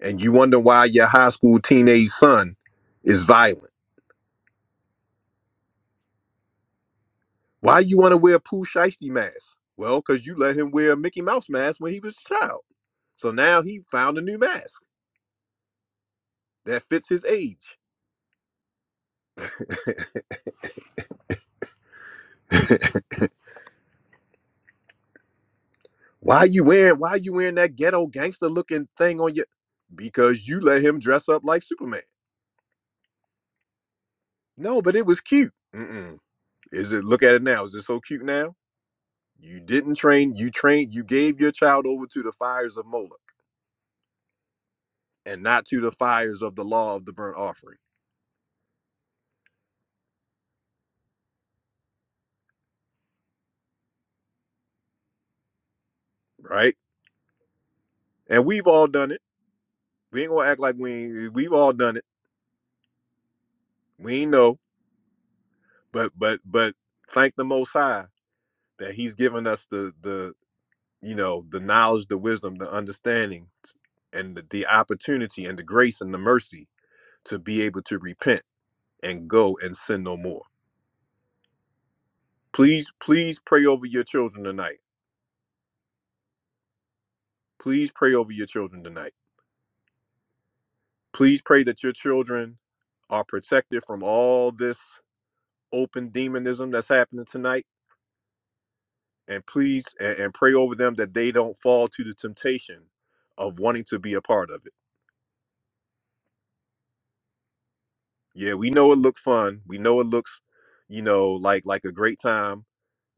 Speaker 7: And you wonder why your high school teenage son is violent. Why you want to wear a Pooh Shiesty mask? Well, because you let him wear a Mickey Mouse mask when he was a child. So now he found a new mask that fits his age. Why you wearing why you wearing that ghetto gangster looking thing on your because you let him dress up like Superman. No, but it was cute. Mm-mm Is it look at it now? Is it so cute now? You didn't train, you trained, you gave your child over to the fires of Moloch and not to the fires of the law of the burnt offering, right? And we've all done it. We ain't gonna act like we ain't, we've all done it. We ain't know, but but but thank the most high that he's given us the the you know the knowledge, the wisdom, the understanding and the, the opportunity and the grace and the mercy to be able to repent and go and sin no more. Please, please pray over your children tonight Please pray over your children tonight. Please pray that your children are protected from all this open demonism that's happening tonight. And please, and, and pray over them that they don't fall to the temptation of wanting to be a part of it. Yeah, we know it looked fun. We know it looks, you know, like like a great time.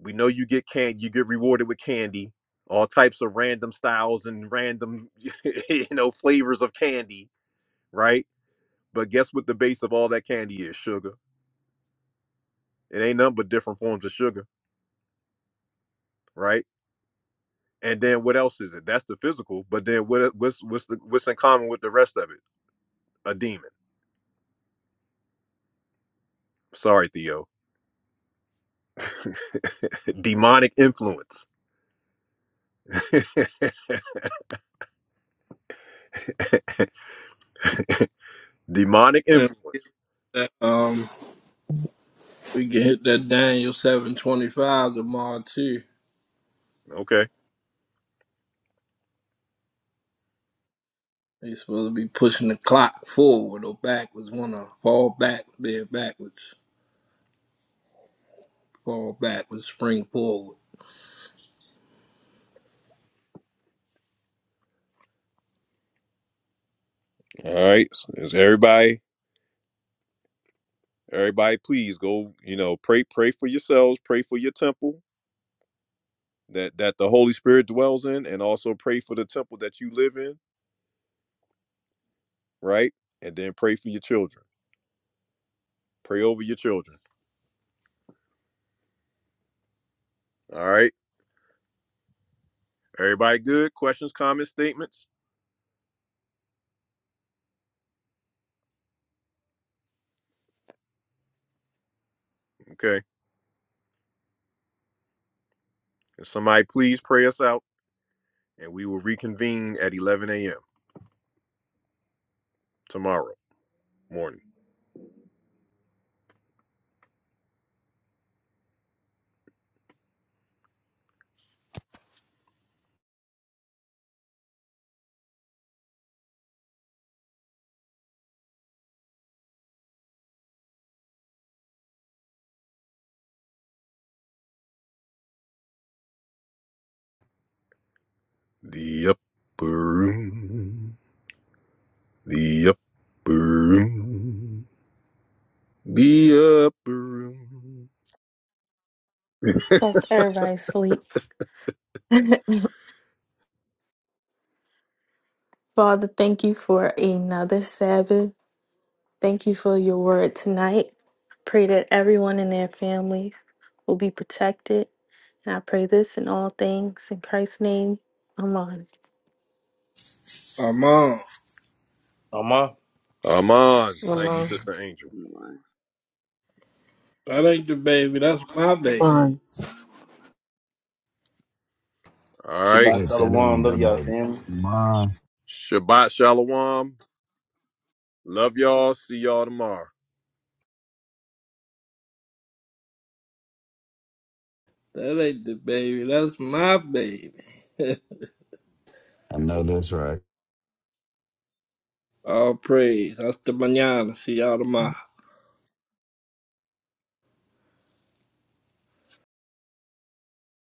Speaker 7: We know you get can you get rewarded with candy, all types of random styles and random, [laughs] you know, flavors of candy, right? But guess what the base of all that candy is? Sugar. It ain't nothing but different forms of sugar, right? And then what else is it? That's the physical. But then what, what's what's the, what's in common with the rest of it? A demon. Sorry, Theo. [laughs] Demonic influence. [laughs] Demonic influence.
Speaker 4: Um. We can hit that Daniel 725 tomorrow too.
Speaker 7: Okay.
Speaker 4: They supposed to be pushing the clock forward or backwards. Wanna fall back, bend backwards, fall backwards, spring forward.
Speaker 7: All right. So Is everybody everybody please go, you know, pray pray for yourselves, pray for your temple that that the Holy Spirit dwells in and also pray for the temple that you live in, right? And then pray for your children. Pray over your children. All right? Everybody good? Questions, comments, statements? Okay. Can somebody please pray us out and we will reconvene at 11 a.m. tomorrow morning. The upper room. The upper room. The upper room. [laughs]
Speaker 5: That's everybody sleep. [laughs] Father, thank you for another Sabbath. Thank you for your word tonight. Pray that everyone and their families will be protected And I pray this in all things in Christ's name. Amen.
Speaker 4: My mom,
Speaker 1: Ama.
Speaker 7: Aman.
Speaker 2: I'm
Speaker 7: Thank you,
Speaker 2: on.
Speaker 7: Sister Angel.
Speaker 12: Come on.
Speaker 4: that ain't the baby, that's my
Speaker 6: Come
Speaker 4: baby.
Speaker 6: on.
Speaker 7: All right.
Speaker 16: Hey,
Speaker 3: Shabbat
Speaker 16: that
Speaker 3: shalom.
Speaker 16: ain't
Speaker 3: Love
Speaker 16: the
Speaker 3: y'all,
Speaker 16: baby.
Speaker 3: family.
Speaker 16: Come
Speaker 7: Shabbat Shalom. Love y'all. See y'all tomorrow.
Speaker 4: That ain't the baby, that's my baby.
Speaker 16: I know that's right.
Speaker 4: All praise. Hasta mañana. See y'all tomorrow.